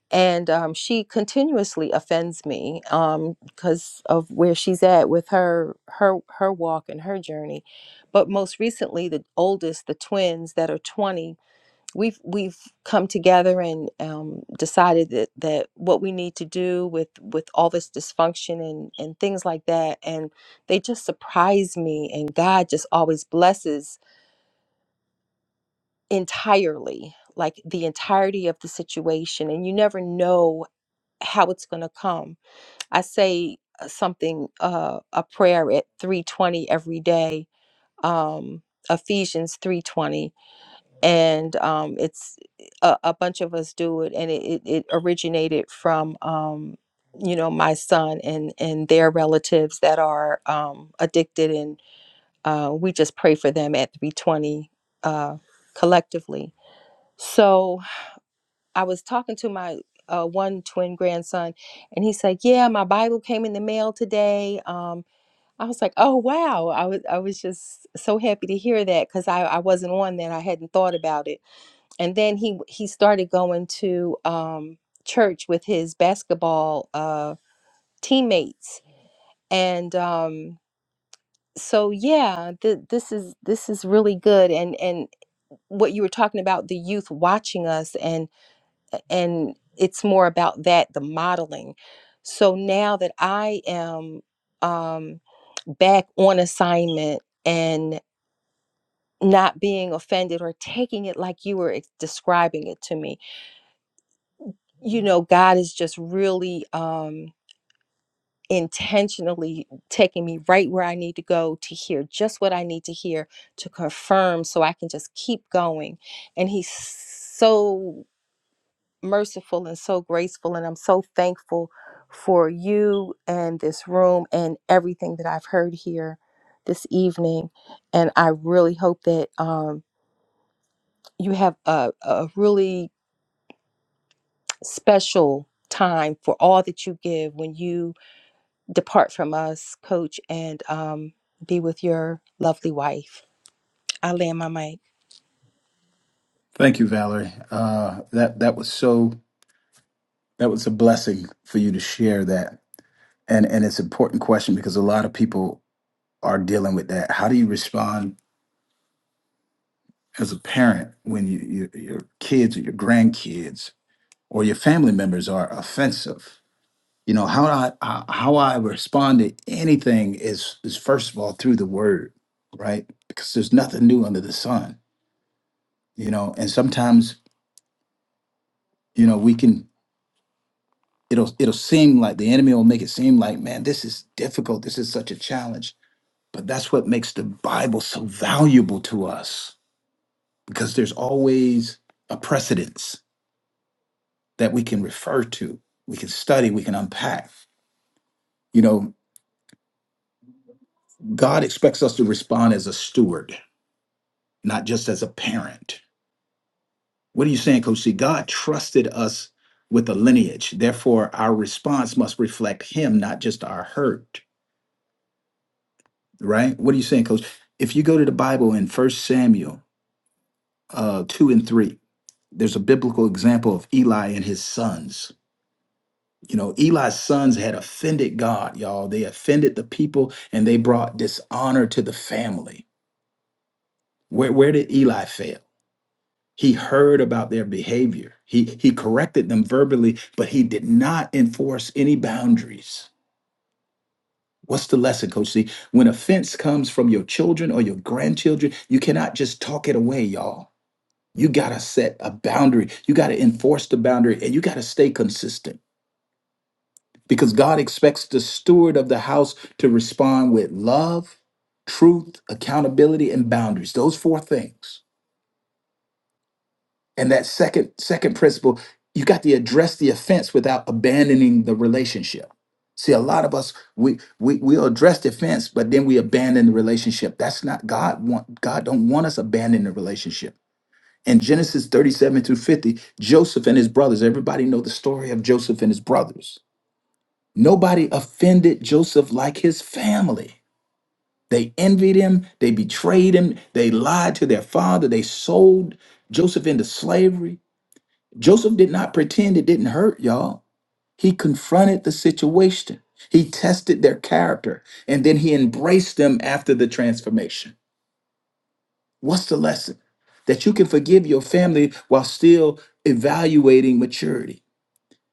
and um, she continuously offends me um, because of where she's at with her her her walk and her journey but most recently the oldest the twins that are 20 we've we've come together and um, decided that that what we need to do with with all this dysfunction and and things like that and they just surprise me and god just always blesses entirely like the entirety of the situation and you never know how it's going to come i say uh, something uh a prayer at 320 every day um ephesians 320 and um, it's a, a bunch of us do it and it, it, it originated from um, you know my son and and their relatives that are um, addicted and uh, we just pray for them at 320 uh, collectively so i was talking to my uh, one twin grandson and he said yeah my bible came in the mail today um, i was like oh wow i was i was just so happy to hear that because I, I wasn't on that i hadn't thought about it and then he he started going to um, church with his basketball uh, teammates and um, so yeah th- this is this is really good and and what you were talking about the youth watching us and and it's more about that the modeling so now that i am um back on assignment and not being offended or taking it like you were ex- describing it to me you know, God is just really um, intentionally taking me right where I need to go to hear just what I need to hear to confirm so I can just keep going. And He's so merciful and so graceful. And I'm so thankful for you and this room and everything that I've heard here this evening. And I really hope that um, you have a, a really special time for all that you give when you depart from us, coach, and um, be with your lovely wife. I land my mic.
Thank you, Valerie. Uh, that that was so that was a blessing for you to share that, and and it's an important question because a lot of people are dealing with that. How do you respond as a parent when you, you, your kids or your grandkids or your family members are offensive. You know how I how how I respond to anything is is first of all through the word, right? Because there's nothing new under the sun, you know. And sometimes you know we can it'll it'll seem like the enemy will make it seem like man this is difficult, this is such a challenge. But that's what makes the Bible so valuable to us because there's always a precedence that we can refer to, we can study, we can unpack. You know, God expects us to respond as a steward, not just as a parent. What are you saying, Coach C? God trusted us with a lineage. Therefore, our response must reflect Him, not just our hurt, right? What are you saying, Coach? If you go to the Bible in First Samuel uh, 2 and 3, there's a biblical example of Eli and his sons You know, Eli's sons had offended God, y'all. They offended the people and they brought dishonor to the family. Where, where did Eli fail? He heard about their behavior. He, he corrected them verbally, but he did not enforce any boundaries. What's the lesson, Coach C? When offense comes from your children or your grandchildren, you cannot just talk it away, y'all. You got to set a boundary. You got to enforce the boundary and you got to stay consistent. because God expects the steward of the house to respond with love, truth, accountability, and boundaries. Those four things. And that second second principle, you got to address the offense without abandoning the relationship. See, a lot of us we we we'll address the offense, but then we abandon the relationship. That's not God want God don't want us abandoning the relationship. In Genesis 37 through 50, Joseph and his brothers, everybody know the story of Joseph and his brothers Nobody offended Joseph like his family. They envied him, they betrayed him, they lied to their father, they sold Joseph into slavery. Joseph did not pretend it didn't hurt, y'all. He confronted the situation, he tested their character, and then he embraced them after the transformation. What's the lesson? That you can forgive your family while still evaluating maturity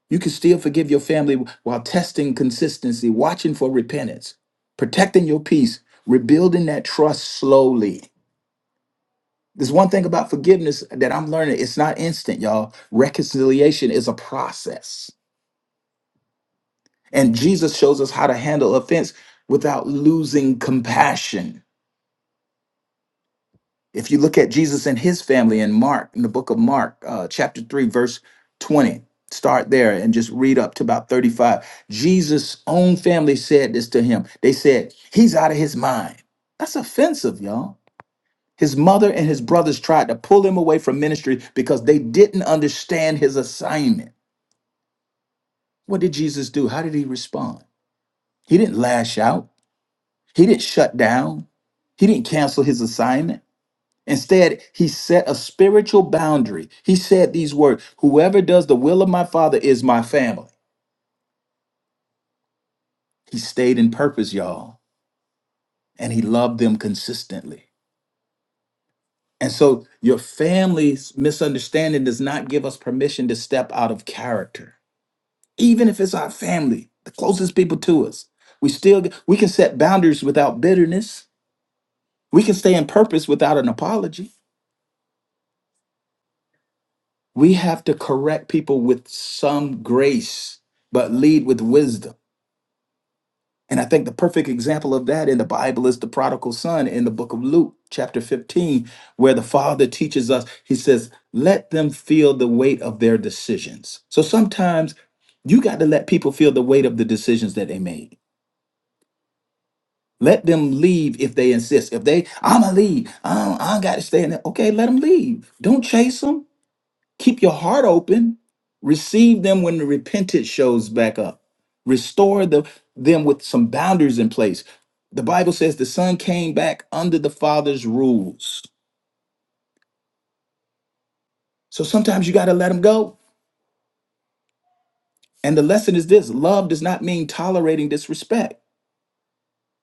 You can still forgive your family while testing consistency, watching for repentance, protecting your peace, rebuilding that trust slowly. There's one thing about forgiveness that I'm learning it's not instant, y'all. Reconciliation is a process. And Jesus shows us how to handle offense without losing compassion. If you look at Jesus and his family in Mark, in the book of Mark, uh, chapter 3, verse 20, start there and just read up to about 35. Jesus' own family said this to him. They said, He's out of his mind. That's offensive, y'all. His mother and his brothers tried to pull him away from ministry because they didn't understand his assignment. What did Jesus do? How did he respond? He didn't lash out, he didn't shut down, he didn't cancel his assignment. Instead, he set a spiritual boundary. He said these words Whoever does the will of my father is my family. He stayed in purpose, y'all, and he loved them consistently. And so, your family's misunderstanding does not give us permission to step out of character, even if it's our family, the closest people to us. We still we can set boundaries without bitterness. We can stay in purpose without an apology. We have to correct people with some grace, but lead with wisdom. And I think the perfect example of that in the Bible is the prodigal son in the book of Luke, chapter 15, where the father teaches us, he says, let them feel the weight of their decisions. So sometimes you got to let people feel the weight of the decisions that they made. Let them leave if they insist. If they, I'ma leave. I don't, I don't got to stay in there. Okay, let them leave. Don't chase them. Keep your heart open. Receive them when the repentance shows back up. Restore the, them with some boundaries in place. The Bible says the son came back under the father's rules. So sometimes you got to let him go. And the lesson is this love does not mean tolerating disrespect.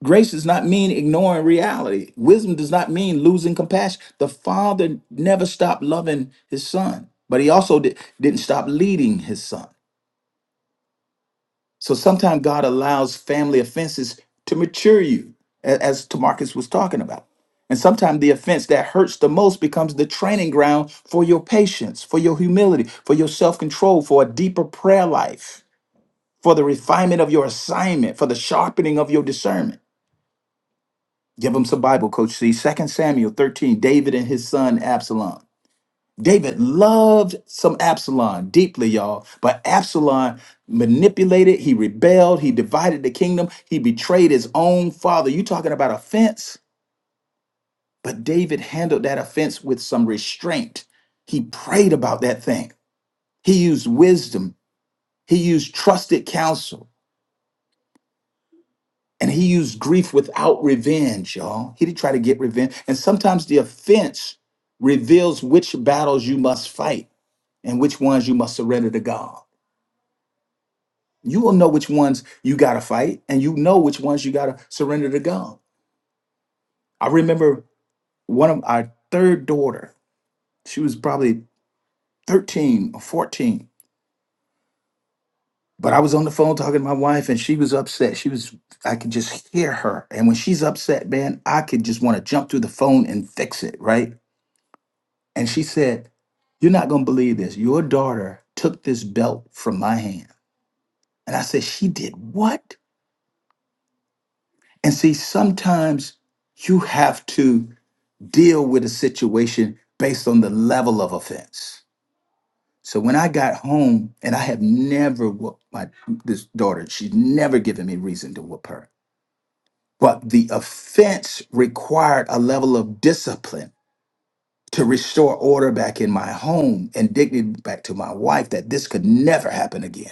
Grace does not mean ignoring reality. Wisdom does not mean losing compassion. The father never stopped loving his son, but he also di- didn't stop leading his son. So sometimes God allows family offenses to mature you, a- as Tamarcus was talking about. And sometimes the offense that hurts the most becomes the training ground for your patience, for your humility, for your self control, for a deeper prayer life, for the refinement of your assignment, for the sharpening of your discernment. Give them some Bible, Coach C. Second Samuel 13, David and his son Absalom. David loved some Absalom deeply, y'all, but Absalom manipulated, he rebelled, he divided the kingdom, he betrayed his own father. You talking about offense? But David handled that offense with some restraint. He prayed about that thing. He used wisdom, he used trusted counsel, and he used grief without revenge, y'all. He didn't try to get revenge. And sometimes the offense reveals which battles you must fight and which ones you must surrender to God. You will know which ones you got to fight and you know which ones you got to surrender to God. I remember one of our third daughter, she was probably 13 or 14, but I was on the phone talking to my wife and she was upset. She was, I could just hear her. And when she's upset, man, I could just want to jump through the phone and fix it, right? And she said, You're not going to believe this. Your daughter took this belt from my hand. And I said, She did what? And see, sometimes you have to. deal with a situation based on the level of offense. So when I got home, and I have never whooped my this daughter, she's never given me reason to whoop her. But the offense required a level of discipline to restore order back in my home and dignity back to my wife that this could never happen again.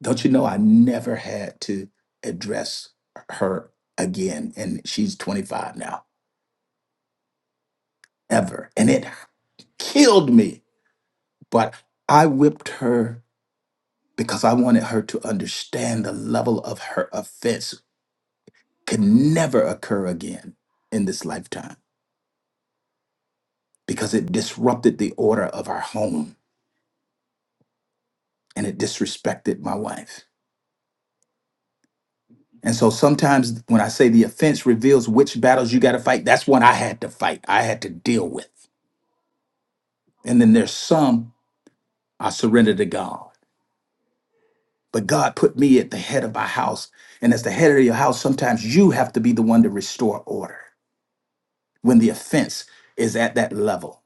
Don't you know I never had to address her again? And she's 25 now, ever. And it killed me but I whipped her because I wanted her to understand the level of her offense could never occur again in this lifetime because it disrupted the order of our home and it disrespected my wife. And so sometimes when I say the offense reveals which battles you got to fight, that's what I had to fight. I had to deal with. And then there's some I surrendered to God. But God put me at the head of my house. And as the head of your house, sometimes you have to be the one to restore order. when the offense is at that level.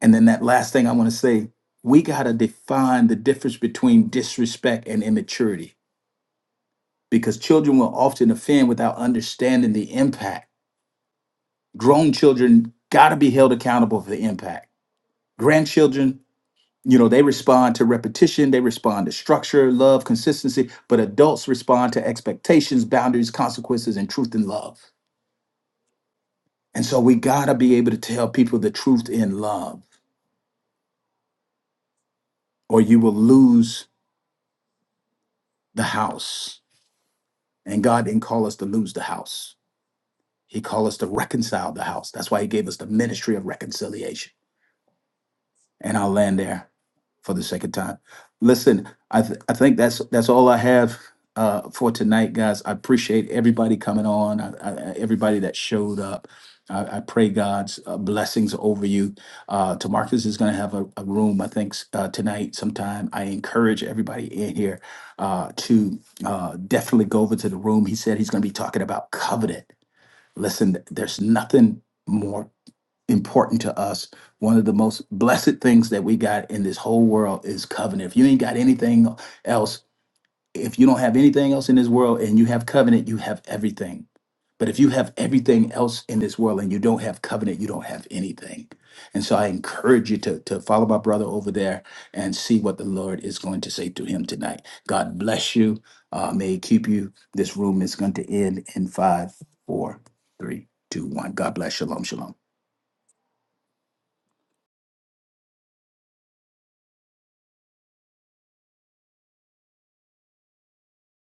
And then that last thing I want to say, we got to define the difference between disrespect and immaturity because children will often offend without understanding the impact. Grown children got to be held accountable for the impact. Grandchildren, you know, they respond to repetition, they respond to structure, love, consistency, but adults respond to expectations, boundaries, consequences, and truth and love. And so we got to be able to tell people the truth in love or you will lose the house. And God didn't call us to lose the house. He called us to reconcile the house. That's why he gave us the ministry of reconciliation. And I'll land there. for the second time. Listen, I th- I think that's that's all I have uh, for tonight, guys. I appreciate everybody coming on, I, I, everybody that showed up. I, I pray God's uh, blessings over you. Uh, Tamarcus is going to have a, a room, I think, s- uh, tonight sometime. I encourage everybody in here uh, to uh, definitely go over to the room. He said he's going to be talking about covenant. Listen, there's nothing more important to us. One of the most blessed things that we got in this whole world is covenant. If you ain't got anything else, if you don't have anything else in this world and you have covenant, you have everything. But if you have everything else in this world and you don't have covenant, you don't have anything. And so I encourage you to, to follow my brother over there and see what the Lord is going to say to him tonight. God bless you. Uh, may he keep you. This room is going to end in five, four, three, two, one. God bless. Shalom, shalom.